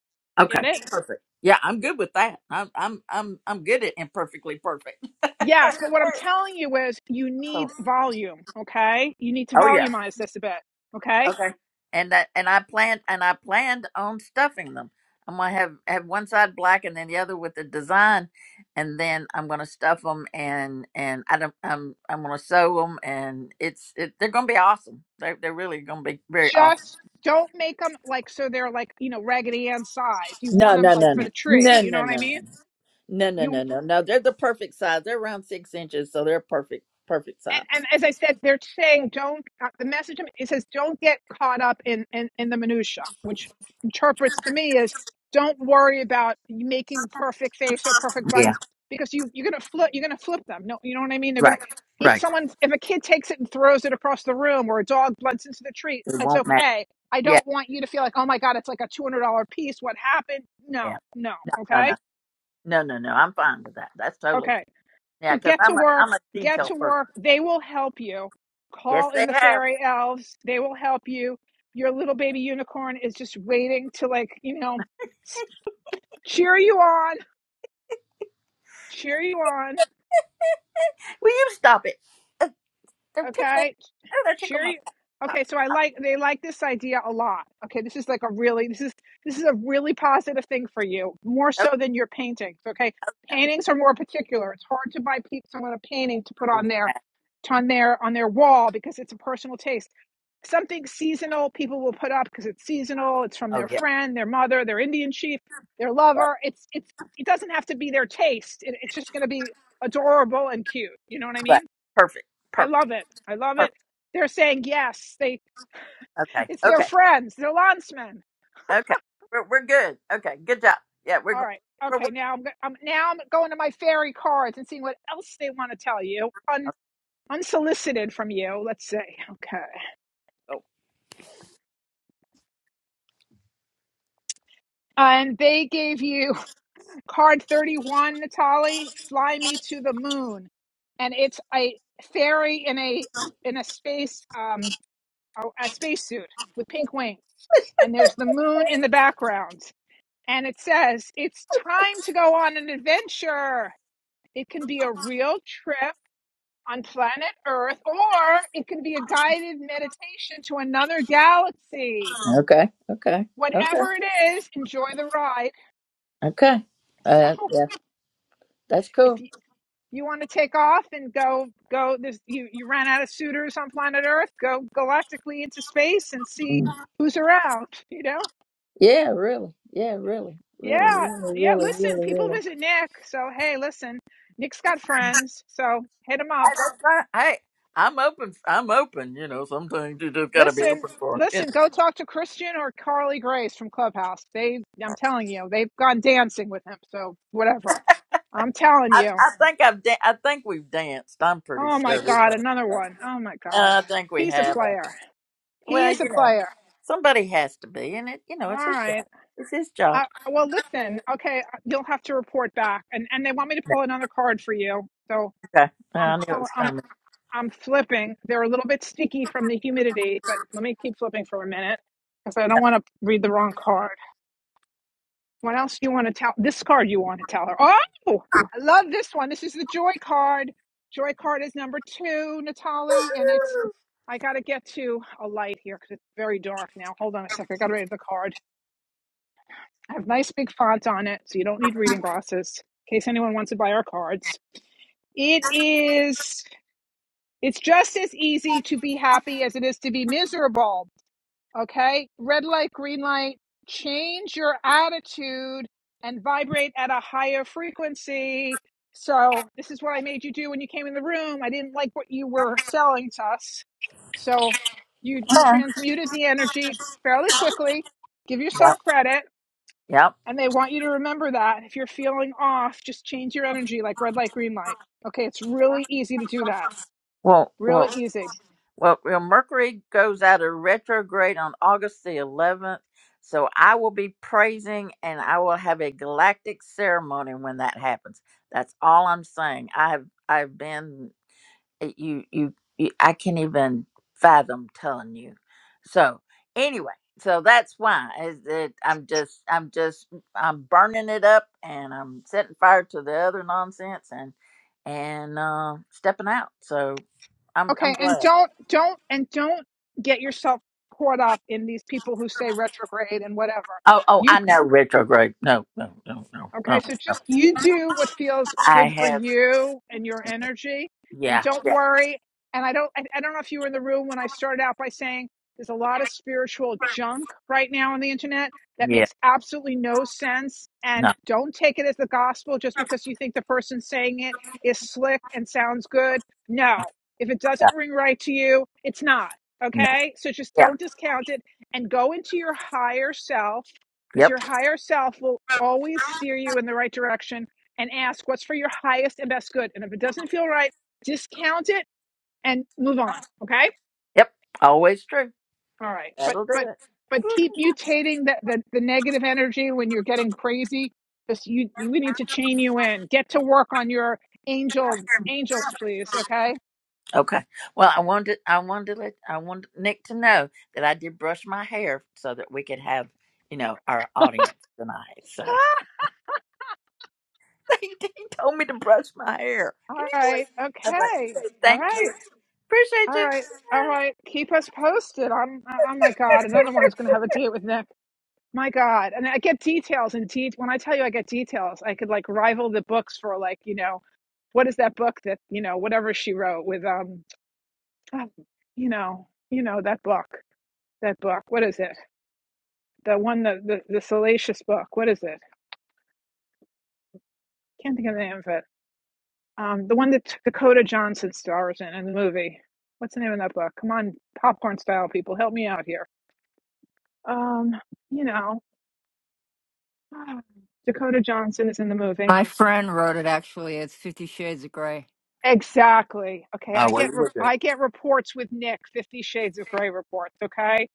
get Okay, it perfect. Yeah, I'm good with that. I'm I'm I'm I'm good at imperfectly perfect. Yes, but what I'm <laughs> telling you is you So, need volume, okay? You need to oh yeah, volumize this a bit, okay? Okay. And that and I planned and I planned on stuffing them. I'm gonna have have one side black and then the other with the design, and then I'm gonna stuff them and and I don't I'm I'm gonna sew them and it's it, they're gonna be awesome. They they're really gonna be very awesome. Just don't make them like so they're like, you know, Raggedy Ann size. You No want them no like no for no the tree, no you know no what I mean? no no no no You no no no. They're the perfect size. They're around six inches, so they're perfect perfect size. and, and as I said, they're saying don't. Uh, the message it says don't get caught up in in, in the minutia, which interprets to me as don't worry about making perfect face or perfect Yeah. buttons because you you're gonna flip you're gonna flip them. No, you know what I mean. They're gonna Right. if Right. someone if a kid takes it and throws it across the room or a dog blunts into the tree, It it's won't matter. okay. I Yeah. don't want you to feel like oh my god, it's like a two hundred dollar piece. What happened? No, Yeah. no, No no no okay, no no no. I'm fine with that. That's totally okay. Yeah, So because get to I'm a I'm work, a get detail to person. work. They will help you. Yes, Call they in the have. fairy elves. They will help you. Your little baby unicorn is just waiting to like, you know, s- cheer you on, cheer you on, Will you stop it? Uh, They're tickling. okay? Oh, they're tickling Cheer my you. top. Okay, so I like they like this idea a lot. Okay, this is like a really this is this is a really positive thing for you, more Oh, so than your paintings, okay? Paintings are more particular. It's hard to buy pe- someone a painting to put on exactly. their on their on their wall because it's a personal taste something seasonal people will put up because it's seasonal it's from oh their yeah, friend their mother their indian chief their yeah. lover it's it's it doesn't have to be their taste it, it's just going to be adorable and cute you know what i mean Right. Perfect. i Perfect. love it i love it Perfect. they're saying yes they Okay. it's their Okay. friends their lancemen Okay. We're we're good. Okay. Good job. Yeah, we're all go- right we're okay now i'm, I'm now i'm going to my fairy cards and seeing what else they want to tell you Un, working. unsolicited from you let's see okay and they gave you card 31 Natali fly me to the moon and it's a fairy in a in a space um a, a spacesuit with pink wings and there's the moon in the background and it says it's time to go on an adventure it can be a real trip on planet earth or it can be a guided meditation to another galaxy Oh. Okay. Okay. Okay. whatever it is enjoy the ride Okay. so Uh, yeah, that's <laughs> if cool. you. You want to take off and go go there's you you ran out of suitors on planet Earth, go galactically into space and see Mm. who's around, you know? Yeah, really. Yeah, really. Really, Yeah. really, Yeah, really, listen, really, people really. visit Nick. So hey, listen, Nick's got friends, so hit him I, up. that's right. Hey, I'm open. I'm open. You know, sometimes you just got to be Listen, open for. You know, listen, go talk to Christian or Carly Grace from Clubhouse. They I'm telling you, they've gone dancing with him, so whatever. I'm telling I, you. I think I've. Da- I think we've danced. I'm pretty Oh my sure we've god, done. another one. Oh my god. Uh, I think we He's a have. uh, player. He Well, is a you know, player. somebody has to be, and it. You know, All it's his right. job. It's his job. Uh, well, listen, okay, uh, you'll have to report back, and and they want me to pull another card for you, so Okay. I'm I knew it pulling, was I'm coming. I'm flipping. They're a little bit sticky from the humidity, but let me keep flipping for a minute because I don't want to read the wrong card. What else do you want to tell? This card you want to tell her? Oh, I love this one. This is the joy card. Joy card is number two, Natali, and it's. I got to get to a light here because it's very dark now. Hold on a second. I got to read the card. I have nice big font on it, so you don't need reading glasses in case anyone wants to buy our cards. It is, it's just as easy to be happy as it is to be miserable. Okay. Red light, green light, change your attitude and vibrate at a higher frequency. So, this is what I made you do when you came in the room. I didn't like what you were selling to us. So, you transmuted the energy fairly quickly. Give Yeah. yourself credit Yep. and they want you to remember that if you're feeling off, just change your energy like red light, green light. Okay, it's really easy to do that. Well, well, Really easy. well, well, Mercury goes out of retrograde on August the 11th. So I will be praising and I will have a galactic ceremony when that happens. That's all I'm saying. I've I've been it- you you, you I can't even fathom telling you. So anyway, so that's why is that I'm just I'm just I'm burning it up and I'm setting fire to the other nonsense and and uh, stepping out. So I'm I'm Okay, and glad. don't don't and don't get yourself caught up in these people who say retrograde and whatever. Oh oh You I know retrograde. No no no no no. Okay, so just you do what feels I good for have you and your energy, and yeah don't yeah worry. And I don't, I, I don't know if you were in the room when I started out by saying there's a lot of spiritual junk right now on the internet that yeah makes absolutely no sense. And no don't take it as the gospel just because you think the person saying it is slick and sounds good. No, if it no, doesn't ring right to you, it's not. no Okay, so just yeah don't discount it and go into your higher self because yep your higher self will always steer you in the right direction and ask what's for your highest and best good. And if it doesn't feel right, discount it and move on. Okay? yep always true. All right. But That'll do it. but but keep mutating the, the, the negative energy when you're getting crazy. Just you we need to chain you in. Get to work on your angel angels, please. Okay. Okay. Well, I wanted I wanted to let I wanted Nick to know that I did brush my hair so that we could have, you know, our audience tonight. So Ah, <laughs> he, told me to brush my hair. Can all you right. please? I was Okay. like, "Okay, All thank right. you, appreciate All you. right. All right. Keep us posted. I'm oh my God. Another one is gonna have a date with Nick. My God. And I get details and de- when I tell you I get details, I could like rival the books for like, you know, what is that book that, you know, whatever she wrote with um oh, you know, you know, that book. That book. What is it? The one the the, the salacious book. What is it? Can't think of the name of it. Um the one that Dakota Johnson stars in in the movie. What's the name of that book? Come on, popcorn style people, help me out here. Um, you know, ah, Dakota Johnson is in the movie. My friend wrote it actually. It's Fifty Shades of Grey. Exactly. Okay, Oh, I well, get you re- were good. I get reports with Nick, Fifty Shades of Grey reports. Okay,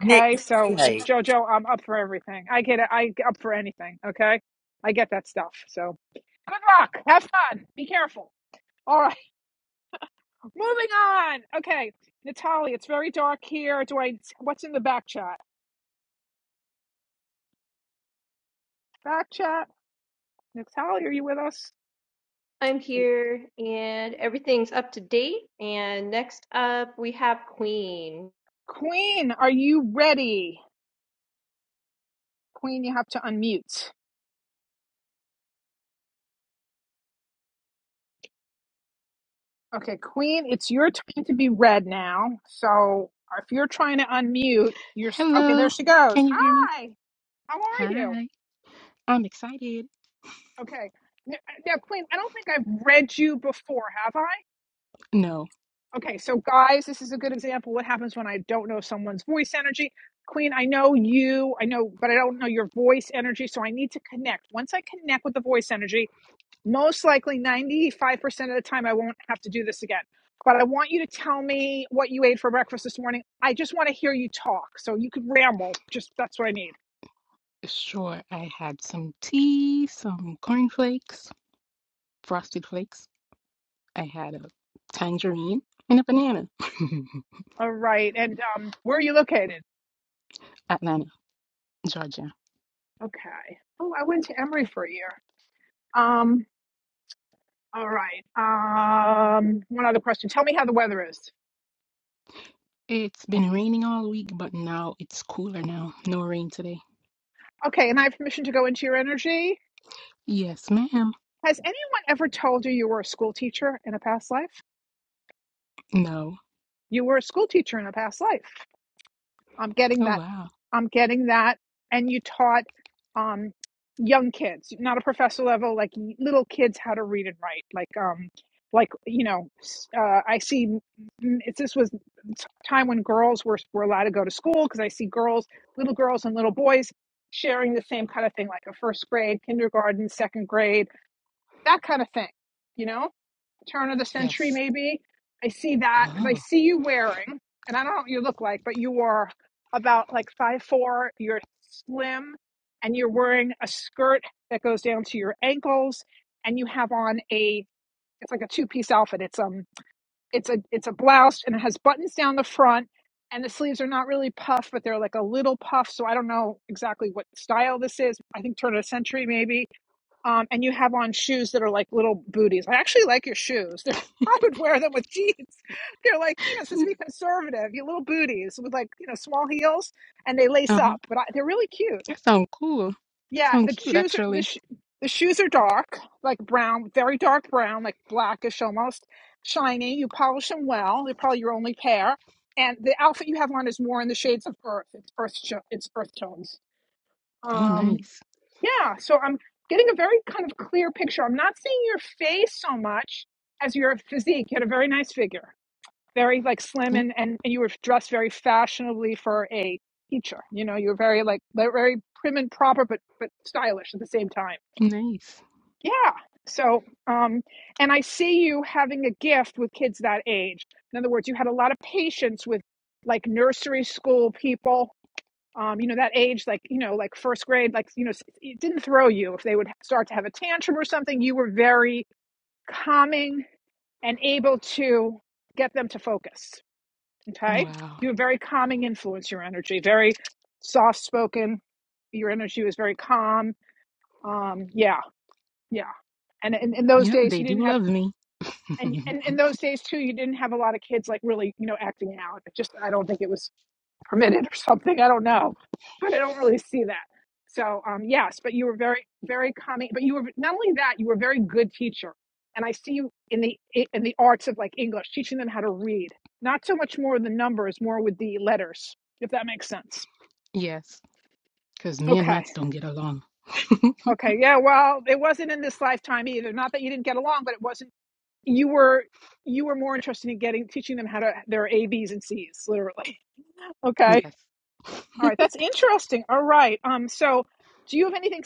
Nick, So behave. Jojo, I'm up for everything. I get it. I up for anything. Okay, I get that stuff. So good luck. Have fun. Be careful. All right, <laughs> moving on. Okay, Natalie, it's very dark here. Do I? What's in the back chat? Back chat. Natalie, are you with us? I'm here and everything's up to date and next up we have Queen. Queen, are you ready? Queen, you have to unmute. Okay, Queen, it's your time to be read now. So if you're trying to unmute, you're s- okay. There Hello. she goes. Can you hear me? Hi, how are you? Hi. I'm excited. Okay, N- uh, now, Queen, I don't think I've read you before, have I? No. Okay, so guys, this is a good example. What happens when I don't know someone's voice energy? Queen, I know you, I know, but I don't know your voice energy, so I need to connect. Once I connect with the voice energy, most likely 95% of the time I won't have to do this again. But I want you to tell me what you ate for breakfast this morning. I just want to hear you talk. So you could ramble. Just that's what I need. Sure, I had some tea, some cornflakes, frosted flakes. I had a tangerine and a banana. All right. And um, where are you located? <laughs> Atlanta, Georgia. Okay. Oh, I went to Emory for a year. Um, All right. Um, one other question. Tell me how the weather is. It's been raining all week, but now it's cooler now. No rain today. Okay, and I have permission to go into your energy. Yes, ma'am. Has anyone ever told you you were a school teacher in a past life? No. You were a school teacher in a past life. I'm getting Oh, that. wow. I'm getting that. And you taught um, young kids, not a professor level, like little kids how to read and write. Like, um, like you know, s- uh, I see. mm, It's this was t- time when girls were were allowed to go to school because I see girls, little girls and little boys sharing the same kind of thing, like a first grade, kindergarten, second grade, that kind of thing. You know turn of the century, Yes. maybe. I see that because I Oh. see you wearing, and I don't know what you look like, but you are about like five foot four. You're slim, and you're wearing a skirt that goes down to your ankles, and you have on a it's like a two piece outfit. It's um it's a it's a blouse, and it has buttons down the front. And the sleeves are not really puff, but they're like a little puff. So I don't know exactly what style this is. I think turn of the century, maybe um, and you have on shoes that are like little booties. I actually like your shoes. <laughs> They're, I would wear them with jeans. They're like, you know, supposed to be conservative. You little booties with like, you know, small heels, and they lace Uh-huh. up. But I, they're really cute. That sounds cool. That Yeah, the sounds cute, shoes are the actually. sh- the shoes are dark, like brown, very dark brown, like blackish almost, shiny. You polish them well. They're probably your only pair. And the outfit you have on is more in the shades of earth. It's earth. sho- It's earth tones. Oh, Um, nice. yeah, so I'm getting a very kind of clear picture. I'm not seeing your face so much as your physique. You had a very nice figure, very like slim, Yeah, and and, and you were dressed very fashionably for a teacher. You know, you were very like very prim and proper, but but stylish at the same time. nice. Yeah. So, um, and I see you having a gift with kids that age. In other words, you had a lot of patience with like nursery school people um, you know, that age, like, you know, like first grade, like, you know, it didn't throw you. If they would start to have a tantrum or something, you were very calming and able to get them to focus. Okay. Wow. You were very calming influence, your energy, very soft spoken. Your energy was very calm. Um, yeah. Yeah. And in, in those Yep, days, they you do didn't have, love me. and, and in <laughs> those days too, you didn't have a lot of kids like really, you know, acting out. It just, I don't think it was Per minute or <laughs> something. I don't know, but I don't really see that. So um, yes, but you were very, very calming. But you were not only that, you were a very good teacher, and I see you in the in the arts of like English, teaching them how to read. Not so much more the numbers, more with the letters, if that makes sense. Yes, because me and Okay, Mats don't get along. <laughs> okay, yeah. Well, it wasn't in this lifetime either. Not that you didn't get along, but it wasn't. You were you were more interested in getting teaching them how to their A, Bs, and Cs, literally. <laughs> Okay Yes. All right, that's interesting. All right. Um, so do you have anything?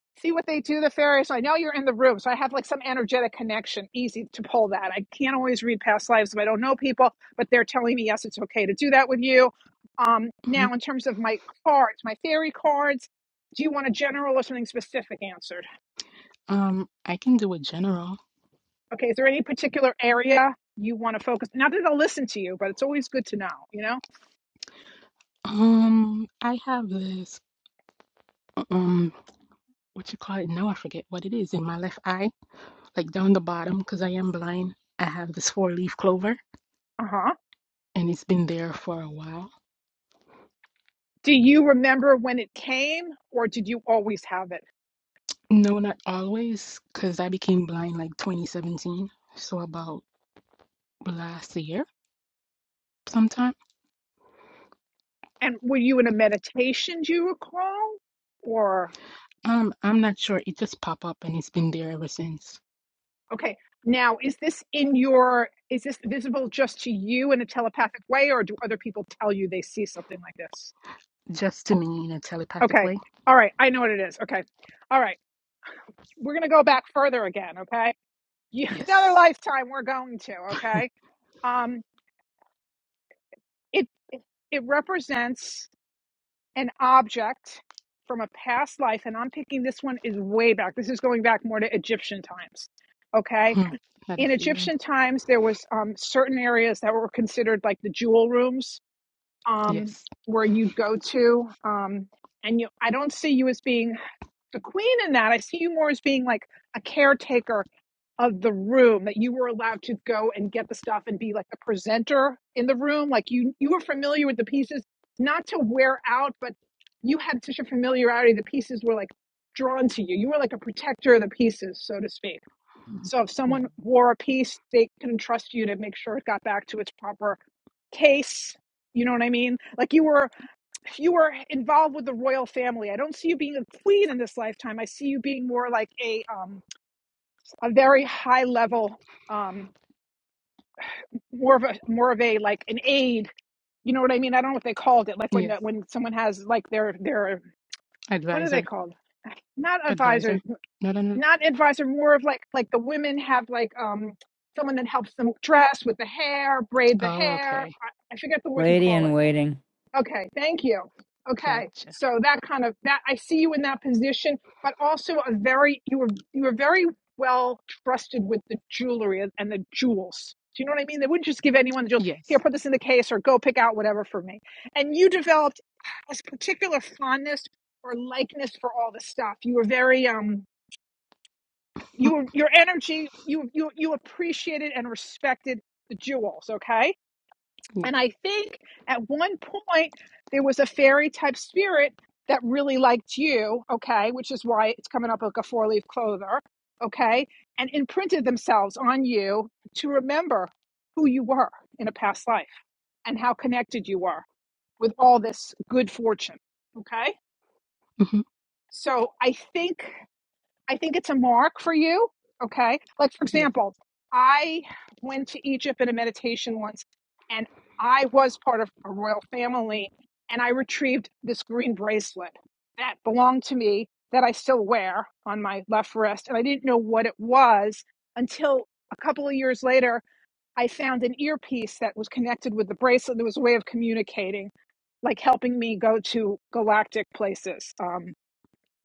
<laughs> See what they do, the fairies. I know you're in the room, so I have like some energetic connection. Easy to pull that. I can't always read past lives if I don't know people, but they're telling me yes, it's okay to do that with you. Um, Mhm. now in terms of my cards, my fairy cards, do you want a general or something specific answered? Um, I can do a general. Okay, is there any particular area you want to focus? Not that I'll listen to you, but it's always good to know. You know? Um, I have this, um, what you call it now? I forget what it is in my left eye, like down the bottom, because I am blind. I have this four-leaf clover, Uh huh. and it's been there for a while. Do you remember when it came, or did you always have it? No, not always, because I became blind like 2017, so about last year sometime. And were you in a meditation, do you recall? Or, Um, I'm not sure. It just popped up, and it's been there ever since. okay, now is this in your, is this visible just to you in a telepathic way, or do other people tell you they see something like this? Just to me in a telepathic Okay, way. all right, I know what it is. Okay, all right, we're going to go back further again, okay? You, <laughs> another Yes. lifetime we're going to, okay? Um, it, it represents an object from a past life, and I'm picking this one is way back. This is going back more to Egyptian times, okay? Hmm. Not a in feeling. Egyptian times, there was um, certain areas that were considered like the jewel rooms, um, Yes. where you'd go to. Um, and you, I don't see you as being the queen in that. I see you more as being like a caretaker of the room that you were allowed to go and get the stuff and be like the presenter in the room. Like you, you were familiar with the pieces, not to wear out, but you had such a familiarity. The pieces were like drawn to you. You were like a protector of the pieces, so to speak. Mhm. So if Right. someone wore a piece, they can trust you to make sure it got back to its proper case. You know what I mean? Like you were you were involved with the royal family. I don't see you being a queen in this lifetime. I see you being more like a um a very high level um more of a more of a like an aide. You know what I mean? I don't know what they called it. Like when Yes, when someone has like their their what are they advisor, called? Not advisor. advisor. No, no, no. not advisor, more of like like the women have like um someone that helps them dress with the hair, braid the Oh, hair. okay, I, I forget the what you Lady call in it. Waiting. Okay, thank you. Okay, gotcha. so that kind of that I see you in that position, but also a very you were you were very well trusted with the jewelry and, and the jewels. Do you know what I mean? They wouldn't just give anyone the jewel. Here, Yes, put this in the case, or go pick out whatever for me. And you developed this particular fondness or likeness for all the stuff. You were very um you were- your energy you you you appreciated and respected the jewels okay yes. and i think at one point there was a fairy type spirit that really liked you okay which is why it's coming up like a four leaf clover okay and imprinted themselves on you to remember who you were in a past life and how connected you were with all this good fortune okay hmm so i think I think it's a mark for you. Okay. Like, for Yes. example, I went to Egypt in a meditation once and I was part of a royal family and I retrieved this green bracelet that belonged to me that I still wear on my left wrist. And I didn't know what it was until a couple of years later. I found an earpiece that was connected with the bracelet. There was a way of communicating, like helping me go to galactic places. Um,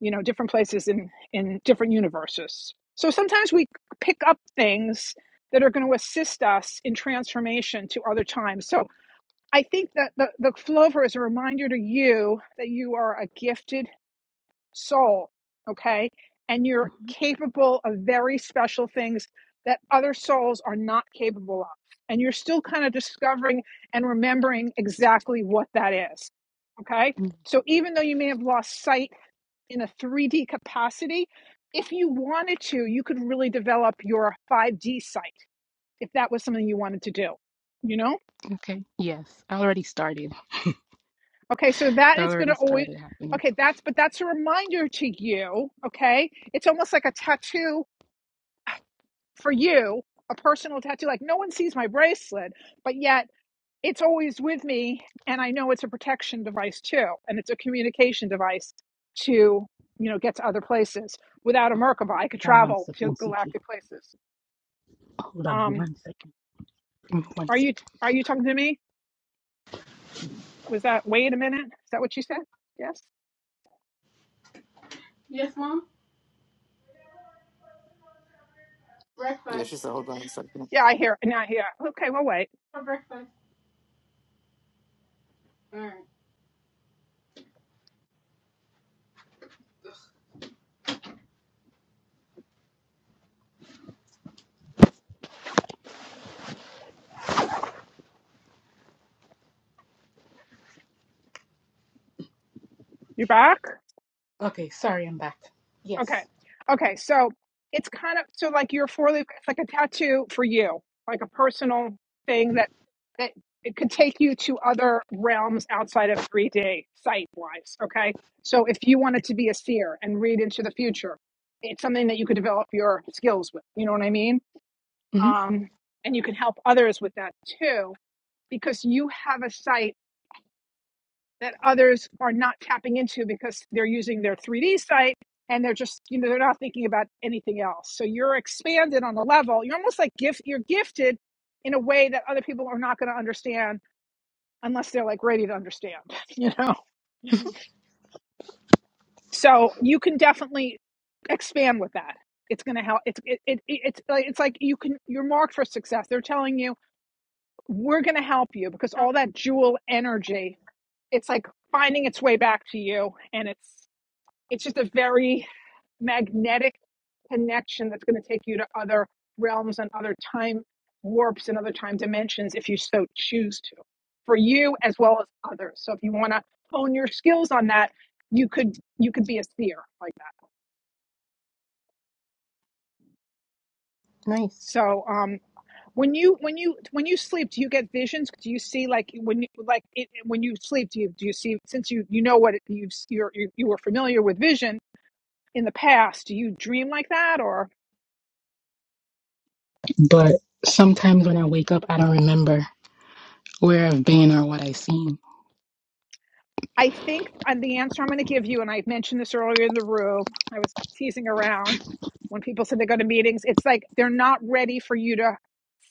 you know different places in in different universes so sometimes we pick up things that are going to assist us in transformation to other times so i think that the, the flover is a reminder to you that you are a gifted soul okay and you're capable of very special things that other souls are not capable of and you're still kind of discovering and remembering exactly what that is okay hmm so even though you may have lost sight in a 3D capacity. If you wanted to, you could really develop your 5D site if that was something you wanted to do, you know? Okay. Yes, I already started. Okay, so It that is going already to always, started happening. okay, that's, but that's a reminder to you, okay? It's almost like a tattoo for you, a personal tattoo. Like no one sees my bracelet, but yet it's always with me. And I know it's a protection device too. And it's a communication device to, you know, get to other places. Without a Merkaba, I could Hold on one travel to second, CK. galactic places Hold on Um, one second. Give me One are you second. are you talking to me? Was that wait a minute? Is that what you said? Yes. Yes, mom. Yeah, Breakfast she said, hold on a second. Yeah, I hear. Now I hear. Okay, well wait. for breakfast. All right. You back? Okay. Sorry, I'm back. Okay. Yes. Okay. So it's kind of so like your four leaf. It's like a tattoo for you, like a personal thing that that it could take you to other realms outside of three D sight wise. Okay. So if you wanted to be a seer and read into the future, it's something that you could develop your skills with. You know what I mean? hmm Um, and you can help others with that too because you have a site that others are not tapping into because they're using their 3D site and they're just you know they're not thinking about anything else. So you're expanded on the level. You're almost like gift you're gifted in a way that other people are not going to understand unless they're like ready to understand, <laughs> you know. So you can definitely expand with that. It's going to help it's it, it it's like it's like you can you're marked for success. They're telling you we're going to help you because all that jewel energy it's like finding its way back to you and it's it's just a very magnetic connection that's going to take you to other realms and other time warps and other time dimensions if you so choose to for you as well as others so if you want to hone your skills on that you could you could be a seer like that Nice. so um when you when you when you sleep do you get visions do you see like when you like it, when you sleep do you do you see since you you know what it, you you're, you you were familiar with vision in the past, do you dream like that? Or But sometimes when I wake up, I don't remember where I've been or what I've seen. I think uh, the answer I'm going to give you, and I mentioned this earlier in the room, I was teasing around when people said they go to meetings, it's like they're not ready for you to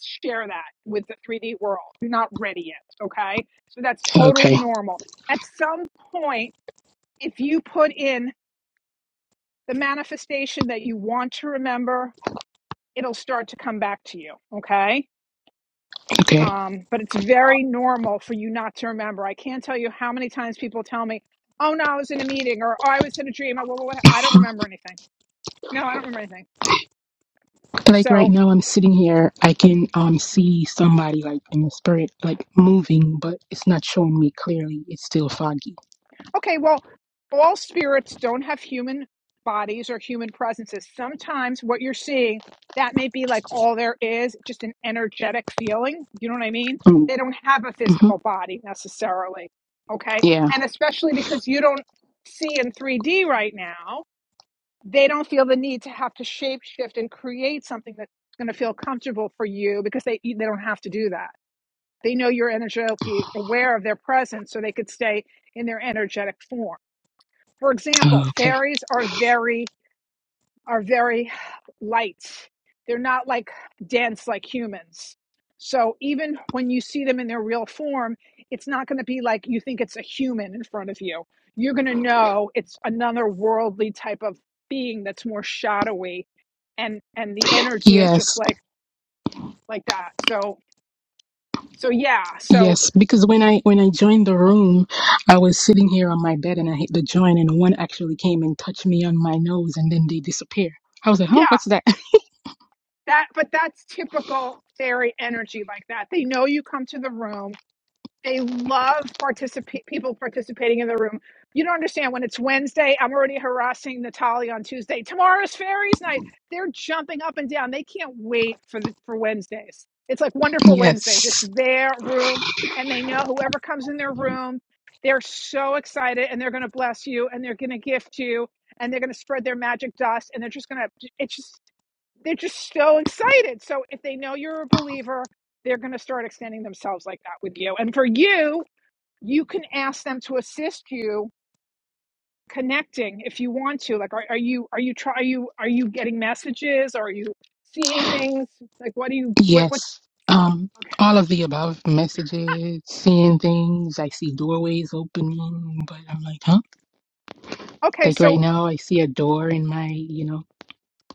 share that with the 3D world. You're not ready yet. Okay. So that's totally Okay. normal. At some point, if you put in the manifestation that you want to remember, it'll start to come back to you. Okay Okay. Um, but it's very normal for you not to remember. I can't tell you how many times people tell me, "Oh no, I was in a meeting," or "Oh, I was in a dream." I, well, what, I don't remember anything. No, I don't remember anything. like right So, now i'm sitting here i can um see somebody like in the spirit like moving but it's not showing me clearly it's still foggy okay, well, all spirits don't have human bodies or human presences. Sometimes what you're seeing that may be like all there is, just an energetic feeling. You know what I mean? um, They don't have a mhm. physical body necessarily. Okay, yeah and especially because you don't see in 3D right now they don't feel the need to have to shape shift and create something that's going to feel comfortable for you because they they don't have to do that. They know you're energetically aware of their presence, so they could stay in their energetic form. For example, okay fairies are very are very light. They're not like dense like humans. So even when you see them in their real form, it's not going to be like you think it's a human in front of you. You're going to know it's another worldly type of being that's more shadowy and and the energy is just yes like like that. So so yeah, so yes because when i when i joined the room i was sitting here on my bed and i hit the joint and one actually came and touched me on my nose and then they disappear i was like huh yeah, what's that that but that's typical fairy energy like that. They know you come to the room They love participate people participating in the room. You don't understand when it's Wednesday. I'm already harassing Natalie on Tuesday. Tomorrow's fairies night. They're jumping up and down. They can't wait for the, for Wednesdays. It's like <laughs> wonderful Wednesdays. It's yes their room, and they know whoever comes in their room, they're so excited, and they're going to bless you, and they're going to gift you, and they're going to spread their magic dust, and they're just going to. It's just they're just so excited. So if they know you're a believer, they're going to start extending themselves like that with you. And for you, you can ask them to assist you connecting if you want to. Like, are, are you are you try are you are you getting messages? Are you seeing things? Like, what do you what what's yes um okay? all of the above messages seeing things i see doorways opening but i'm like huh Okay, Like so right now, I see a door in my, you know,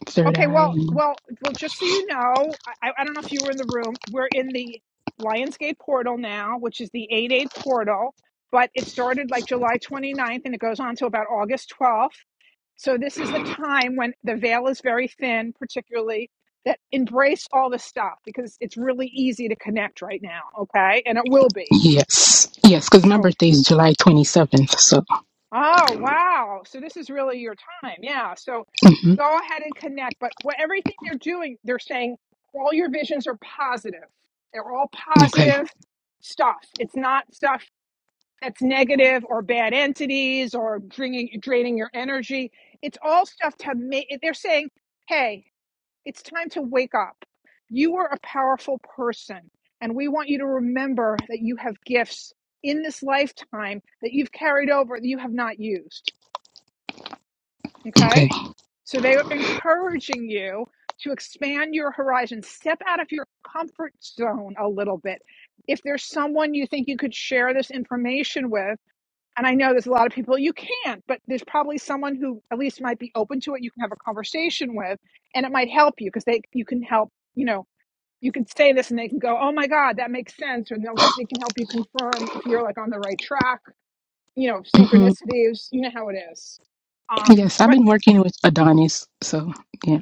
third Okay, eye. well, And well, well. Just so you know, I, I don't know if you were in the room. We're in the Lionsgate portal now, which is the eight eight portal, but it started like July twenty ninth, and it goes on to about August 12th. So this is the time when the veil is very thin, particularly that embrace all the stuff because it's really easy to connect right now. Okay, and it will be. yes, yes, because So my birthday is July 27th. So, Oh, wow. So this is really your time. Yeah. So hmm go ahead and connect. But what everything they're doing, they're saying all your visions are positive. They're all okay, positive stuff. It's not stuff that's negative or bad entities or draining, draining your energy. It's all stuff to make. They're saying, hey, it's time to wake up. You are a powerful person. And we want you to remember that you have gifts in this lifetime that you've carried over that you have not used okay. Okay. So they are encouraging you to expand your horizon, step out of your comfort zone a little bit. If there's someone you think you could share this information with, and I know there's a lot of people you can't, but there's probably someone who at least might be open to it. You can have a conversation with, and it might help you because they you can help. You know, you can say this, and they can go, "Oh my God, that makes sense," or they'll, they can help you confirm if you're like on the right track. You know, hmm synchronicities. You know how it is. Um, Yes, I've but been working with Adonis. So, yeah,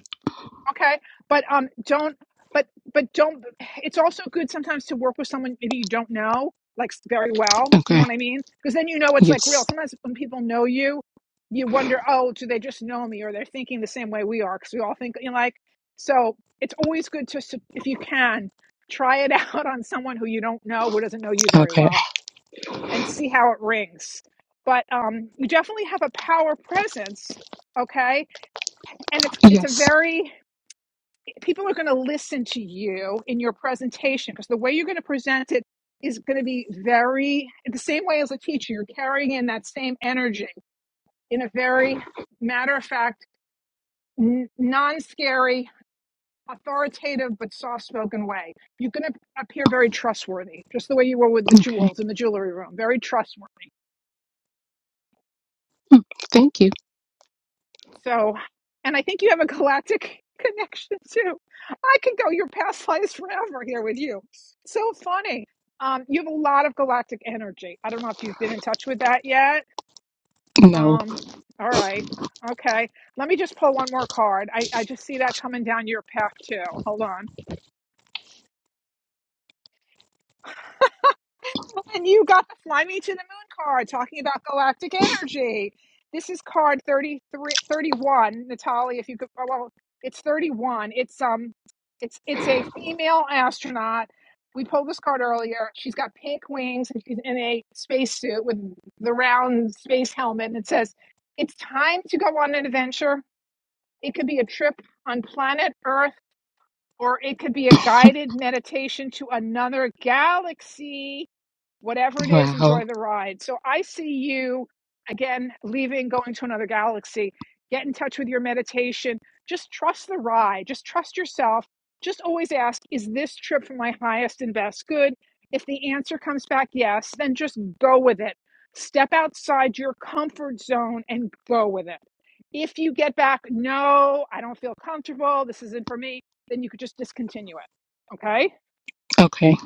Okay, but um, don't but but don't. It's also good sometimes to work with someone maybe you don't know like very well. Do you know okay, what I mean? Because then you know it's like real. yes, Sometimes when people know you, you wonder, oh, do they just know me, or they're thinking the same way we are? Because we all think you know, like. So it's always good to s- if you can try it <laughs> out on someone who you don't know, who doesn't know you very okay, well, and see how it rings. But um, you definitely have a power presence. Okay, and it's it's a yes, very people are going to listen to you in your presentation because the way you're going to present it is going to be very the same way as a teacher you're carrying in that same energy in a very matter of fact n- non-scary authoritative but soft-spoken way you're going to appear very trustworthy just the way you were with the okay. jewels in the jewelry room very trustworthy Thank you. So, and I think you have a galactic <laughs> connection too. I can go your past lives forever here with you. So funny. Um, you have a lot of galactic energy. I don't know if you've been in touch with that yet. No, Um, all right. Okay. Let me just pull one more card. I, I just see that coming down your path too. Hold on. And you got the Fly Me to the Moon card talking about galactic energy. This is card 33, 31, Natalie, if you could, oh, well, it's 31. It's, um, it's, it's a female astronaut. We pulled this card earlier. She's got pink wings and she's in a spacesuit with the round space helmet. And it says, it's time to go on an adventure. It could be a trip on planet Earth or it could be a guided meditation to another galaxy whatever it is, wow, enjoy the ride. So I see you again leaving, going to another galaxy. Get in touch with your meditation. Just trust the ride. Just trust yourself. Just always ask, is this trip for my highest and best good? If the answer comes back yes, then just go with it. Step outside your comfort zone and go with it. If you get back, no, I don't feel comfortable, this isn't for me, then you could just discontinue it. Okay? okay,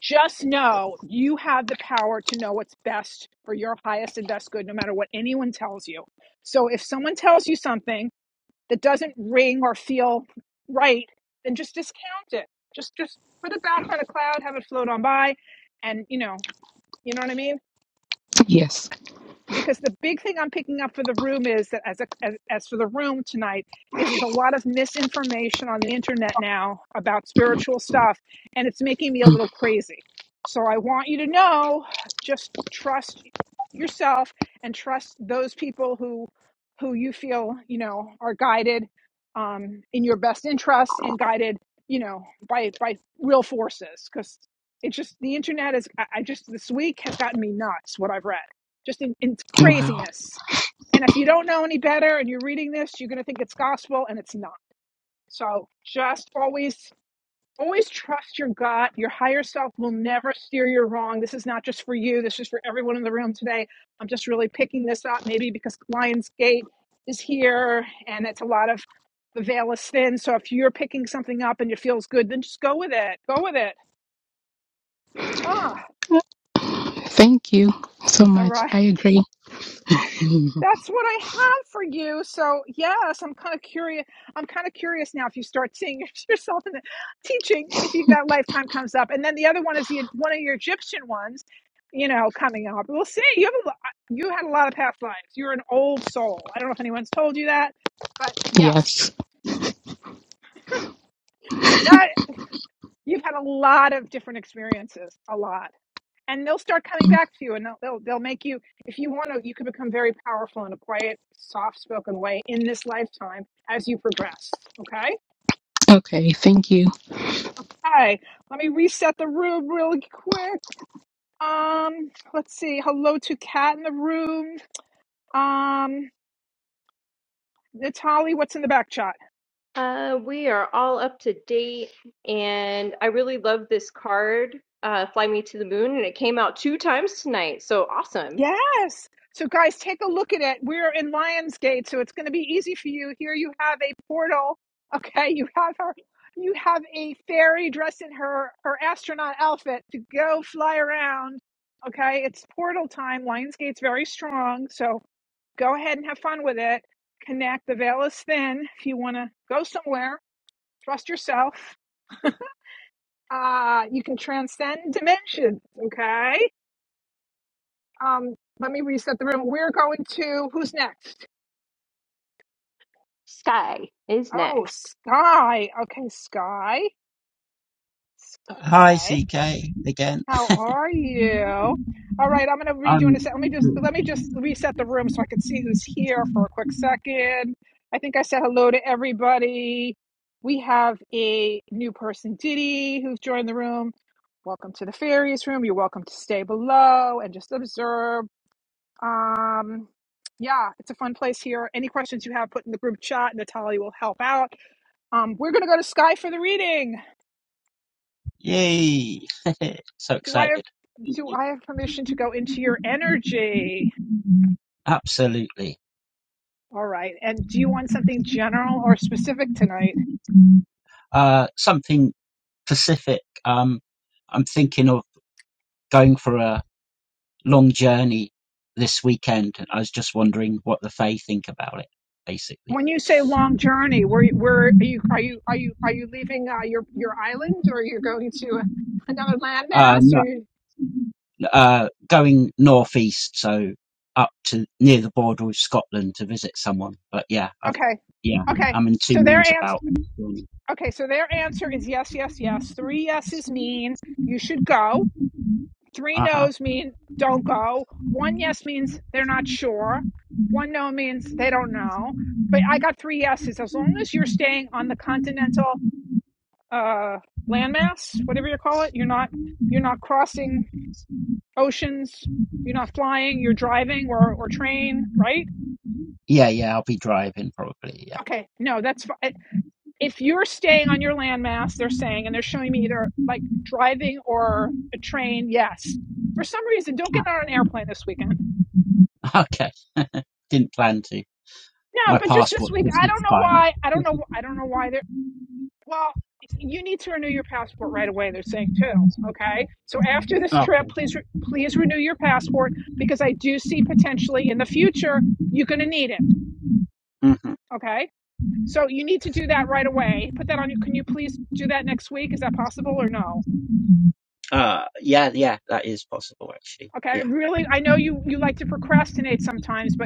just know you have the power to know what's best for your highest and best good, no matter what anyone tells you. So if someone tells you something that doesn't ring or feel right, then just discount it. Just just put it back on a cloud, have it float on by, and you know, you know what I mean yes, because the big thing I'm picking up for the room is that as a, as, as for the room tonight is there's a lot of misinformation on the internet now about spiritual stuff, and it's making me a Mm, little crazy. So I want you to know, just trust yourself and trust those people who who you feel you know are guided um, in your best interest and guided you know by by real forces because. it's just the internet is. I I just this week has gotten me nuts. What I've read just in, in wow. craziness. And if you don't know any better and you're reading this, you're going to think it's gospel and it's not. So just always, always trust your gut. Your higher self will never steer you wrong. This is not just for you. This is for everyone in the room today. I'm just really picking this up maybe because Lionsgate is here and it's a lot of the veil is thin. So if you're picking something up and it feels good, then just go with it. Go with it. Ah, Thank you so all much. right. I agree. <laughs> That's what I have for you. So yes, I'm kind of curious. I'm kind of curious now if you start seeing <laughs> yourself in the teaching, if you, that lifetime comes up, and then the other one is the one of your Egyptian ones, you know, coming up. We'll see. You have a, lo- you had a lot of past lives. You're an old soul. I don't know if anyone's told you that, but yes, yes. that you've had a lot of different experiences. A lot. and they'll start coming back to you and they'll, they'll they'll make you if you want to you can become very powerful in a quiet soft-spoken way in this lifetime as you progress okay Okay, thank you. okay let me reset the room really quick um let's see hello to cat in the room um Natalie, what's in the back chat Uh, we are all up to date, and I really love this card, uh, Fly Me to the Moon, and it came out two times tonight, so awesome. Yes. So, guys, take a look at it. We're in Lionsgate, so it's going to be easy for you. Here you have a portal. Okay, you have her. You have a fairy dressed in her her astronaut outfit to go fly around. Okay, it's portal time. Lionsgate's very strong, so go ahead and have fun with it. Connect. The veil is thin. If you want to go somewhere, trust yourself. Uh, you can transcend dimensions. Okay. Um, let me reset the room. We're going to who's next? Sky is Oh, next. Sky. Okay, Sky. Sky, Hi, CK, again. how are you? All right, I'm gonna read you in I'm a sec. Let me just good. let me just reset the room so I can hear for a second. I think I said hello to everybody. We have a new person, Diddy, who's joined the room. Welcome to the fairies room. You're welcome to stay below and just observe. Um, yeah, it's a fun place here. Any questions you have, put in the group chat. Natalie will help out. Um, we're gonna go to Sky for the reading. Yay! <laughs> so Do I have excited. do Yep. I have permission to go into your energy? Absolutely. All right. And do you want general or Uh, something Pacific. Um, I'm thinking of going for a long journey this weekend, and I was just wondering what the Fae think about it, basically. when you say long journey, where where are you are you, are you leaving uh, your your island or you're going to another Uh, landmass? no. uh, going northeast, so up to near the border with Scotland to visit someone. But yeah, I've Okay. yeah, Okay. I'm in two So their minds answer about. Okay, so their answer is yes, yes, yes. Three yeses mean you should go. Three Uh huh. no's mean don't go. One yes means they're not sure. One no means they don't know. Three yeses, as long as you're staying on the continental uh, landmass, whatever you call it. You're not you're not crossing oceans. You're not flying. You're driving or or train. Yeah, yeah, I'll be driving probably. Yeah. Okay, no, that's fine. If you're staying on your landmass, they're saying, and they're showing me either driving or a train. Yes, for some reason, don't get on an airplane this weekend. Ah, <laughs> Okay. Didn't plan to. No, My but just this passport's week, just I don't know expired. why. I don't know. <laughs> I don't know why they're well. You need to renew your passport right away. They're saying, okay. So after this trip, okay. please re- please renew your passport because I do see potential obviously in the future you're going to need it. Mhm. Okay. So you need to do that right away. Put that on your do that next week. Is that possible or no? Uh, yeah, yeah, that is possible actually. Okay. Yeah. <laughs> Really, I know you you like to procrastinate sometimes, but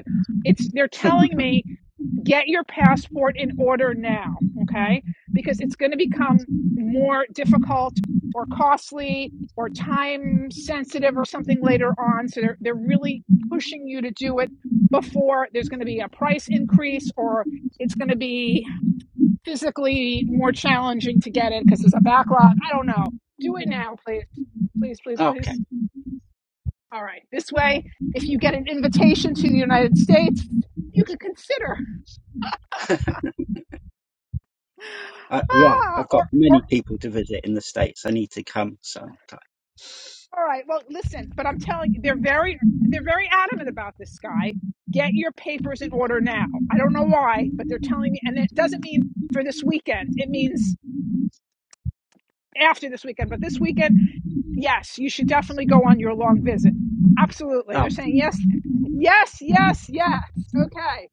they're telling get your passport in order now. Okay, because it's going to become more difficult or costly or time sensitive or something later on. So they're they're really pushing you to do it for there's going to be a price or it's going to be physically more challenging to get it o'clock. I don't know. Do it now, please. please, please. Okay. All right. This way, if you get an invitation to the United States, you could consider. <gasps> Uh, yeah, Ah, I've got or many people to visit in the States. I need to come sometime. all right. Well, listen, but I'm telling you, they're very they're very adamant about this guy. Get your papers in order now. I don't know why. But it doesn't mean for this weekend. It means after this weekend. But this week, yes, you should definitely go on your long visit. Absolutely. They're Oh, saying yes, yes, yes, yes. Okay.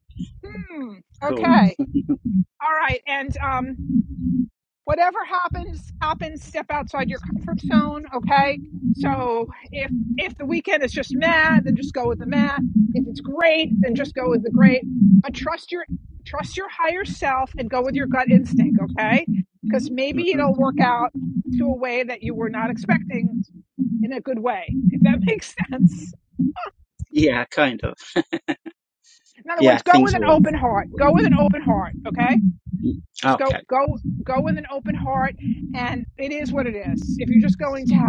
Hmm. cool. Okay. All right. And um. whatever happens happens step outside your comfort zone okay so if if the weekend is just mad then just go with the mad it's great then just go with the great trust your trust your higher self and go with your gut okay because hmm maybe it'll work out a way that you were not expecting a good way <laughs> in Yeah, kind of. other words Yeah, go with things an open always. heart go with an open okay just go Okay. go go with an open heart and it is what it is It's going to happen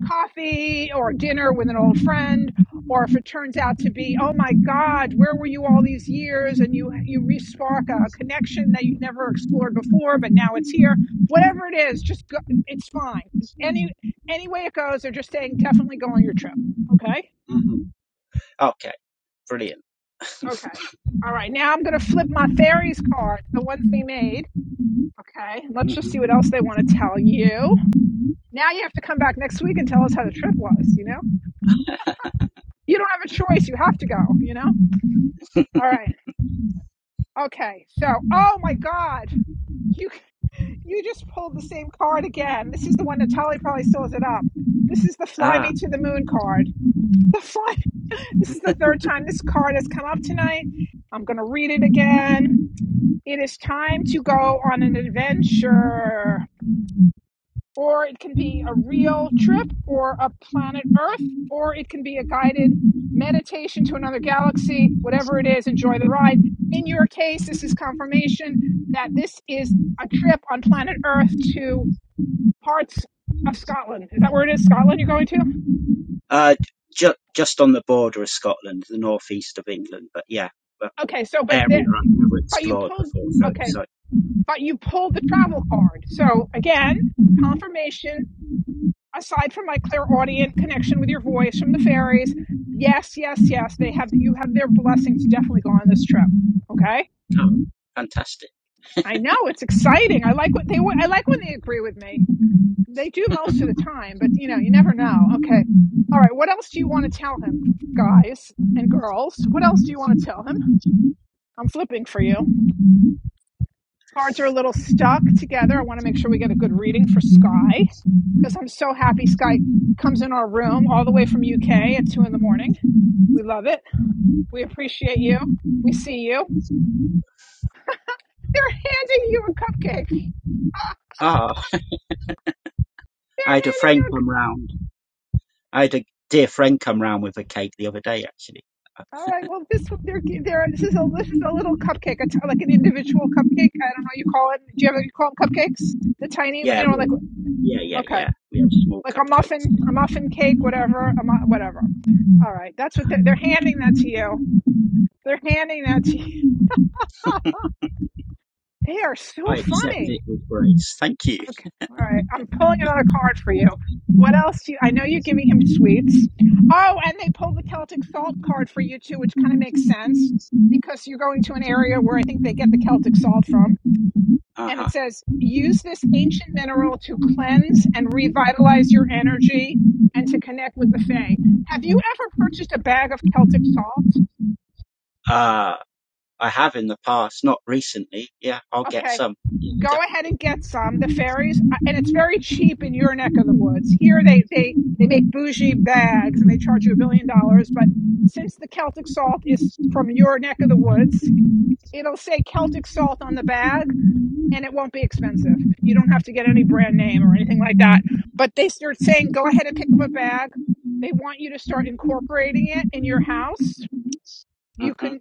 coffee or dinner with an old friend or if it turns out to be oh my god where were you all these years and you you respark i never before but it's here whatever it is just go, it's fine any any way it goes they're just saying definitely go on your hmm Okay. Brilliant. okay all right now i'm going to flip my fairy the ones we made okay let's just see hmm what else they now you have to come back next week and tell us how you don't have a choice you have to okay so oh my god you just pulled the same card again this is Tali probably still has it up fly Ah, me to the moon card. <laughs> Fly. This is the third time this card has come up tonight. I'm going to read it again. It is time to go on an adventure, or it can be, or a planet, or it can be a guided nation to another galaxy. Whatever it is, enjoy the ride. Case is confirmation is a trip on planet Earth to parts of Scotland. Is that where it is you're going to? uh, ju- just on the border of Scotland, the northeast of England, but yeah, but Okay, so but then, area I've never but you explored before, so so but you pulled the travel. So again, information aside from my clear audience voice Aries. Yes, yes, yes. Okay. oh, fantastic. I know it's exciting. I like what they I like when they agree with me. They do <laughs> most of the time, but all right, what else do you want to tell him, guys, girls? What else? I'm flipping for you. Cards are a little stuck together. I want to make sure I'm so happy in our room. All okay. Love it. Appreciate you. See you. They're handing you a cupcake. Ah, They're I had a hand- friend come round. I had a dear friend come round with a cake the other day, actually. All right. Well, this they're they're this is a little cupcake. I I don't know what you call it. Do you ever you call them cupcakes? The tiny, you know, Yeah, we, yeah, yeah, okay. yeah. We had small Like a cupcakes. muffin cake Right, That's what they're, they're you. They're handing that to you. They are so I fun. accept it with grace. Thank you. All right. I'm pulling it on a card for you. What you, I know you're giving him. Oh, and they pulled the Celtic salt card for you too, which so you're going to an area where Uh huh. it says use the mineral to and revitalize with the. Have you ever purchased a bag of kelp? Uh, I have in the past, not recently. Yeah, I'll get some. Yeah, Go ahead and get some. The fairies, it's very cheap in your neck. They make bougie bags. The Celtic salt is from your neck of the world. definitely. It'll say Celtic salt on the bag, and it won't be expensive to get any. like that. But they start saying, "Go ahead and pick a bag." I want you to start incorporating it. You hmm can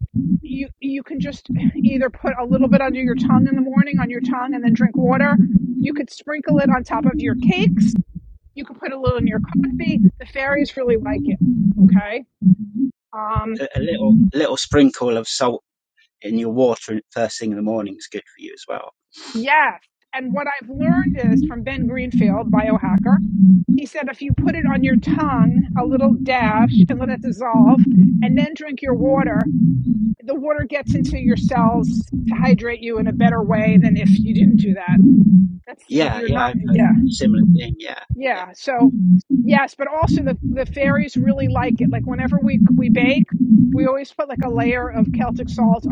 you can just put a little bit under your, t- your tongue, and water, sprinkle it on top of you. You can put a little in your. coffee. The fairies really like. Um, A, a little, little sprinkle of salt in your water first thing in the morning is good for you as well. yes. And what I've learned from Ben Greenfield bio, he said if you put it on a little dash, dissolve, drink your water. The water gets into your cells to hydrate you in a better way. Yeah, You're yeah, not. I've heard a similar thing. Yeah, yeah. Yeah. So yes, but also the fairies really like it. Just put like a layer salt,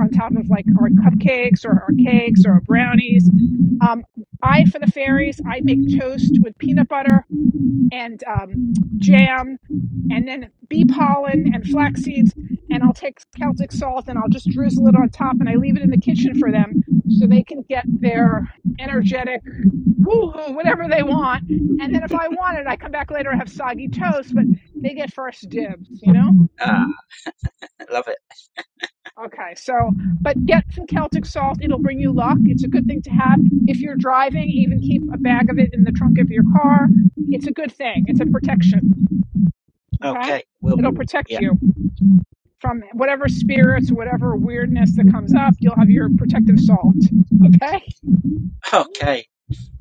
cakes, I for butter and um, jam, bee pollen and Celtic salt, and I'll just get their energetic woohoo, whatever they want. I want it. I come back later. I have soggy toast. They get first dibs. You know. Ah, I love it. Okay, so Celtic salt. It'll bring you luck to have. If you're driving, eat a bag of. It's a good thing. Okay Okay, we'll do. Yeah. protect you from whatever spirits, whatever we- Okay,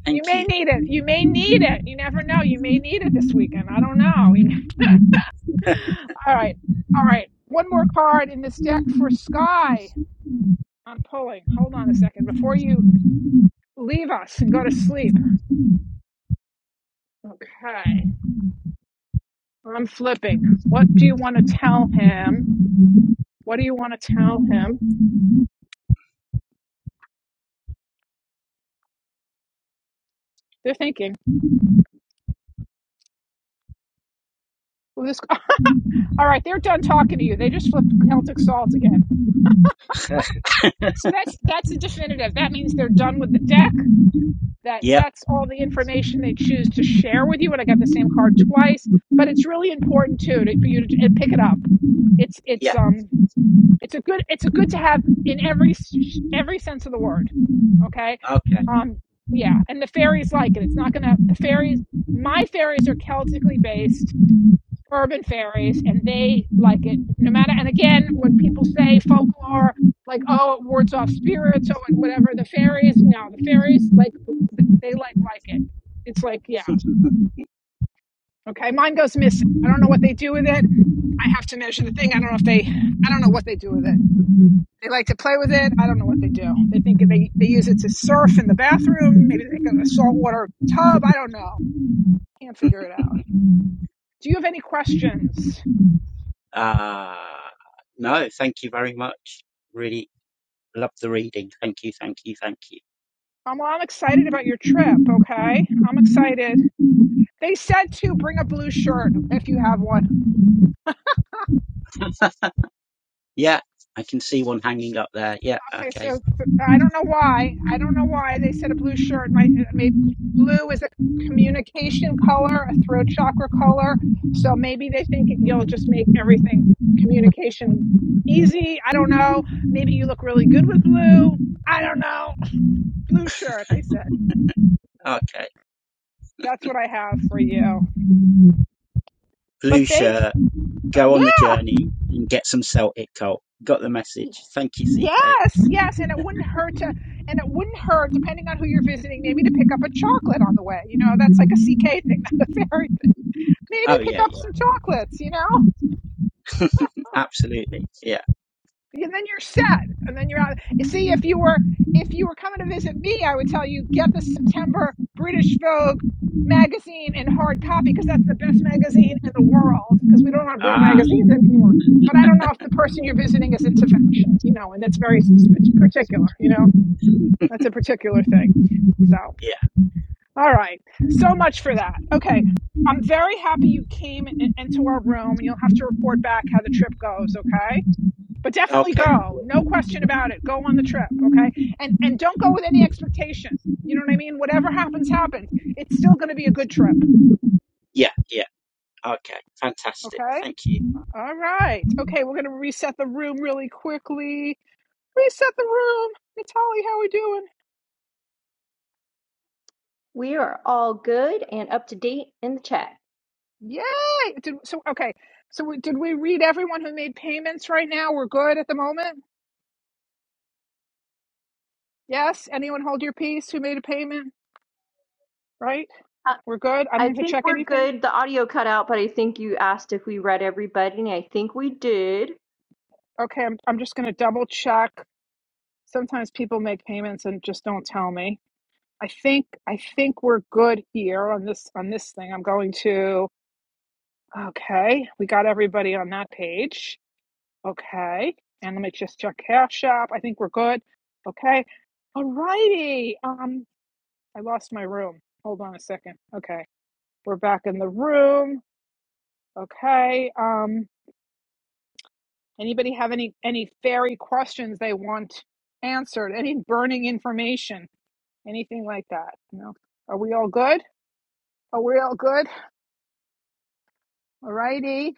thank you may you. need it. You may need it. You never know. You I don't know. All right. All right. One more card in this deck. Sky, I'm pulling. Leave us and go to. Okay, I'm flipping. Want to tell? What do you want to tell? They're thinking. Well, this. <laughs> All right, they're done talking to you. They just. That's a definitive. That means that Yep, that's all the information you want to get. This really important too. To, it's, yeah, uh, it's a good. It's a good to have every sense of the word. Okay. okay. Yeah, and the fairies like it. Fairies. My fairies are Celtic urban fairies, and they no matter. And again, are like oh, it wards off spirit. The fairies. It's like yeah. Okay, mine goes missing. Do with it to measure the thing. I don't know if they, they do with it. They like to play with it. They use it to surf in the bathroom, water a tub. I can't figure it out. <laughs> Do you have any questions? Uh, no, thank you very much. Really love the reading. Thank you, thank you, thank you. Um, well, I'm excited about you guy. I did. He said to bring a blue shirt if you have one. Yeah, I can see one hanging up there. Yeah, Okay, so okay, I don't know why. Why they said blue communication color, chakra color. So maybe they think it just makes I don't know. Look really good. I don't know. Blue shirt. They, okay. that's what I have. But Blue thank you. shirt, go on the Yeah. journey and get some Celtic coal. Got the message. Thank you, CK. Yes, yes, and it wouldn't hurt to, and it wouldn't hurt depending on who you're visiting. Maybe to pick chocolate, you know, that's <laughs> very maybe Oh, pick yeah, yeah, some chocolates, you know, absolutely. Yeah. and then you're set, and then you're out. See, if you were if you were coming to visit me, I would tell you get the British Vogue magazine in hard copy. Not real mag. Ah, Person you're visiting, that's a very particular thing. yeah, All right, so much for that. Okay, I'm very happy you came and and to our report back how it goes. Okay, but definitely okay. go, no question about it. Go on the trip. Don't go with expectation. And whatever happens, happens. It's gonna be a good. Yeah, yeah. Okay, fantastic. Okay. Thank you. All right. Okay. We're gonna reset the room really quickly. Reset the room. Natalie, how are we doing? We are all good and up to date in the chat. Yay! Did, so okay. So we, did we read everyone who made payments right now? We're good at the moment. Yes. Anyone hold your peace who made a payment? Right. Uh, We're good. I don't I have to think check we're anything. good. The audio cut out, but I think you asked if we read everybody, and I think we did. Okay. I'm I'm just gonna double check. Sometimes people make payments and just don't tell me. I think I think we're good here on this on this thing. I'm going to. Okay, we got everybody on that page. Okay, and let me just check Cash App. I think we're good. Okay, alrighty. Um, I lost my room. Hold on a second. Okay, we're back in the room. Okay. Um, anybody have any any fairy questions they want answered? Any burning information? Anything like that? No. Are we all good? Are we all good? Alrighty.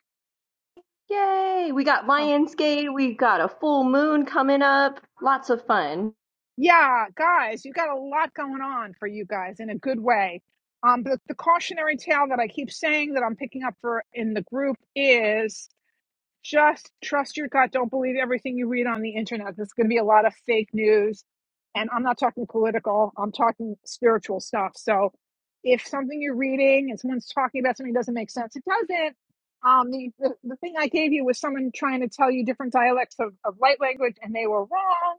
Yay! We got uh, Lionsgate, we got a full moon coming up. Lots of fun. Yeah, guys, you got a lot going on for you guys in a good way. Um, but the cautionary tale that I keep saying that I'm picking up for in the group is just trust your gut. Don't believe everything you read on the internet. There's going to be a lot of fake news, and I'm not talking political. I'm talking spiritual stuff. So, if something you're reading and someone's talking about something that doesn't make sense, it doesn't. Um, the, the the thing I gave you was someone trying to tell you different dialects of, of light language, and they were wrong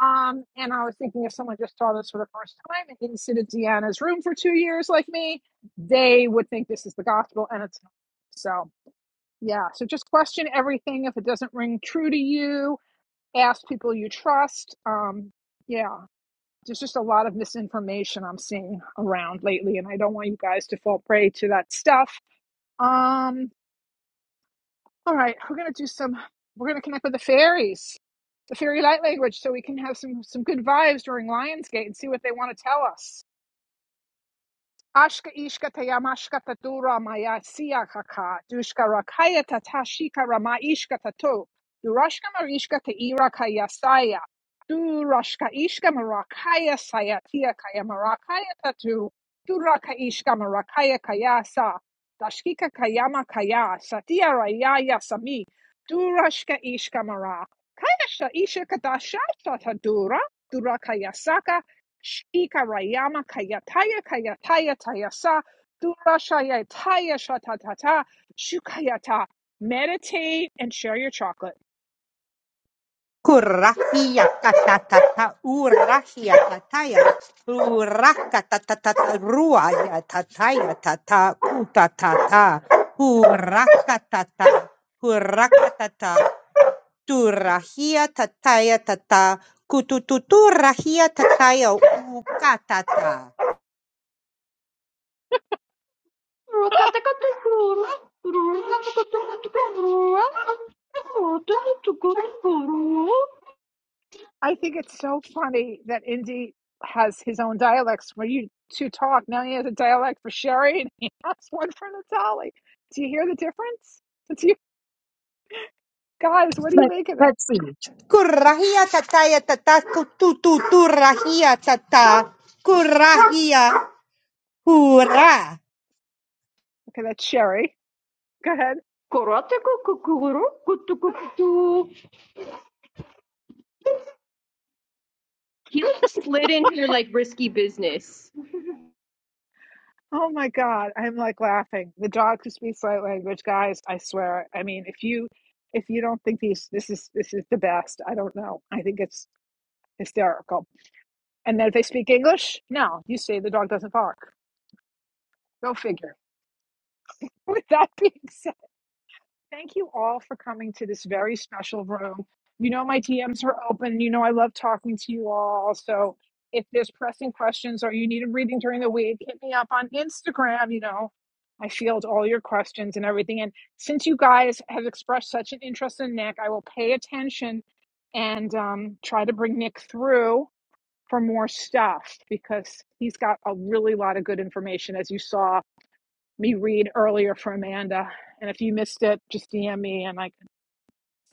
um, and I was thinking if someone just saw this for the first time and didn't sit in Deanna's room for two years like me, they would think this is the gospel and it's not. So yeah, so just question everything. If it doesn't ring true to you, ask people you trust. Um, yeah. There's just a lot of misinformation I'm seeing around lately, and I don't want you guys to fall prey to that stuff. Um, all right, we're gonna do some. We're gonna connect with the fairies, the fairy light language, so we can have some some good vibes during Lionsgate and see what they want to tell us. Ashka ishka tayamashka tatura maya siya kaka dushka rakaya tatashika rama ishka tatu durashka marishka taira kaya saya durashka ishka marakaya sayatia kaya marakaya tatu duraka ishka marakaya kaya sa dashkika kayama kaya satia rayaya sami durashka ishka mara kaya sha isha kadasha tatadura duraka yasaka Shikarayama Kayataya Kayataya Tayasa Durashaya Taya Shatatata Shukayata. Meditate and share your chocolate. Kurahia kata kata urahia tataya uraka tata tata rua ya tataya tata kuta tata uraka tata uraka tata turahia tataya tata kutututu rahia tataya ukatata Rokatakotesu! I think it's so funny that Indy has his own dialects where you two talk. Now he has a dialect for Sherry and <laughs> he has one for Natali. Do you hear the difference? It's you guys, what do you make of that? kurahia tataya tata kutututu rahia tata kurahia hurra Okay, that's Sherry. Go ahead. He like slid in here like risky business. Oh my God, I'm like laughing. The dogs who speak light language, guys, I swear. I mean, if you if you don't think these this is this is the best, I don't know. I think it's hysterical. And then if they speak English, no, you say the dog doesn't bark. Go figure. <laughs> With that being said. Thank you all for coming to this very special room. You know, my DMs are open. You know, I love talking to you all. So if there's pressing questions or you need a reading during the week, hit me up on Instagram. You know, I field all your questions and everything. And since you guys have expressed such an interest in Nick, I will pay attention and um, try to bring Nick through for more stuff because he's got a really lot of good information, as you saw me read earlier for Amanda. And if you missed it, just DM me and I can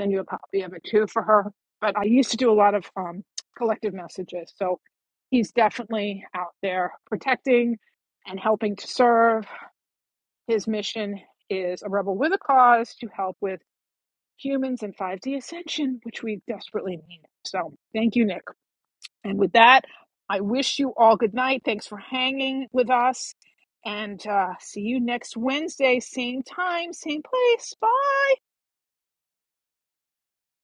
send you a copy of it too for her. But I used to do a lot of um, collective messages. So he's definitely out there protecting and helping to serve. His mission is a rebel with a cause to help with humans and 5D ascension, which we desperately need. So thank you, Nick. And with that, I wish you all good night. Thanks for hanging with us. And uh, see you next Wednesday, same time, same place. Bye.